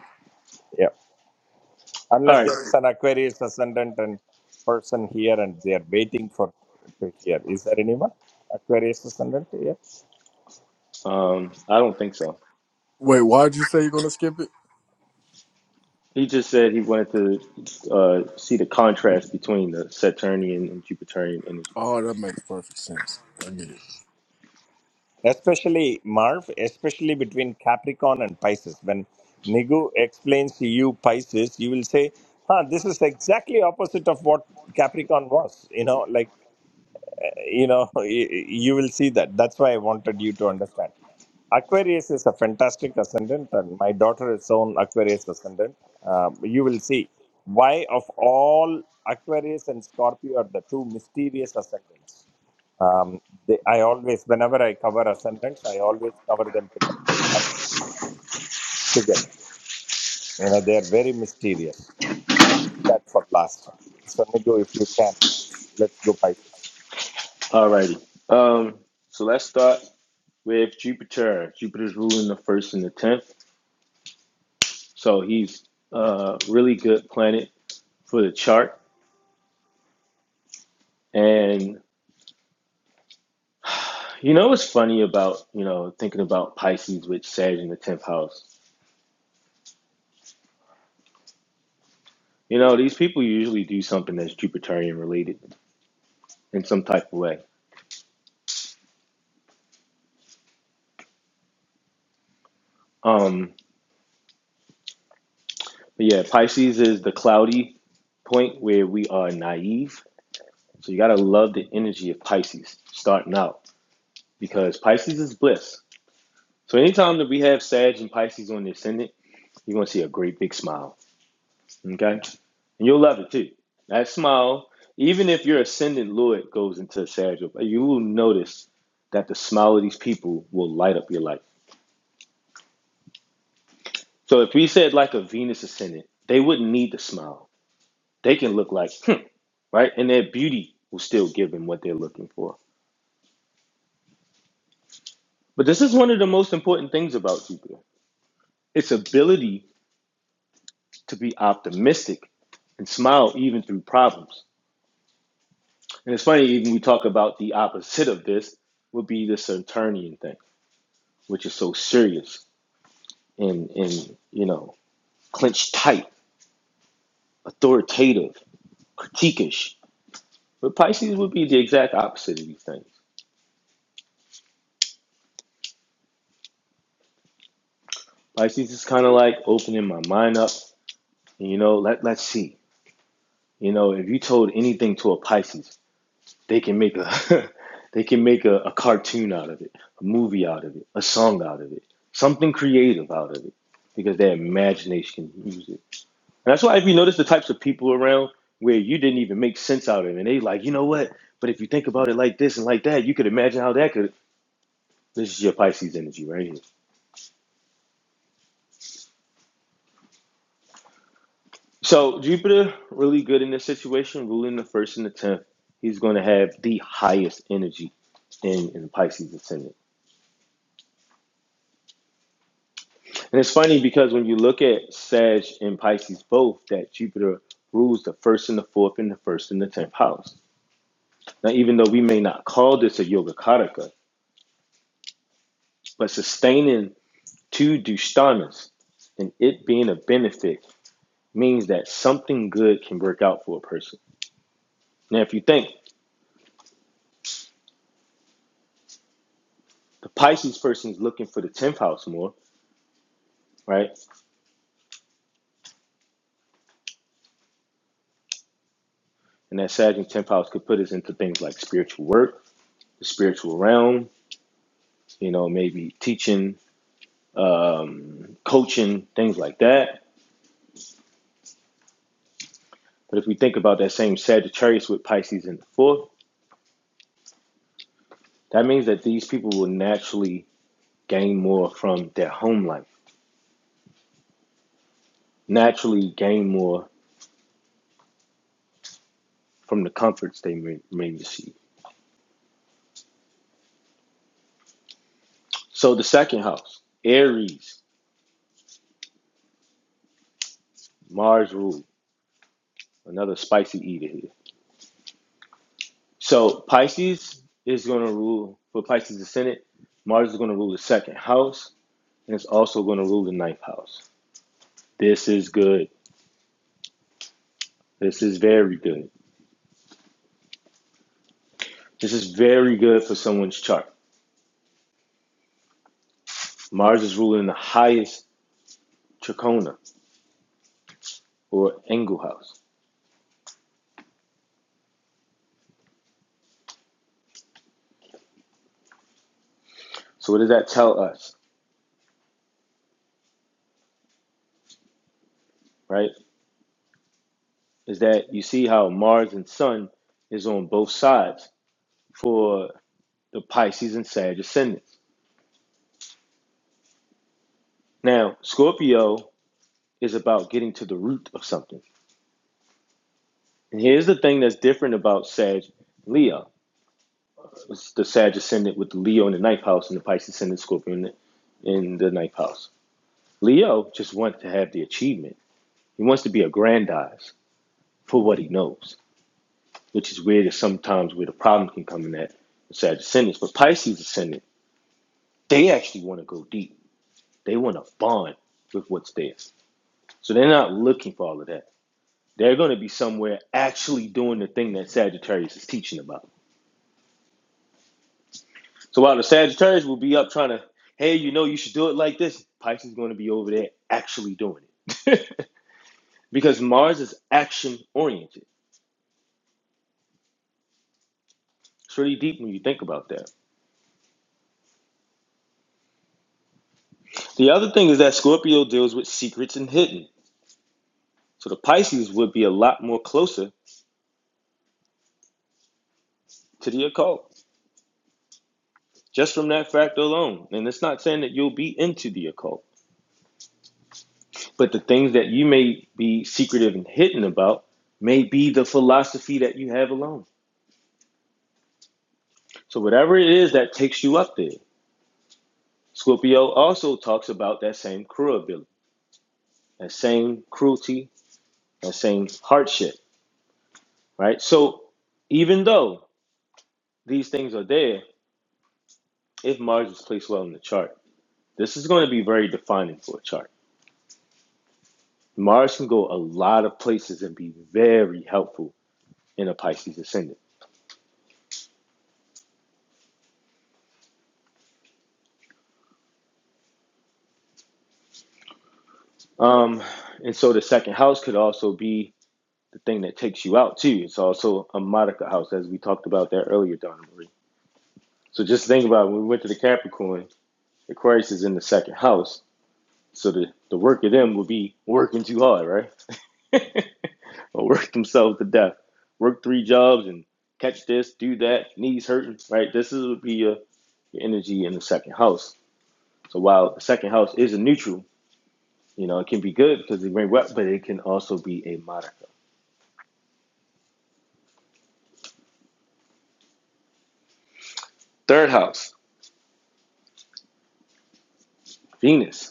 A: All
H: unless
A: right.
H: there is an Aquarius ascendant and person here and they are waiting for to hear. Is there anyone Aquarius ascendant here?
A: Um, I don't think so.
D: Wait, why'd you say you're gonna skip it?
A: He just said he wanted to uh, see the contrast between the Saturnian and Jupiterian energies.
D: Oh, that makes perfect sense. I get it.
H: Especially Marv, especially between Capricorn and Pisces. When Nigu explains to you Pisces, you will say, "Huh, this is exactly opposite of what Capricorn was." You know, like you know you, you will see that that's why i wanted you to understand aquarius is a fantastic ascendant and my daughter is on aquarius ascendant um, you will see why of all aquarius and scorpio are the two mysterious ascendants um, they, i always whenever i cover ascendants i always cover them together aquarius together you know they are very mysterious Keep that for last so nigo if you can please let's go pisces
A: All righty. Um, so let's start with Jupiter. Jupiter's ruling the first and the tenth. So he's a really good planet for the chart. And You know what's funny about, you know, thinking about Pisces with Sag in the 10th house? You know, these people usually do something that's Jupiterian related in some type of way. Um, but yeah, Pisces is the cloudy point where we are naive. So you got to love the energy of Pisces starting out because Pisces is bliss. So anytime that we have Sag and Pisces on the ascendant, you're going to see a great big smile Okay? And you'll love it too. That smile, even if your ascendant Lord goes into Sagittarius, you will notice that the smile of these people will light up your life. So if we said like a Venus ascendant, they wouldn't need the smile. They can look like, hmm, right? And their beauty will still give them what they're looking for. But this is one of the most important things about Jupiter its ability to be optimistic and smile even through problems. And it's funny, even we talk about the opposite of this would be the Saturnian thing. which is so serious and and you know clenched tight, authoritative, critiquish. But Pisces would be the exact opposite of these things. Pisces is kind of like opening my mind up, and you know, let let's see. You know, if you told anything to a Pisces, they can make a they can make a, a cartoon out of it, a movie out of it, a song out of it, something creative out of it, because their imagination can use it And that's why if you notice the types of people around where you didn't even make sense out of it, and they like, you know what? But if you think about it like this and like that, you could imagine how that could. This is your Pisces energy right here. So Jupiter really good in this situation, ruling the first and the tenth. He's going to have the highest energy in, in Pisces ascendant. And it's funny because when you look at Sag and Pisces both, that Jupiter rules the first and the fourth and the first and the tenth house. Now, even though we may not call this a Yoga Kataka, but sustaining to dushtanas and it being a benefit means that something good can work out for a person. Now, if you think the Pisces person is looking for the 10th house more, right? And that Saturn 10th house could put us into things like spiritual work, the spiritual realm, you know, maybe teaching, um, coaching, things like that. But if we think about that same Sagittarius with Pisces in the fourth, that means that these people will naturally gain more from their home life, naturally gain more from the comforts they may, may receive. So the second house, Aries, Mars rule, another spicy eater here. So Pisces is going to rule for Pisces ascendant. Mars is going to rule the second house, and it's also going to rule the ninth house. This is good. This is very good. This is very good for someone's chart. Mars is ruling the highest trachona or angle house. So what does that tell us, right? Is that you see how Mars and Sun is on both sides for the Pisces and Sag ascendants. Now, Scorpio is about getting to the root of something. And here's the thing that's different about Sag Leo. It's the Sag ascendant with the Leo in the ninth house and the Pisces ascendant Scorpio in the, in the ninth house. Leo just wants to have the achievement. He wants to be aggrandized for what he knows, which is where there's sometimes where the problem can come in at the Sag ascendants. But Pisces ascendant, they actually want to go deep. They want to bond with what's there. So they're not looking for all of that. they're going to be somewhere actually doing the thing that Sagittarius is teaching about. So while the Sagittarius will be up trying to, hey, you know, you should do it like this, Pisces is going to be over there actually doing it. because Mars is action oriented. It's really deep when you think about that. The other thing is that Scorpio deals with secrets and hidden. So the Pisces would be a lot more closer to the occult just from that fact alone. And it's not saying that you'll be into the occult But the things that you may be secretive and hidden about may be the philosophy that you have alone. So whatever it is that takes you up there, Scorpio also talks about that same cruelty, that same cruelty, that same hardship, right? So even though these things are there, if Mars is placed well in the chart, this is going to be very defining for a chart. Mars can go a lot of places and be very helpful in a Pisces ascendant. Um, and so the second house could also be the thing that takes you out too. It's also a Monica house, as we talked about that earlier, Donna Marie. So just think about it. when we went to the Capricorn, Aquarius is in the second house. So the, the work of them will be working too hard, right? or work themselves to death. Work three jobs and catch this, do that, knees hurting, right? This is would be your, your energy in the second house. So while the second house is a neutral, you know, it can be good because it brings wealth, but it can also be a Monica. Third house, Venus.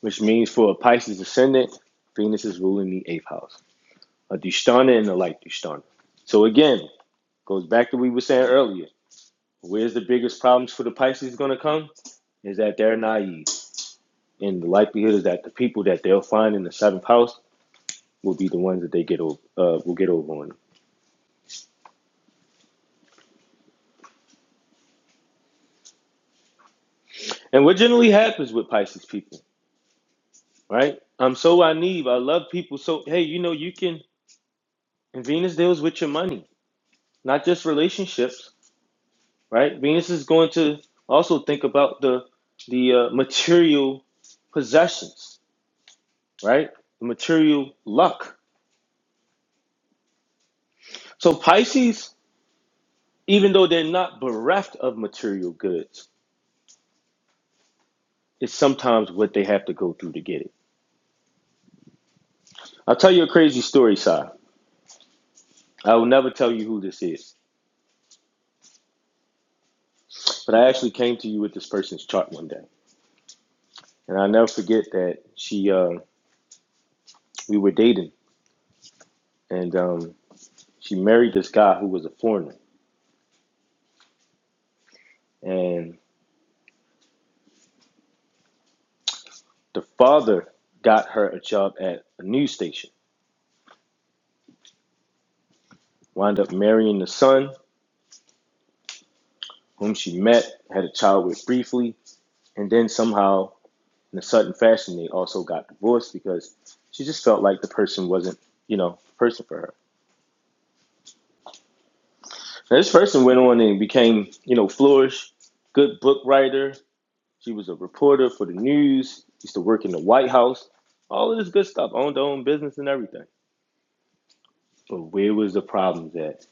A: which means for a Pisces ascendant, Venus is ruling the eighth house, a Dushtana and a light Dushtana. So again, goes back to what we were saying earlier. Where's the biggest problems for the Pisces going to come? Is that they're naive. And the likelihood is that the people that they'll find in the seventh house will be the ones that they get over, uh, will get over on them. And what generally happens with Pisces people, right? I'm so naive. I love people. So, hey, you know, you can, and Venus deals with your money, not just relationships right? Venus is going to also think about the the uh, material possessions, right? The material luck. So Pisces, even though they're not bereft of material goods, it's sometimes what they have to go through to get it. I'll tell you a crazy story, Si. I will never tell you who this is, but I actually came to you with this person's chart one day, and I'll never forget that she uh, we were dating, and um, she married this guy who was a foreigner, and The father got her a job at a news station, wound up marrying the son, whom she met, had a child with briefly, and then somehow, in a sudden fashion, they also got divorced because she just felt like the person wasn't, you know, the person for her. Now, this person went on and became, you know, flourish, good book writer. She was a reporter for the news, used to work in the White House, all of this good stuff, owned her own business and everything. But where was the problem at?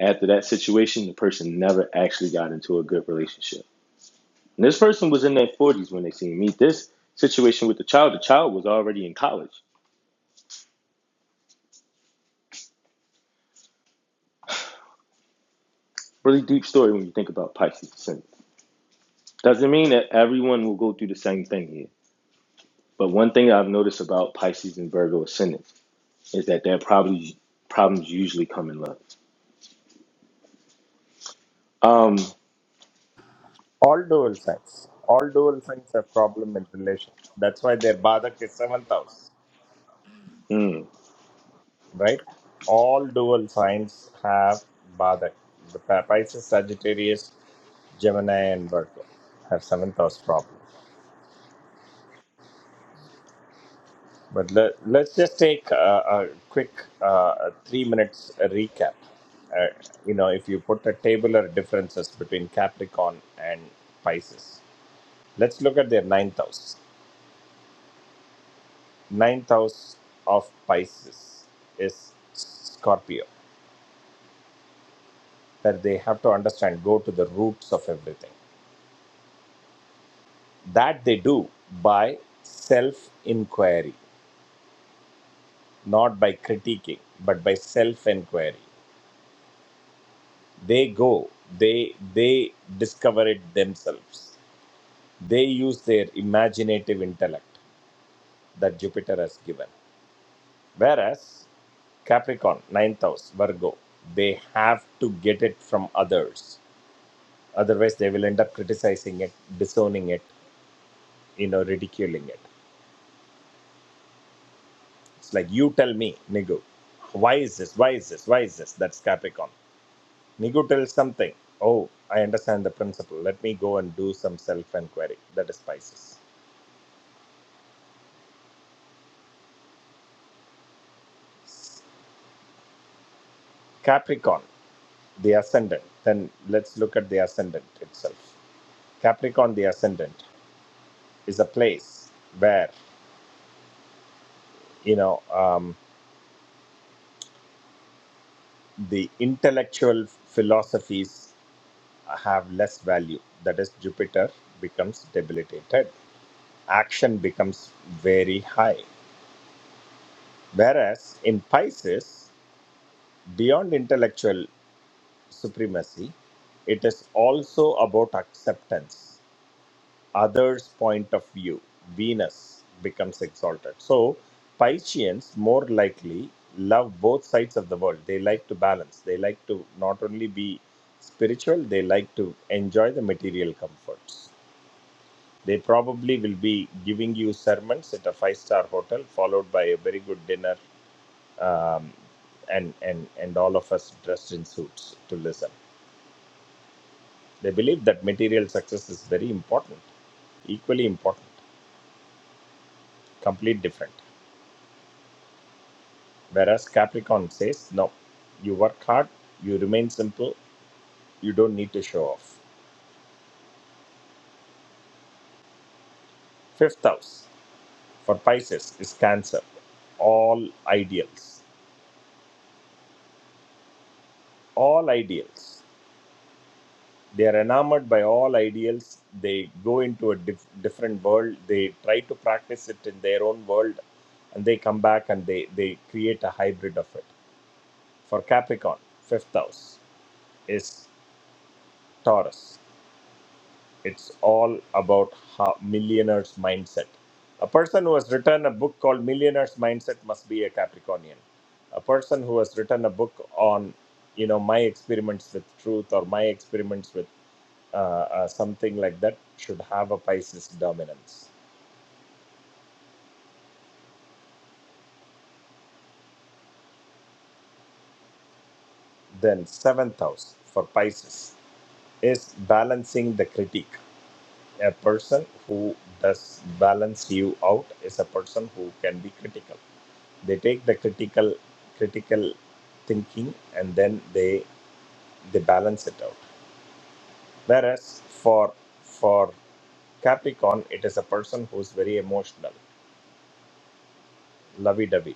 A: After that situation, the person never actually got into a good relationship. And this person was in their 40s when they seen me. This situation with the child, the child was already in college. Really deep story when you think about Pisces ascendant. Doesn't mean that everyone will go through the same thing here. But one thing I've noticed about Pisces and Virgo ascendants is that their probably problems usually come in love. Um,
H: All dual signs. All dual signs have problem in relation. That's why their Badak is seventh house,
A: mm,
H: right? All dual signs have Badak. The Pa- Pisces, Sagittarius, Gemini, and Virgo have seventh house problem. But let, let's just take a, a quick uh, three minutes recap. Uh, you know, if you put a table of differences between Capricorn and Pisces, let's look at their ninth house. ninth house of Pisces is Scorpio, where they have to understand, go to the roots of everything. That they do by self inquiry, not by critiquing, but by self inquiry. They go, they they discover it themselves. They use their imaginative intellect that Jupiter has given. Whereas Capricorn, ninth house, Virgo, they have to get it from others Otherwise, they will end up criticizing it, disowning it, you know, ridiculing it. It's like, you tell me, Nigu, why is this? Why is this? Why is this? That's Capricorn. Nigu tells something. Oh, I understand the principle. Let me go and do some self inquiry. That is Pisces. Capricorn, the ascendant. Then let's look at the ascendant itself. Capricorn, the ascendant, is a place where, you know, um, the intellectual philosophies have less value. That is, Jupiter becomes debilitated. Action becomes very high. Whereas in Pisces, beyond intellectual supremacy, it is also about acceptance, others' point of view. Venus becomes exalted. So, Pisceans more likely love both sides of the world. They like to balance, they like to not only be spiritual, they like to enjoy the material comforts They probably will be giving you sermons at a five-star hotel, followed by a very good dinner, um, and and and all of us dressed in suits to listen. They believe that material success is very important, equally important, complete different. Whereas Capricorn says, no, you work hard, you remain simple, you don't need to show off. Fifth house for Pisces is Cancer. All ideals, all ideals. they are enamored by all ideals they go into a dif- different world they try to practice it in their own world and they come back and they they create a hybrid of it for capricorn fifth house is taurus it's all about how millionaires mindset a person who has written a book called millionaires mindset must be a capricornian a person who has written a book on you know my experiments with truth or my experiments with uh, uh, something like that should have a Pisces dominance. Then seventh house for Pisces is balancing the critique. A person who does balance you out is a person who can be critical. They take the critical critical thinking and then they they balance it out. Whereas for for Capricorn, it is a person who's very emotional, lovey-dovey.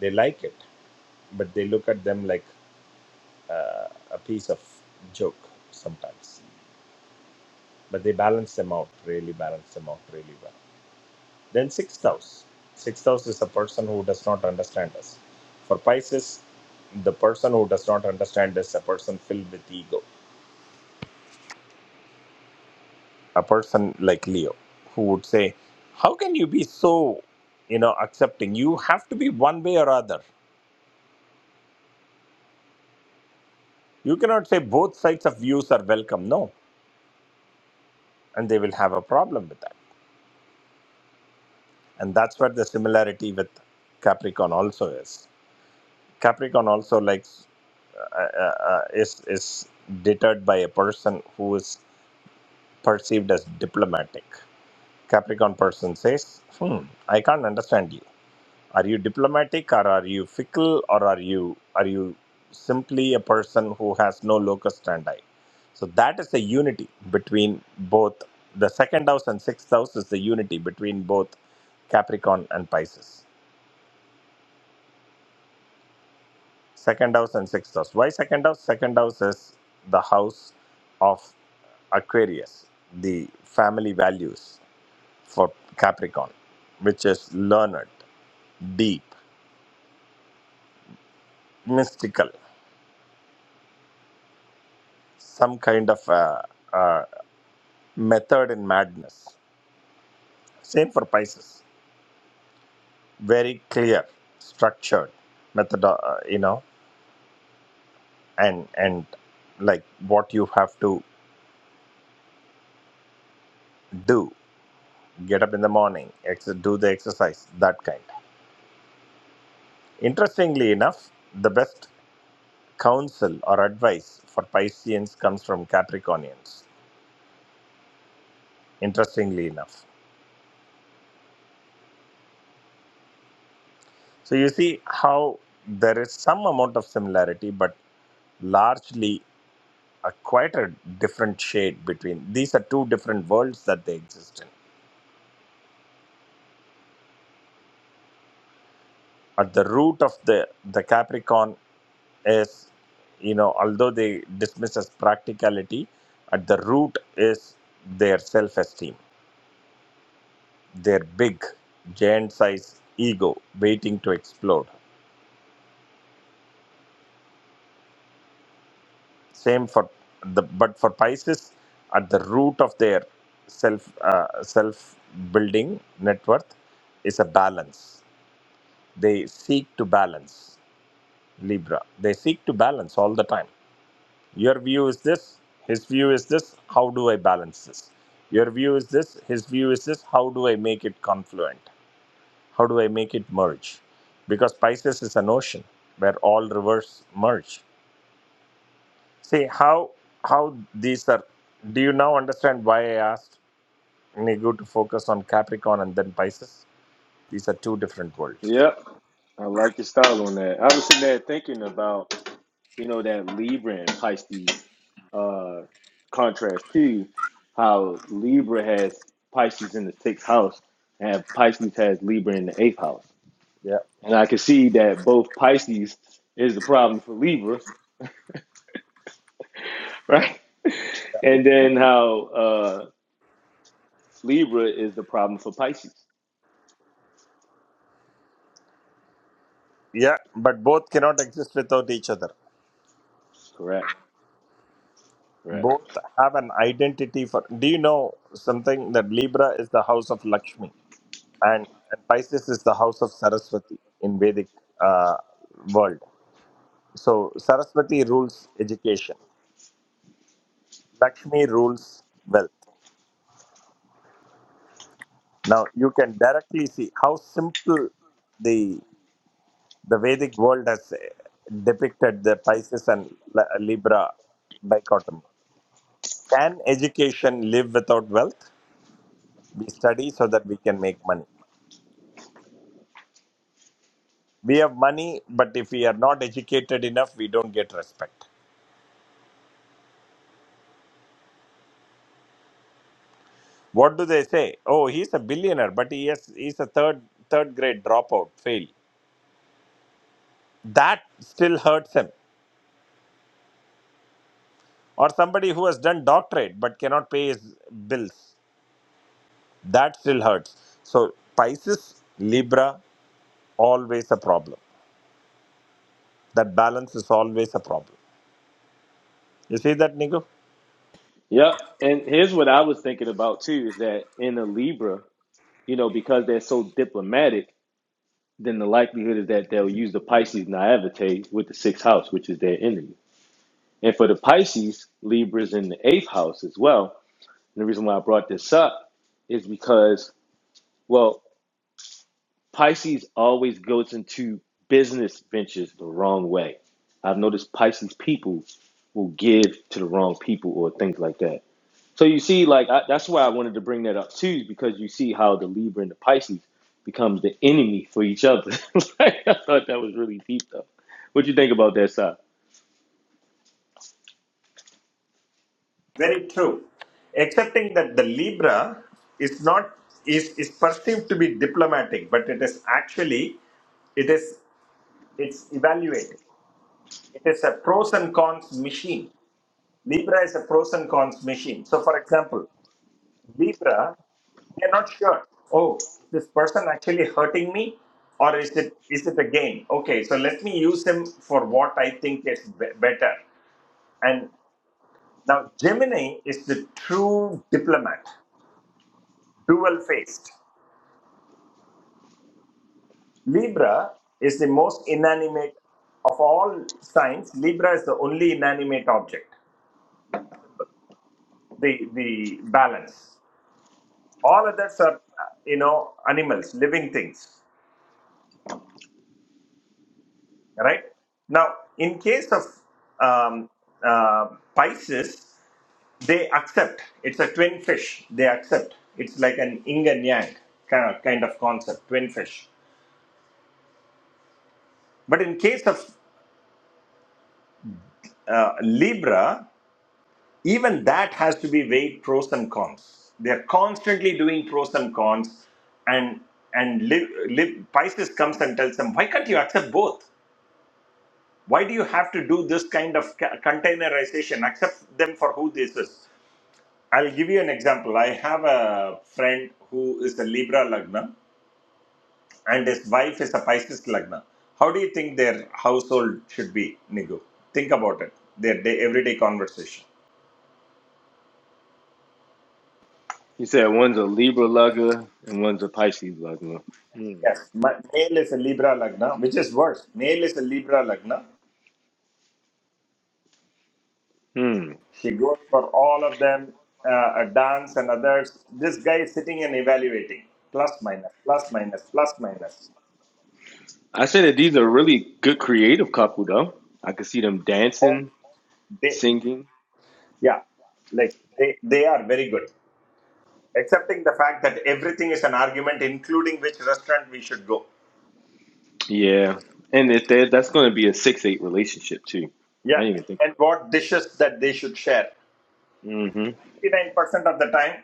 H: They like it, but they look at them like uh, a piece of joke sometimes. But they balance them out, really balance them out really well. Then sixth house. Sixth house is a person who does not understand us. For Pisces, the person who does not understand is a person filled with ego. A person like Leo, who would say, How can you be so, you know, accepting? You have to be one way or other. You cannot say both sides of views are welcome. No. And they will have a problem with that and that's what the similarity with capricorn also is capricorn also likes uh, uh, uh, is is deterred by a person who is perceived as diplomatic capricorn person says hmm i can't understand you are you diplomatic or are you fickle or are you are you simply a person who has no locus standi so that is the unity between both the second house and sixth house is the unity between both capricorn and pisces second house and sixth house why second house second house is the house of aquarius the family values for capricorn which is learned deep mystical some kind of uh, uh, method in madness same for pisces very clear structured method uh, you know and and like what you have to do get up in the morning ex- do the exercise that kind Interestingly enough, the best counsel or advice for Pisceans comes from Capricornians. Interestingly enough. So you see how there is some amount of similarity, but largely a quite a different shade between these are two different worlds that they exist in. At the root of the, the Capricorn is, you know, although they dismiss as practicality, at the root is their self esteem their big giant sized ego waiting to explode same for the but for pisces at the root of their self uh, self building net worth is a balance they seek to balance libra they seek to balance all the time your view is this his view is this how do i balance this your view is this his view is this how do i make it confluent How do I make it merge? Because Pisces is an ocean where all rivers merge. See how how these are. Do you now understand why I asked Nigu to focus on Capricorn and then Pisces? These are two different worlds.
A: yep, I like your style on that. I was sitting there thinking about you know that Libra and Pisces uh, contrast to how Libra has Pisces in the sixth house and Pisces has Libra in the eighth house.
H: Yeah.
A: And I can see that both Pisces is the problem for Libra, right? And then how uh, Libra is the problem for Pisces.
H: Yeah, but both cannot exist without each other.
A: Correct, correct.
H: Both have an identity for. Do you know something that Libra is the house of Lakshmi and, and Pisces is the house of Saraswati in Vedic uh, world? So Saraswati rules education. Lakshmi rules wealth. Now you can directly see how simple the the Vedic world has uh, depicted the Pisces and Li- Libra dichotomy. Can education live without wealth? We study so that we can make money. We have money, but if we are not educated enough, we don't get respect. What do they say? Oh, he's a billionaire, but he is he's a third third grade dropout, fail. That still hurts him or somebody who has done doctorate but cannot pay his bills that still hurts so pisces libra always a problem that balance is always a problem you see that nico
A: Yep. And here's what I was thinking about too is that in a Libra, you know, because they're so diplomatic, then the likelihood is that they'll use the Pisces naivete with the sixth house, which is their enemy And for the Pisces, Libra's in the eighth house as well. And the reason why I brought this up is because, well, Pisces always goes into business ventures the wrong way. I've noticed Pisces people will give to the wrong people or things like that. So you see, like I, that's why I wanted to bring that up too, because you see how the Libra and the Pisces becomes the enemy for each other. like, I thought that was really deep, though. What you think about that, Si?
H: very true excepting that the libra is not is is perceived to be diplomatic but it is actually it is it's evaluating it is a pros and cons machine libra is a pros and cons machine so for example Libra, they're not sure. Oh, is this person actually hurting me, or is it is it a game? Okay, so let me use him for what I think is be- better. And now Gemini is the true diplomat, dual faced. Libra is the most inanimate of all signs. Libra is the only inanimate object. The the balance. All others are uh, you know animals, living things. right? Now, in case of um, uh, Pisces, they accept. It's a twin fish. They accept. It's like an yin and yang kind of, kind of concept, twin fish. But in case of uh, Libra, even that has to be weighed pros and cons. They're constantly doing pros and cons, and and Lib, Lib, Pisces comes and tells them, why can't you accept both? Why do you have to do this kind of ca- containerization? Accept them for who this is. I'll give you an example. I have a friend who is a Libra Lagna and his wife is a Pisces Lagna. How do you think their household should be, Nigu? Think about it. Their day, everyday conversation.
A: You said one's a Libra lugger and one's a Pisces lugger. Hmm.
H: Yes, ma- male is a Libra Lagna, which is worse. Male is a Libra Lagna.
A: Hmm.
H: She goes for all of them, uh, a dance and others. This guy is sitting and evaluating. Plus, minus, plus, minus, plus, minus.
A: I say that these are really good creative couple though. I could see them
H: Oh,
A: dancing,
H: they,
A: singing.
H: yeah, like they, they are very good. accepting the fact that everything is an argument, including which restaurant we should go.
A: Yeah. And if that that's going to be a six eight relationship too.
H: Yeah,
A: I didn't even think
H: and
A: about
H: what dishes that they should share.
A: that. Mm-hmm.
H: 59% of the time,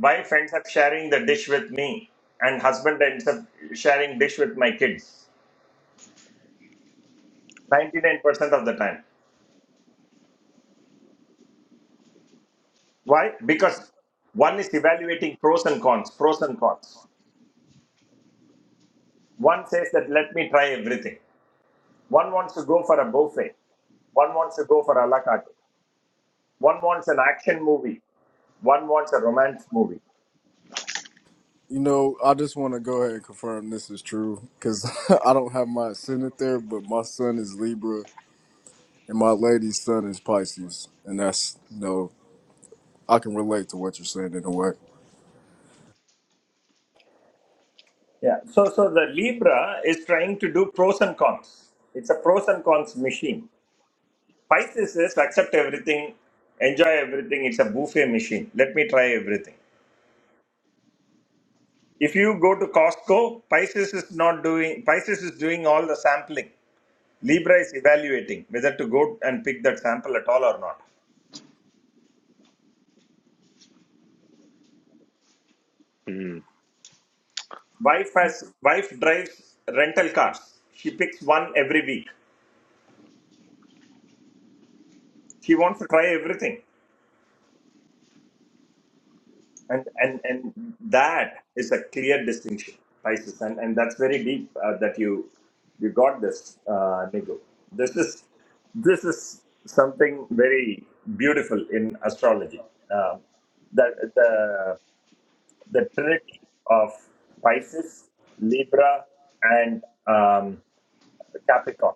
H: wife ends up sharing the dish with me, and husband ends up sharing dish with my kids. 99% of the time. Why? Because one is evaluating pros and cons, pros and cons. One says that let me try everything. One wants to go for a buffet. One wants to go for a la carte. One wants an action movie. One wants a romance movie
D: You know, I just want to go ahead and confirm this is true because I don't have my ascendant there, but my son is Libra and my lady's son is Pisces, and that's you know I can relate to what you're saying in a way.
H: Yeah. So so the Libra is trying to do pros and cons. It's a pros and cons machine. Pisces is accept everything, enjoy everything. It's a buffet machine. Let me try everything. If you go to Costco, Pisces is not doing Pisces is doing all the sampling. Libra is evaluating whether to go and pick that sample at all or not.
A: mm
H: Wife has wife drives rental cars. She picks one every week. She wants to try everything. and and and that is a clear distinction Pisces and and that's very deep uh, that you you got this uh, Nigo this is this is something very beautiful in astrology um, that the the trinity of Pisces Libra and um, Capricorn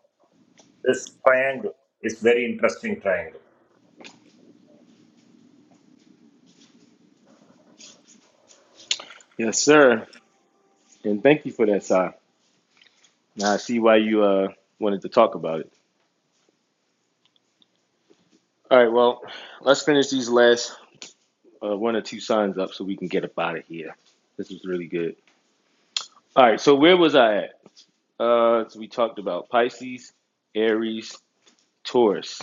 H: this triangle is very interesting triangle
A: Yes, sir. And thank you for that, Si. Now I see why you uh wanted to talk about it. All right. Well, let's finish these last uh, one or two signs up so we can get up out of here. This was really good. All right. So where was I at? Uh, so we talked about Pisces, Aries, Taurus,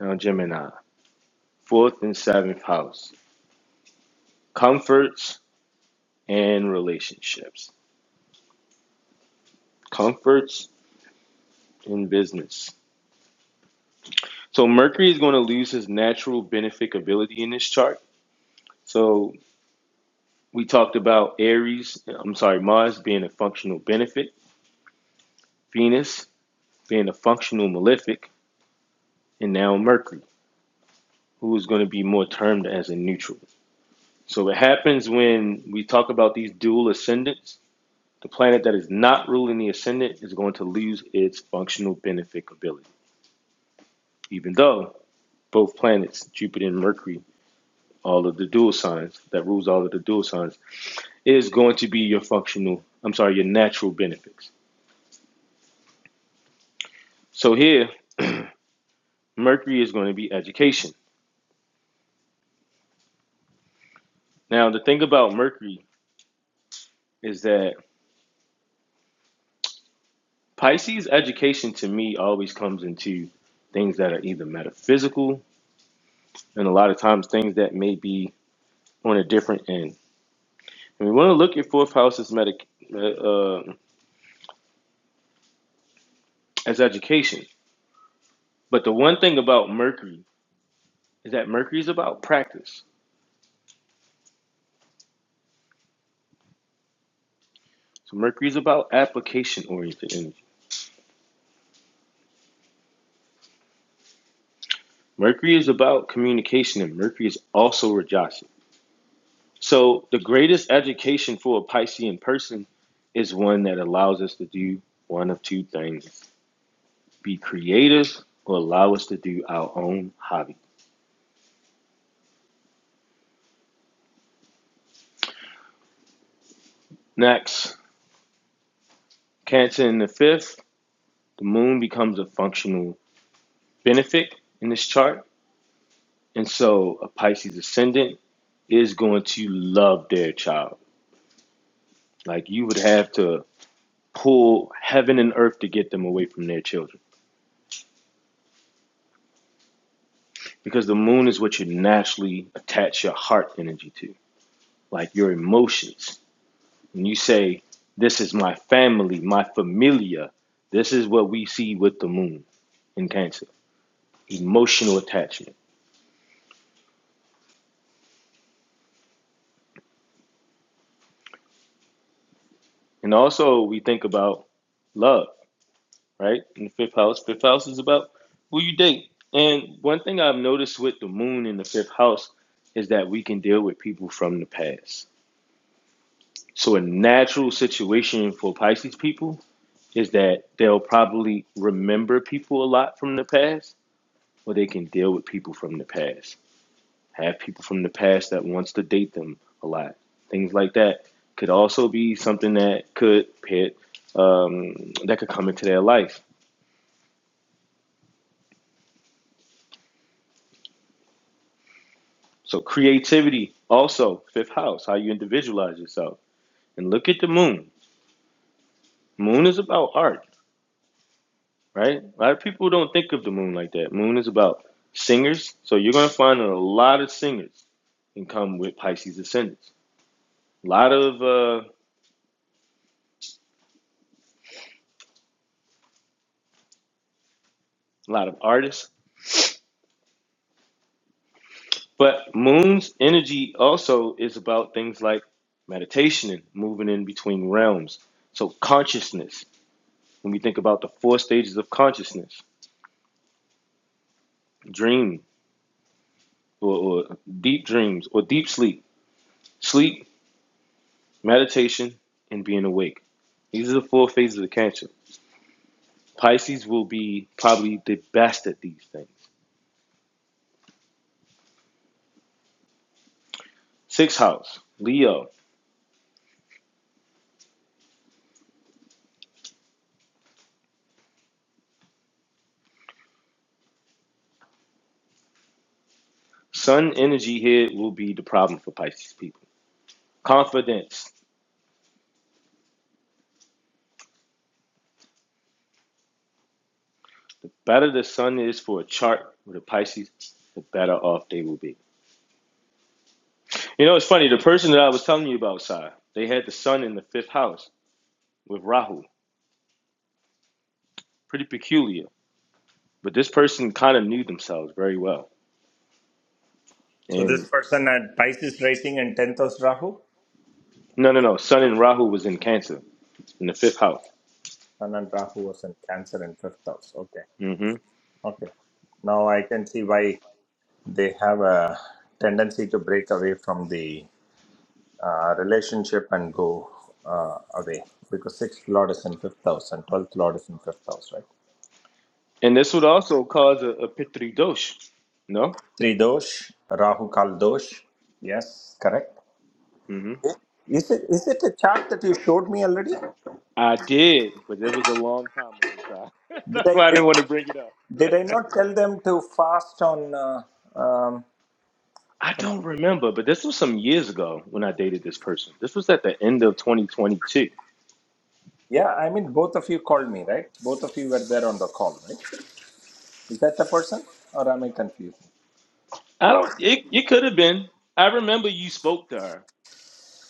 A: now Gemini, fourth and seventh house, comforts and relationships, comforts and business. So Mercury is going to lose his natural benefic ability in this chart. So we talked about Aries, I'm sorry, Mars being a functional benefic, Venus being a functional malefic, and now Mercury, who is going to be more termed as a neutral. So what happens when we talk about these dual ascendants The planet that is not ruling the ascendant is going to lose its functional benefic ability, even though both planets, Jupiter and Mercury, all of the dual signs that rules all of the dual signs, is going to be your functional, I'm sorry, your natural benefics. So here, Mercury is going to be education. Now, the thing about Mercury is that Pisces education to me always comes into things that are either metaphysical and a lot of times things that may be on a different end And we want to look at fourth house is medic uh, uh, as education. But the one thing about Mercury is that Mercury is about practice. So Mercury is about application oriented energy. Mercury is about communication, and Mercury is also Rajasi. So the greatest education for a Piscean person is one that allows us to do one of two things: be creative or allow us to do our own hobby. Next, Cancer in the fifth, the moon becomes a functional benefic in this chart And so a Pisces ascendant is going to love their child. Like you would have to pull heaven and earth to get them away from their children because the moon is what you naturally attach your heart energy to, like your emotions. When you say, This is my family, my familia, this is what we see with the moon in Cancer emotional attachment. And also, we think about love right? In the fifth house. Fifth house is about who you date. And one thing I've noticed with the moon in the fifth house is that we can deal with people from the past. So a natural situation for Pisces people is that they'll probably remember people a lot from the past, or they can deal with people from the past. Have people from the past that wants to date them a lot. Things like that could also be something that could pit um, that could come into their life So creativity also fifth house, how you individualize yourself. And look at the moon. Moon is about art, right? A lot of people don't think of the moon like that. Moon is about singers. So you're gonna find a lot of singers can come with Pisces ascendants. A lot of uh, a lot of artists. But moon's energy also is about things like meditation and moving in between realms. So consciousness. When we think about the four stages of consciousness, dream. or, or deep dreams or deep sleep, sleep, meditation, and being awake. These are the four phases of Cancer. Pisces will be probably the best at these things. Sixth house, Leo. Sun energy here will be the problem for Pisces people. Confidence. Better the sun is for a chart with a Pisces, the better off they will be. You know, it's funny. The person that I was telling you about, Sai, they had the sun in the fifth house with Rahu. Pretty peculiar. But this person kind of knew themselves very well.
H: so
A: And
H: this person had Pisces rising and 10th house Rahu
A: No, no, no. Sun and Rahu was in Cancer in the fifth house.
H: Sun and Rahu was in Cancer in fifth house. Okay.
A: hmm
H: Okay. Now I can see why they have a tendency to break away from the uh, relationship and go uh, away because sixth lord is in fifth house and twelfth lord is in fifth house, right?
A: And this would also cause a, a Pitri Dosh. No?
H: Three dosh, Rahu Kal dosh. Yes, correct.
A: hmm
H: Is it is it a chart that you showed me already?
A: I did, but it was a long time ago, Si.
H: Did
A: That's
H: I
A: why I didn't
H: did,
A: want to bring it up.
H: did I not tell them to fast on uh,
A: I don't
H: um,
A: remember, but this was some years ago when I dated this person. This was at the end of 2022.
H: Yeah, I mean, both of you called me, right? Both of you were there on the call, right? Is that the person, or am I confusing?
A: I don't. It, it could have been. I remember you spoke to her,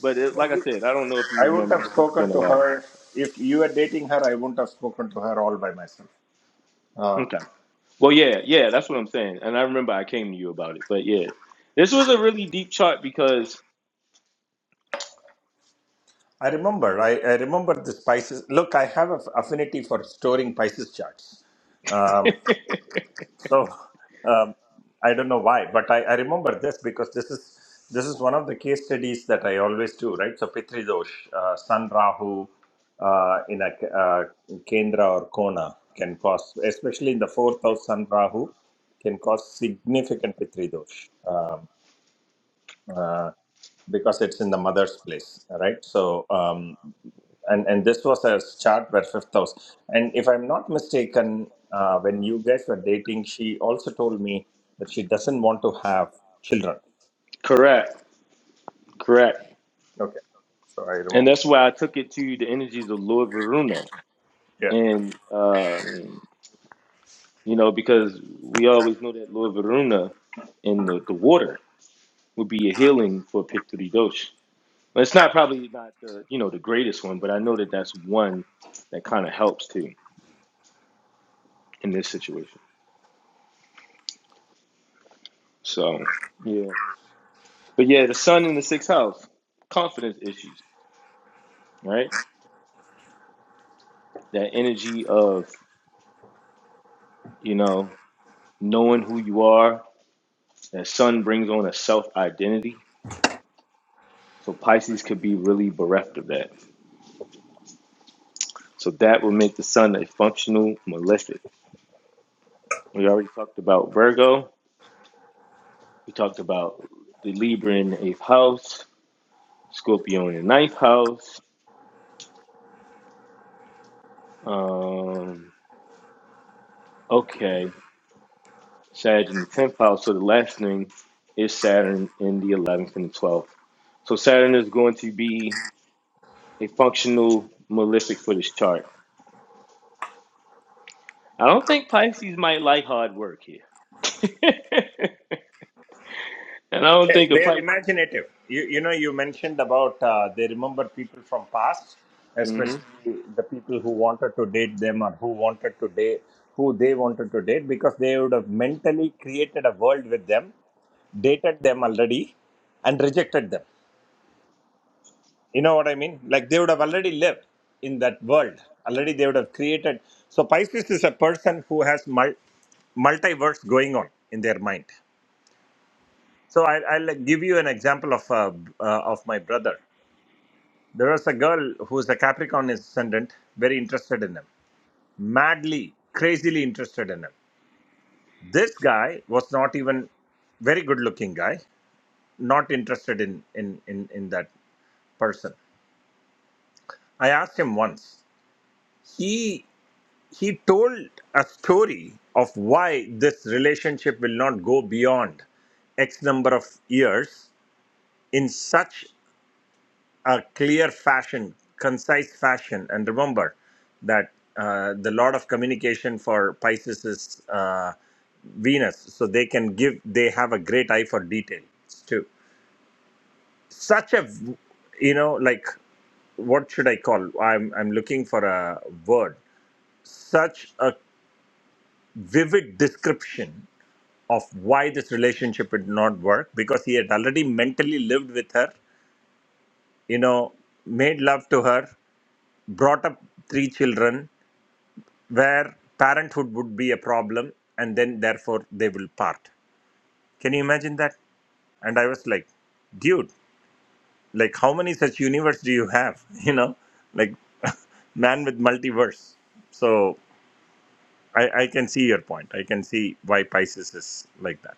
A: but it, like I said, I don't know if you
H: I wouldn't
A: remember
H: have
A: because it's been
H: spoken
A: a
H: to
A: while.
H: her if you were dating her. I wouldn't have spoken to her all by myself. Uh,
A: Okay. Well, yeah, yeah, that's what I'm saying. And I remember I came to you about it, but yeah, this was a really deep chart because
H: I remember. I, I remember this Pisces. Look, I have an affinity for storing Pisces charts. Um, So um, I don't know why, but I, I remember this because this is this is one of the case studies that I always do, right? So Pitri Dosh, uh, Sun Rahu uh, in a uh, Kendra or Kona can cause, especially in the fourth house Sun Rahu, can cause significant Pitri Dosh um, uh, because it's in the mother's place, right? So. Um, and and this was a chart where fifth house and if i'm not mistaken uh, when you guys were dating she also told me that she doesn't want to have children
A: correct, correct,
H: okay so i
A: and
H: remember
A: that's why I took it to the energies of Lord Varuna,
H: yeah
A: and um, you know because we always know that Lord Varuna in the, the water would be a healing for Pitri Dosh. It's not probably not the you know the greatest one, but I know that that's one that kind of helps too in this situation. So. yeah. But yeah, the sun in the sixth house, confidence issues, right? That energy of, you know, knowing who you are. That sun brings on a self identity. So Pisces could be really bereft of that. So that would make the sun a functional malefic. We already talked about Virgo. We talked about the Libra in the eighth house, Scorpio in the ninth house. Um, okay. Saturn in the 10th house. So the last thing is Saturn in the 11th and the 12th. So Saturn is going to be a functional malefic for this chart. I don't think Pisces might like hard work here. and I don't
H: Eh,
A: think a
H: they are
A: Pisces.
H: imaginative you, you know you mentioned about uh, they remember people from past
A: hmm
H: especially the people who wanted to date them or who wanted to date who they wanted to date because they would have mentally created a world with them dated them already and rejected them You know what I mean? Like they would have already lived in that world. Already they would have created. So Pisces is a person who has mul- multiverse going on in their mind. So I, I'll like, give you an example of uh, b- uh, of my brother. There was a girl who's a Capricorn ascendant, very interested in him, madly, crazily interested in him. This guy was not even very good looking guy, not interested in in in, in that person. I asked him once. He he told a story of why this relationship will not go beyond X number of years in such a clear fashion, concise fashion. And remember that uh, the lot of communication for Pisces is uh, Venus, so they can give, they have a great eye for details too. Such a, you know, like what should I call? I'm I'm looking for a word. Such a vivid description of why this relationship would not work because he had already mentally lived with her, you know, made love to her, brought up three children, where parenthood would be a problem, and then therefore they will part. Can you imagine that? And I was like, dude, like how many such universe do you have? You know, like man with multiverse. So I, I can see your point. I can see why Pisces is like that.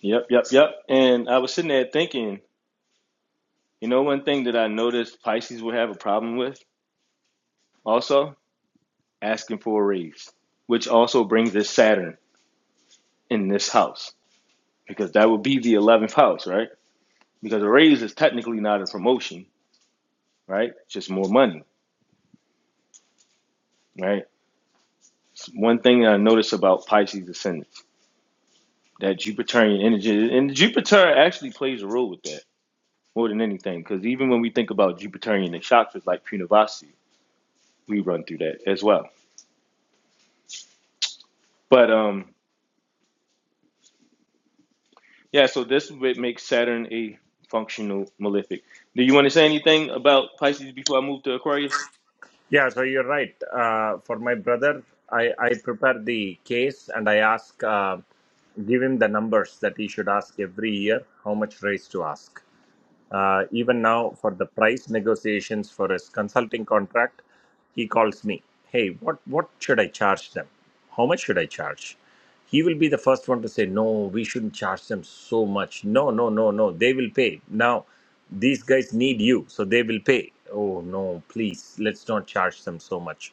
A: Yep, yep, yep. And I was sitting there thinking, you know, one thing that I noticed Pisces would have a problem with also asking for a raise, which also brings this Saturn in this house because that would be the 11th house, right? because a raise is technically not a promotion, right? It's just more money, right? It's one thing that I notice about Pisces ascendants that Jupiterian energy, and Jupiter actually plays a role with that more than anything, because even when we think about Jupiterian and chakras like Punavasi, we run through that as well. But um, yeah, so this would make Saturn a functional malefic. Do you want to say anything about Pisces before I move to Aquarius?
H: Yeah, so you're right. Uh, for my brother, I, I prepare the case and I ask, uh, give him the numbers that he should ask every year, how much raise to ask. Uh, even now, for the price negotiations for his consulting contract, he calls me. Hey, what what should I charge them? How much should I charge? He will be the first one to say, no, we shouldn't charge them so much. No, no, no, no. They will pay. Now, these guys need you, so they will pay. Oh no, please, let's not charge them so much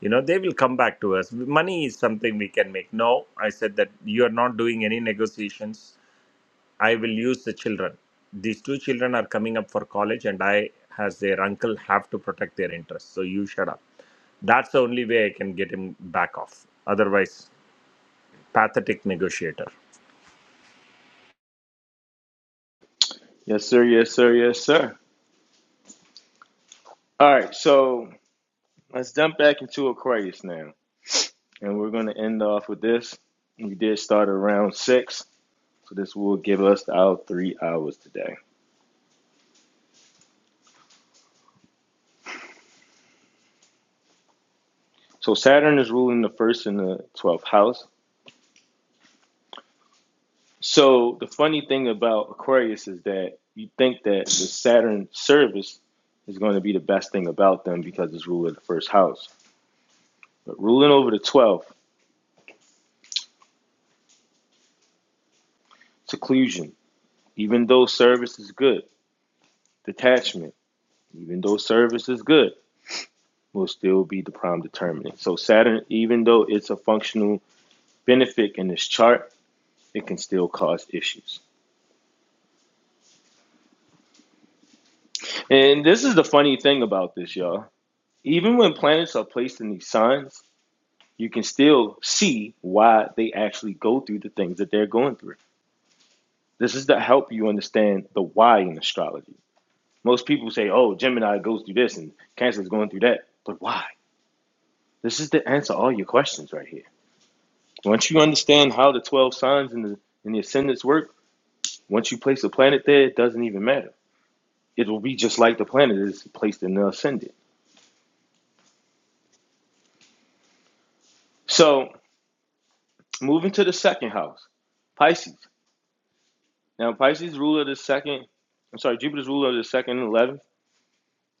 H: you know they will come back to us money is something we can make no i said that you are not doing any negotiations I will use the children. These two children are coming up for college, and I, as their uncle, have to protect their interests. So you shut up. That's the only way I can get him back off. Otherwise, pathetic negotiator.
A: Yes, sir. Yes, sir. Yes, sir. All right, so let's jump back into Aquarius now. And we're going to end off with this. We did start around six, so this will give us our three hours today. So Saturn is ruling the first and the 12th house. So the funny thing about Aquarius is that you think that the Saturn service is going to be the best thing about them because it's ruling the first house. But ruling over the 12th, seclusion, even though service is good, detachment, even though service is good, will still be the prime determinant. So Saturn, even though it's a functional benefit in this chart, it can still cause issues. And this is the funny thing about this, y'all. Even when planets are placed in these signs, you can still see why they actually go through the things that they're going through. This is to help you understand the why in astrology. Most people say, oh, Gemini goes through this and Cancer is going through that. But why? This is to answer all your questions right here. Once you understand how the 12 signs and the, and the ascendants work, once you place a planet there, it doesn't even matter. it will be just like the planet is placed in the ascendant. So moving to the second house, Pisces. Now Pisces ruler of the second, I'm sorry, Jupiter's ruler of the second and eleventh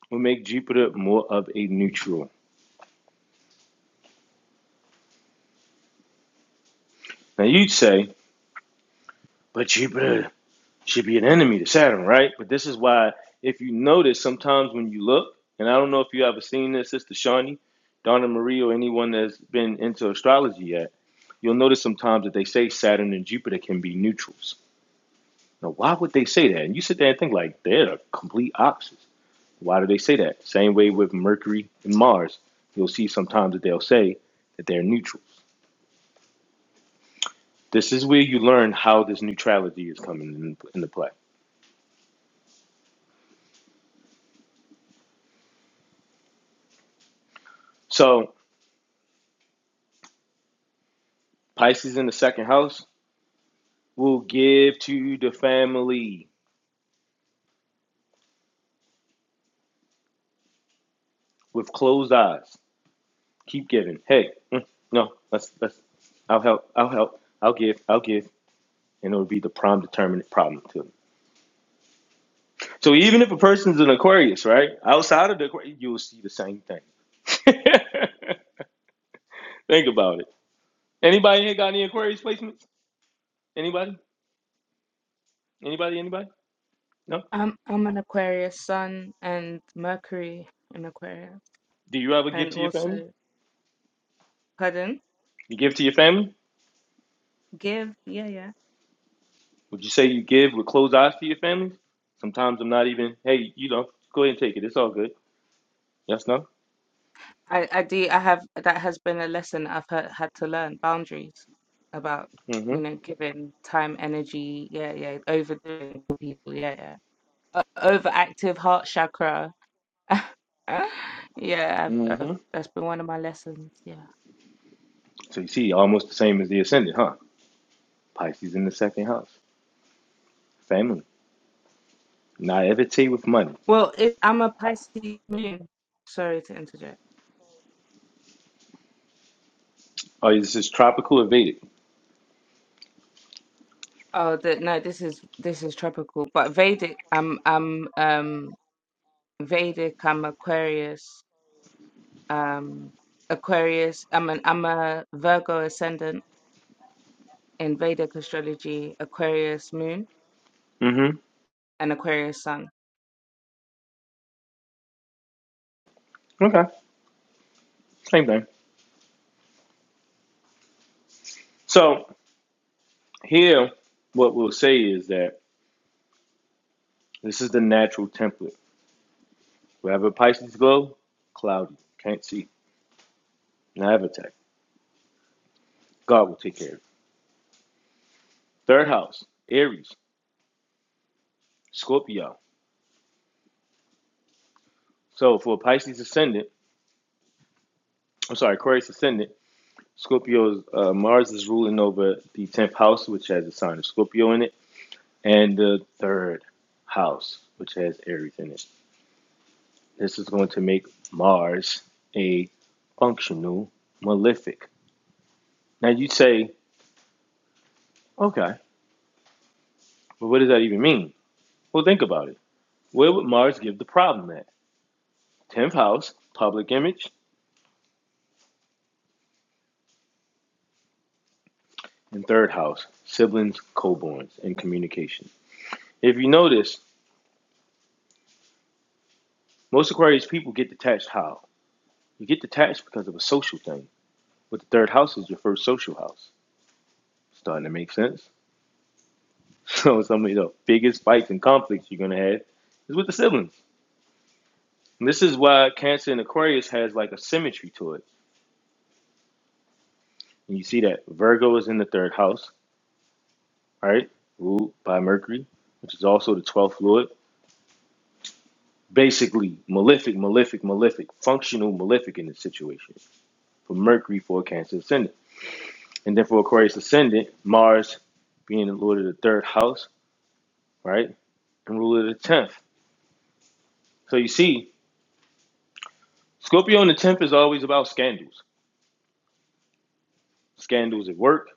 A: will make Jupiter more of a neutral. Now you'd say, but Jupiter should be an enemy to Saturn, right? But this is why if you notice sometimes when you look, and I don't know if you ever seen this, Sister Shawnee, Donna Marie, or anyone that's been into astrology yet, you'll notice sometimes that they say Saturn and Jupiter can be neutrals. Now, why would they say that? And you sit there and think like they're the complete opposites. Why do they say that? Same way with Mercury and Mars. You'll see sometimes that they'll say that they're neutral. This is where you learn how this neutrality is coming into play. So Pisces in the second house will give to the family with closed eyes. Keep giving. Hey, mm, no, let's let's. I'll help. I'll help. I'll give. I'll give, and it'll be the prime determinant problem to them. So even if a person's an Aquarius, right? Outside of the Aquarius, you'll see the same thing. Think about it. Anybody here got any Aquarius placements? Anybody? Anybody? Anybody? No?
J: I'm I'm an Aquarius Sun and Mercury in Aquarius,
A: Do you ever give
J: and
A: to your family?
J: also pardon,
A: You give to your family?
J: give, yeah, yeah.
A: Would you say you give with closed eyes to your family? Sometimes I'm not even, hey, you know, go ahead and take it. It's all good. Yes, no?
J: I I do I have that has been a lesson I've had, had to learn boundaries about
A: Mm-hmm.
J: you know giving time, energy, yeah, yeah, overdoing people, yeah, yeah, uh, overactive heart chakra. Yeah, I've, I've
A: Mm-hmm.
J: that's been one of my lessons. Yeah.
A: So you see, almost the same as the ascendant, huh? Pisces in the second house. Family. Naivete with money.
J: Well, it, I'm a Pisces moon. Sorry to interject.
A: Oh, this is tropical or Vedic?
J: Oh, the, no, this is this is tropical, but Vedic. I'm I'm um Vedic. I'm Aquarius. Um, Aquarius. I'm an I'm a Virgo ascendant in Vedic astrology. Aquarius moon
A: Mm-hmm.
J: and Aquarius sun.
A: Okay. Same thing. So here, what we'll say is that this is the natural template. Wherever Pisces go, cloudy, can't see, never attack. God will take care of it. Third house, Aries, Scorpio. So for Pisces ascendant, I'm sorry, Aquarius ascendant, Scorpio's uh, Mars is ruling over the tenth house, which has a sign of Scorpio in it, and the third house, which has Aries in it. This is going to make Mars a functional malefic. Now you say, okay. But what does that even mean? Well, think about it. Where would Mars give the problem at? 10th house, public image, and third house, siblings, co-borns, and communication. If you notice, most Aquarius people get detached how? You get detached because of a social thing. But the third house is your first social house. Starting to make sense? So some of the biggest fights and conflicts you're gonna have is with the siblings. And this is why Cancer and Aquarius has like a symmetry to it. And you see that Virgo is in the third house, all right, ruled by Mercury, which is also the 12th lord, Basically, malefic, malefic, malefic, functional malefic in this situation for Mercury for a Cancer ascendant. And then for Aquarius ascendant, Mars being the lord of the third house, right, and ruler of the 10th. So you see, Scorpio in the 10th is always about scandals, scandals at work.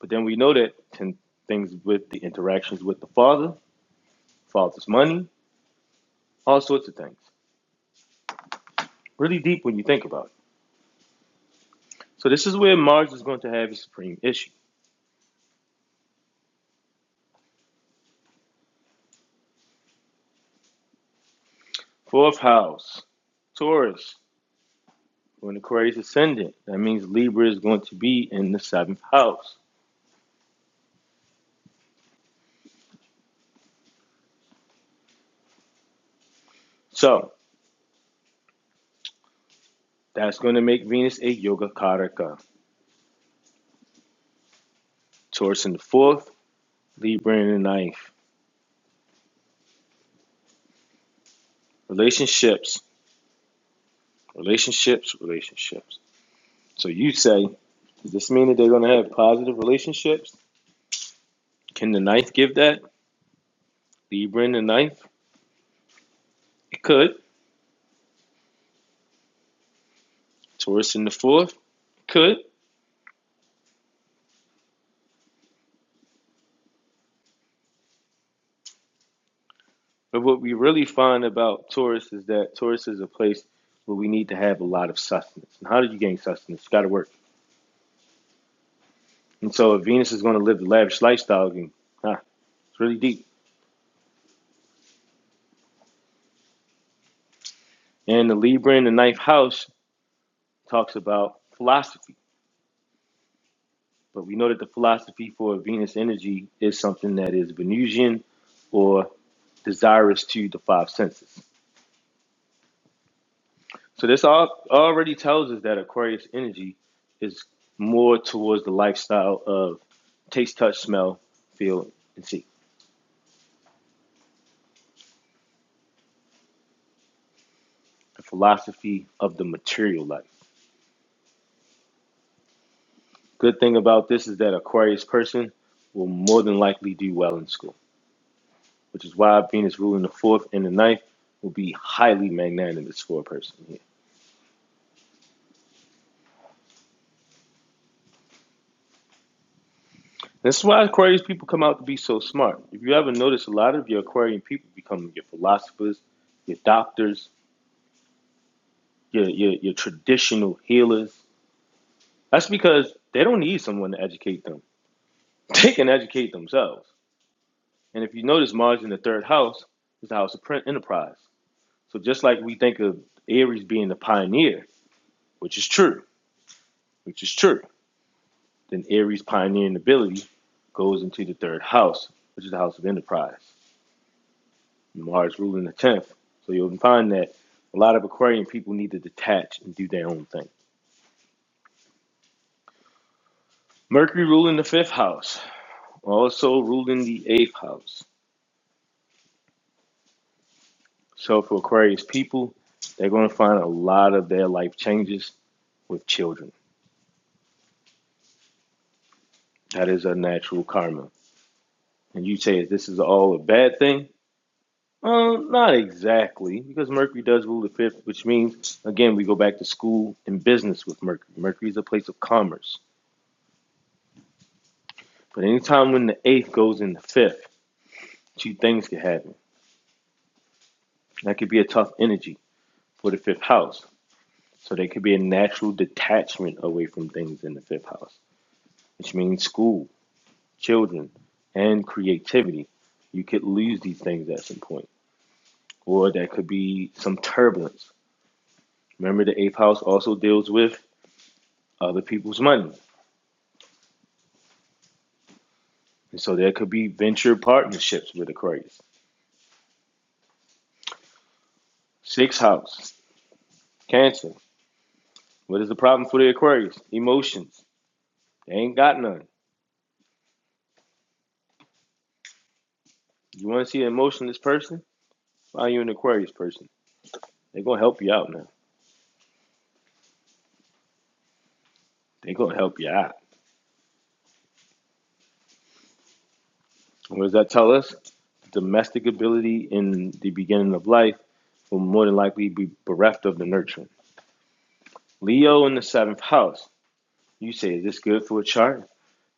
A: But then we know that 10 things with the interactions with the father, father's money, all sorts of things. Really deep when you think about it. So this is where Mars is going to have his supreme issue Fourth house, Taurus, when Aquarius ascendant. That means Libra is going to be in the seventh house. So that's going to make Venus a yoga karaka. Taurus in the fourth, Libra in the ninth. Relationships, relationships, relationships. So you say, does this mean that they're going to have positive relationships? Can the ninth give that? Libra in the ninth? It could. Taurus in the fourth? It Could. But what we really find about Taurus is that Taurus is a place where we need to have a lot of sustenance. And how do you gain sustenance? It's got to work. And so if Venus is going to live the lavish lifestyle, then, ah, it's really deep. And the Libra in the ninth house talks about philosophy. But we know that the philosophy for Venus energy is something that is Venusian or desirous to the five senses. So this all, already tells us that Aquarius energy is more towards the lifestyle of taste, touch, smell, feel, and see. The philosophy of the material life. Good thing about this is that Aquarius person will more than likely do well in school, which is why Venus ruling the fourth and the ninth will be highly magnanimous for a person here. This is why Aquarius people come out to be so smart. If you ever notice, a lot of your Aquarian people become your philosophers, your doctors, your your, your traditional healers. That's because they don't need someone to educate them. They can educate themselves. And if you notice, Mars in the third house is the house of enterprise. So just like we think of Aries being the pioneer, which is true, which is true, then Aries' pioneering ability goes into the third house, which is the house of enterprise. Mars ruling the tenth. So you'll find that a lot of Aquarian people need to detach and do their own thing. Mercury ruling the fifth house, also ruling the eighth house. So for Aquarius people, they're going to find a lot of their life changes with children. That is a natural karma. And you say, this is all a bad thing? Um, not exactly, because Mercury does rule the fifth, which means, again, we go back to school and business with Mercury. Mercury is a place of commerce. But anytime when the eighth goes in the fifth, two things can happen. That could be a tough energy for the fifth house. So there could be a natural detachment away from things in the fifth house, which means school, children, and creativity, you could lose these things at some point, or there could be some turbulence. Remember, the eighth house also deals with other people's money, and so there could be venture partnerships with Aquarius. Sixth house, Cancer. What is the problem for the Aquarius? Emotions. They ain't got none. You want to see an emotionless person? Find you an Aquarius person. They're gonna help you out now. They're gonna help you out. What does that tell us? Domestic ability in the beginning of life will more than likely be bereft of the nurturing. Leo in the seventh house. You say, is this good for a chart?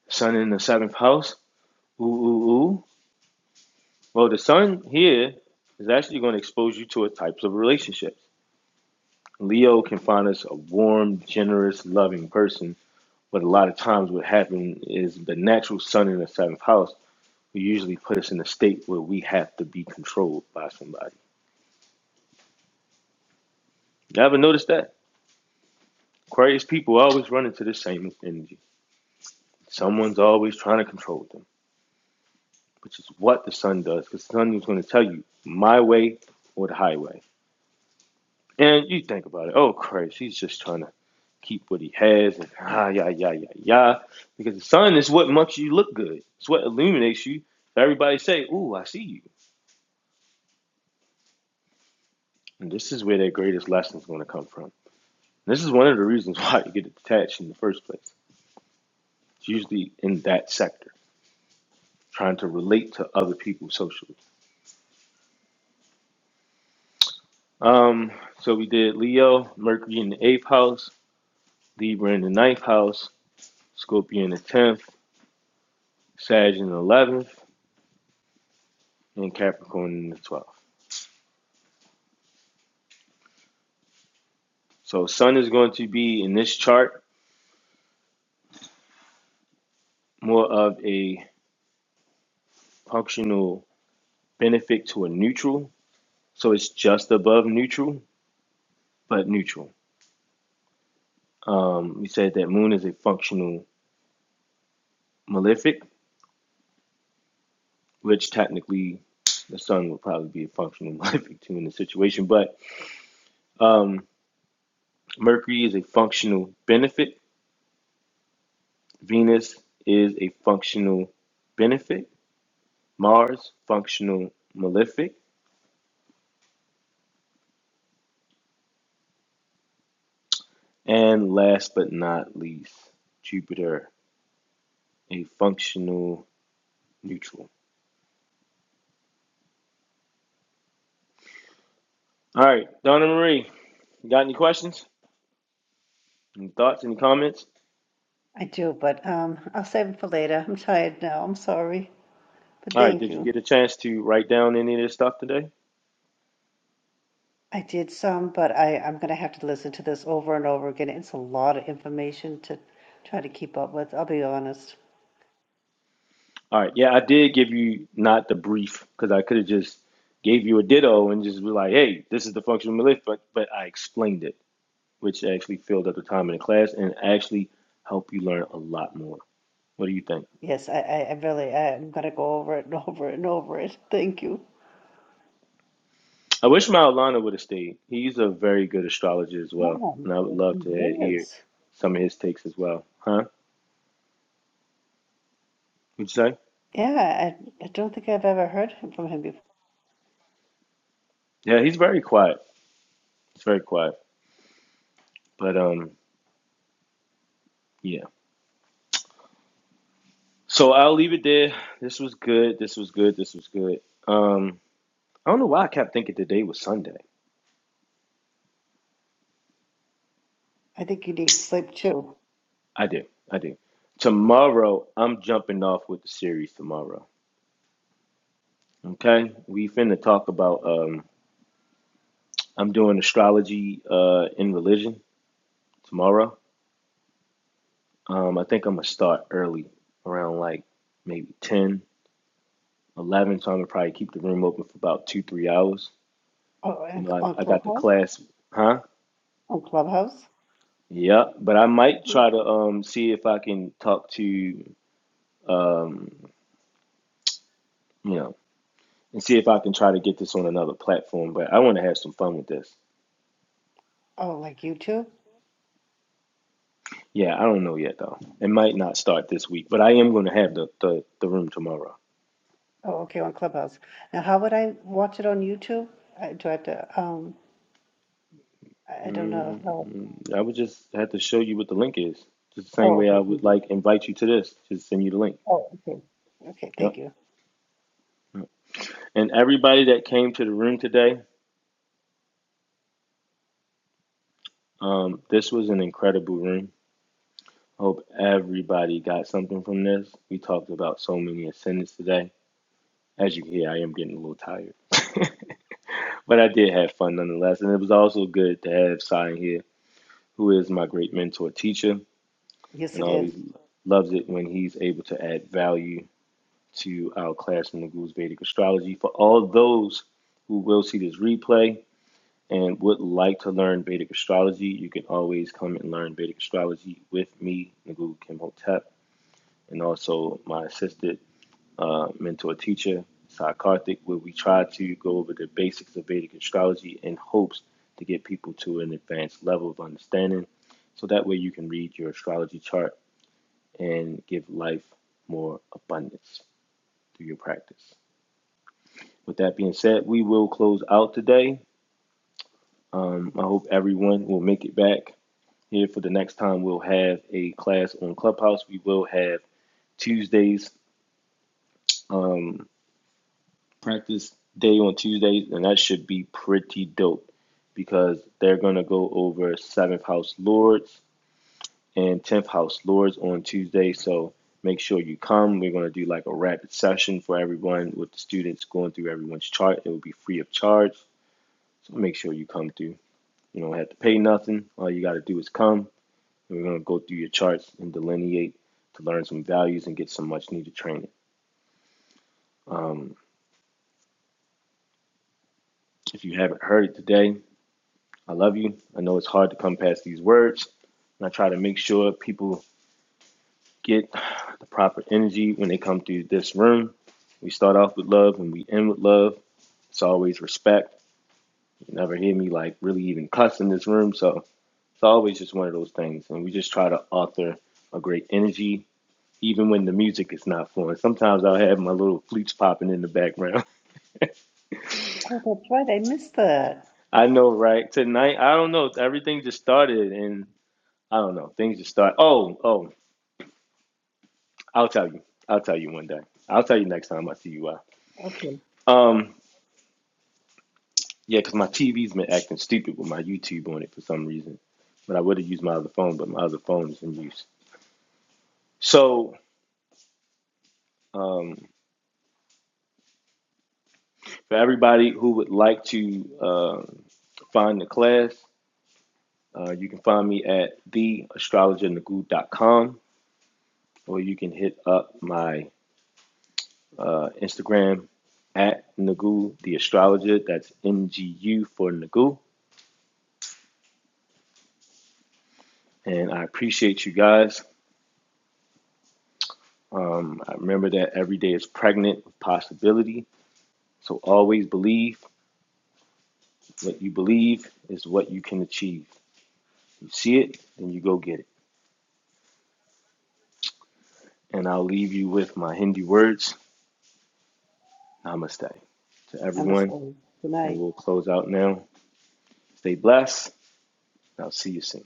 A: Sun in the seventh house? Ooh, ooh, ooh. Well, the sun here is actually going to expose you to a types of relationships. Leo can find us a warm, generous, loving person, but a lot of times what happens is the natural sun in the seventh house will usually put us in a state where we have to be controlled by somebody. You ever notice that? Aquarius people always run into the same energy. Someone's always trying to control them. which is what the sun does, because the sun is going to tell you my way or the highway. And you think about it, oh Christ, he's just trying to keep what he has, and ah, yeah, yeah, yeah, yeah, because the sun is what makes you look good. It's what illuminates you. Everybody say, ooh, I see you. And this is where their greatest lesson is going to come from. This is one of the reasons why you get detached in the first place. It's usually in that sector, trying to relate to other people socially. Um, so we did Leo, Mercury in the eighth house, Libra in the ninth house, Scorpio in the 10th, Sag in the 11th, and Capricorn in the 12th. So, Sun is going to be in this chart more of a functional benefit to a neutral. So, it's just above neutral, but neutral. Um, we said that Moon is a functional malefic, which technically the Sun will probably be a functional malefic too in the situation. But um, Mercury is a functional benefit, Venus is a functional benefit. Mars, functional malefic, and last but not least, Jupiter, a functional neutral. All right, Donna Marie, you got any questions, any thoughts, any comments?
B: I do, but um, I'll save it for later. I'm tired now. I'm sorry, but
A: All right,
B: thank
A: did you
B: you.
A: get a chance to write down any of this stuff today?
B: I did some, but I, I'm going to have to listen to this over and over again. It's a lot of information to try to keep up with. I'll be honest.
A: All right, yeah, I did give you not the brief because I could have just gave you a ditto and just be like, hey, this is the functional malefic, but, but I explained it, which actually filled up the time in the class and actually helped you learn a lot more. What do you think?
B: Yes, I, I, I really, I'm going to go over it and over it and over it. Thank you.
A: I wish Maulana would have stayed. He's a very good astrologer as well, and I would
B: Yeah,
A: love
B: he
A: to hear
B: is.
A: some of his takes as well. Huh? Would you say?
B: Yeah, I, I don't think I've ever heard him from him before.
A: Yeah, he's very quiet. He's very quiet. But um, yeah. So I'll leave it there. This was good. This was good. This was good. Um, I don't know why I kept thinking today was Sunday.
B: I think you need sleep too.
A: I do. I do. Tomorrow, I'm jumping off with the series tomorrow. Okay, we finna talk about. Um, I'm doing astrology uh, in religion tomorrow Um, I think I'm gonna start early, around like maybe 10, 11. So I'm gonna probably keep the room open for about two, three hours.
B: Oh,
A: You
B: and
A: know, I,
B: on
A: I got the
B: Clubhouse?
A: class, huh?
B: On Clubhouse?
A: Yeah, but I might try to um see if I can talk to um you know and see if I can try to get this on another platform. But I want to have some fun with this.
B: Oh, like YouTube?
A: Yeah, I don't know yet though. It might not start this week, but I am going to have the, the the room tomorrow.
B: Oh, okay, on Clubhouse. Now, how would I watch it on YouTube? I, do I have to? Um, I I don't know how.
A: Mm, I would just have to show you what the link is. Just the same
B: Oh,
A: way I
B: okay,
A: would
B: thank you.
A: like invite you to this. Just send you the link.
B: Oh, okay, okay,
A: Yep.
B: thank you.
A: And everybody that came to the room today, um, this was an incredible room. Hope everybody got something from this. We talked about so many ascendants today. As you can hear, I am getting a little tired. but I did have fun nonetheless. And it was also good to have Sai in here, who is my great mentor teacher
B: Yes,
A: and
B: it is.
A: always loves it when he's able to add value to our class in Lagu's Vedic Astrology. For all those who will see this replay and would like to learn Vedic Astrology, you can always come and learn Vedic Astrology with me, Nagu Kimhotep, and also my assisted uh, mentor teacher, Sai Karthik, where we try to go over the basics of Vedic Astrology in hopes to get people to an advanced level of understanding. So that way you can read your astrology chart and give life more abundance through your practice. With that being said, we will close out today. Um, I hope everyone will make it back here for the next time. We'll have a class on Clubhouse. We will have Tuesdays practice day on Tuesdays, and that should be pretty dope because they're gonna go over seventh house lords and tenth house lords on Tuesday. So make sure you come. We're gonna do like a rapid session for everyone with the students going through everyone's chart. It will be free of charge. So make sure you come through. You don't have to pay nothing. All you got to do is come. And we're going to go through your charts and delineate to learn some values and get some much needed training. If you haven't heard it today, I love you. I know it's hard to come past these words. And I try to make sure people get the proper energy when they come through this room. We start off with love and we end with love. It's always respect. You never hear me like really even cuss in this room. So it's always just one of those things. And we just try to author a great energy even when the music is not flowing. Sometimes I'll have my little flutes popping in the background.
B: Oh, that's right. I missed that.
A: I know, right? Tonight, I don't know. Everything just started, and I don't know. Things just start. Oh, oh, I'll tell you. I'll tell you one day. I'll tell you next time I see you out.
B: Okay,
A: Um, yeah, because my TV's been acting stupid with my YouTube on it for some reason. But I would have used my other phone, but my other phone is in use. So, um, for everybody who would like to uh, find the class, Uh, you can find me at theastrologernagoo.com or you can hit up my uh, Instagram at Nagu the astrologer. That's NGU for Nagu. And I appreciate you guys. Um, I remember that every day is pregnant with possibility. So always believe what you believe is what you can achieve. You see it, then you go get it. And I'll leave you with my Hindi words. Namaste to
B: I'm
A: everyone.
B: sorry. Good night.
A: And we'll close out now. Stay blessed. I'll see you soon.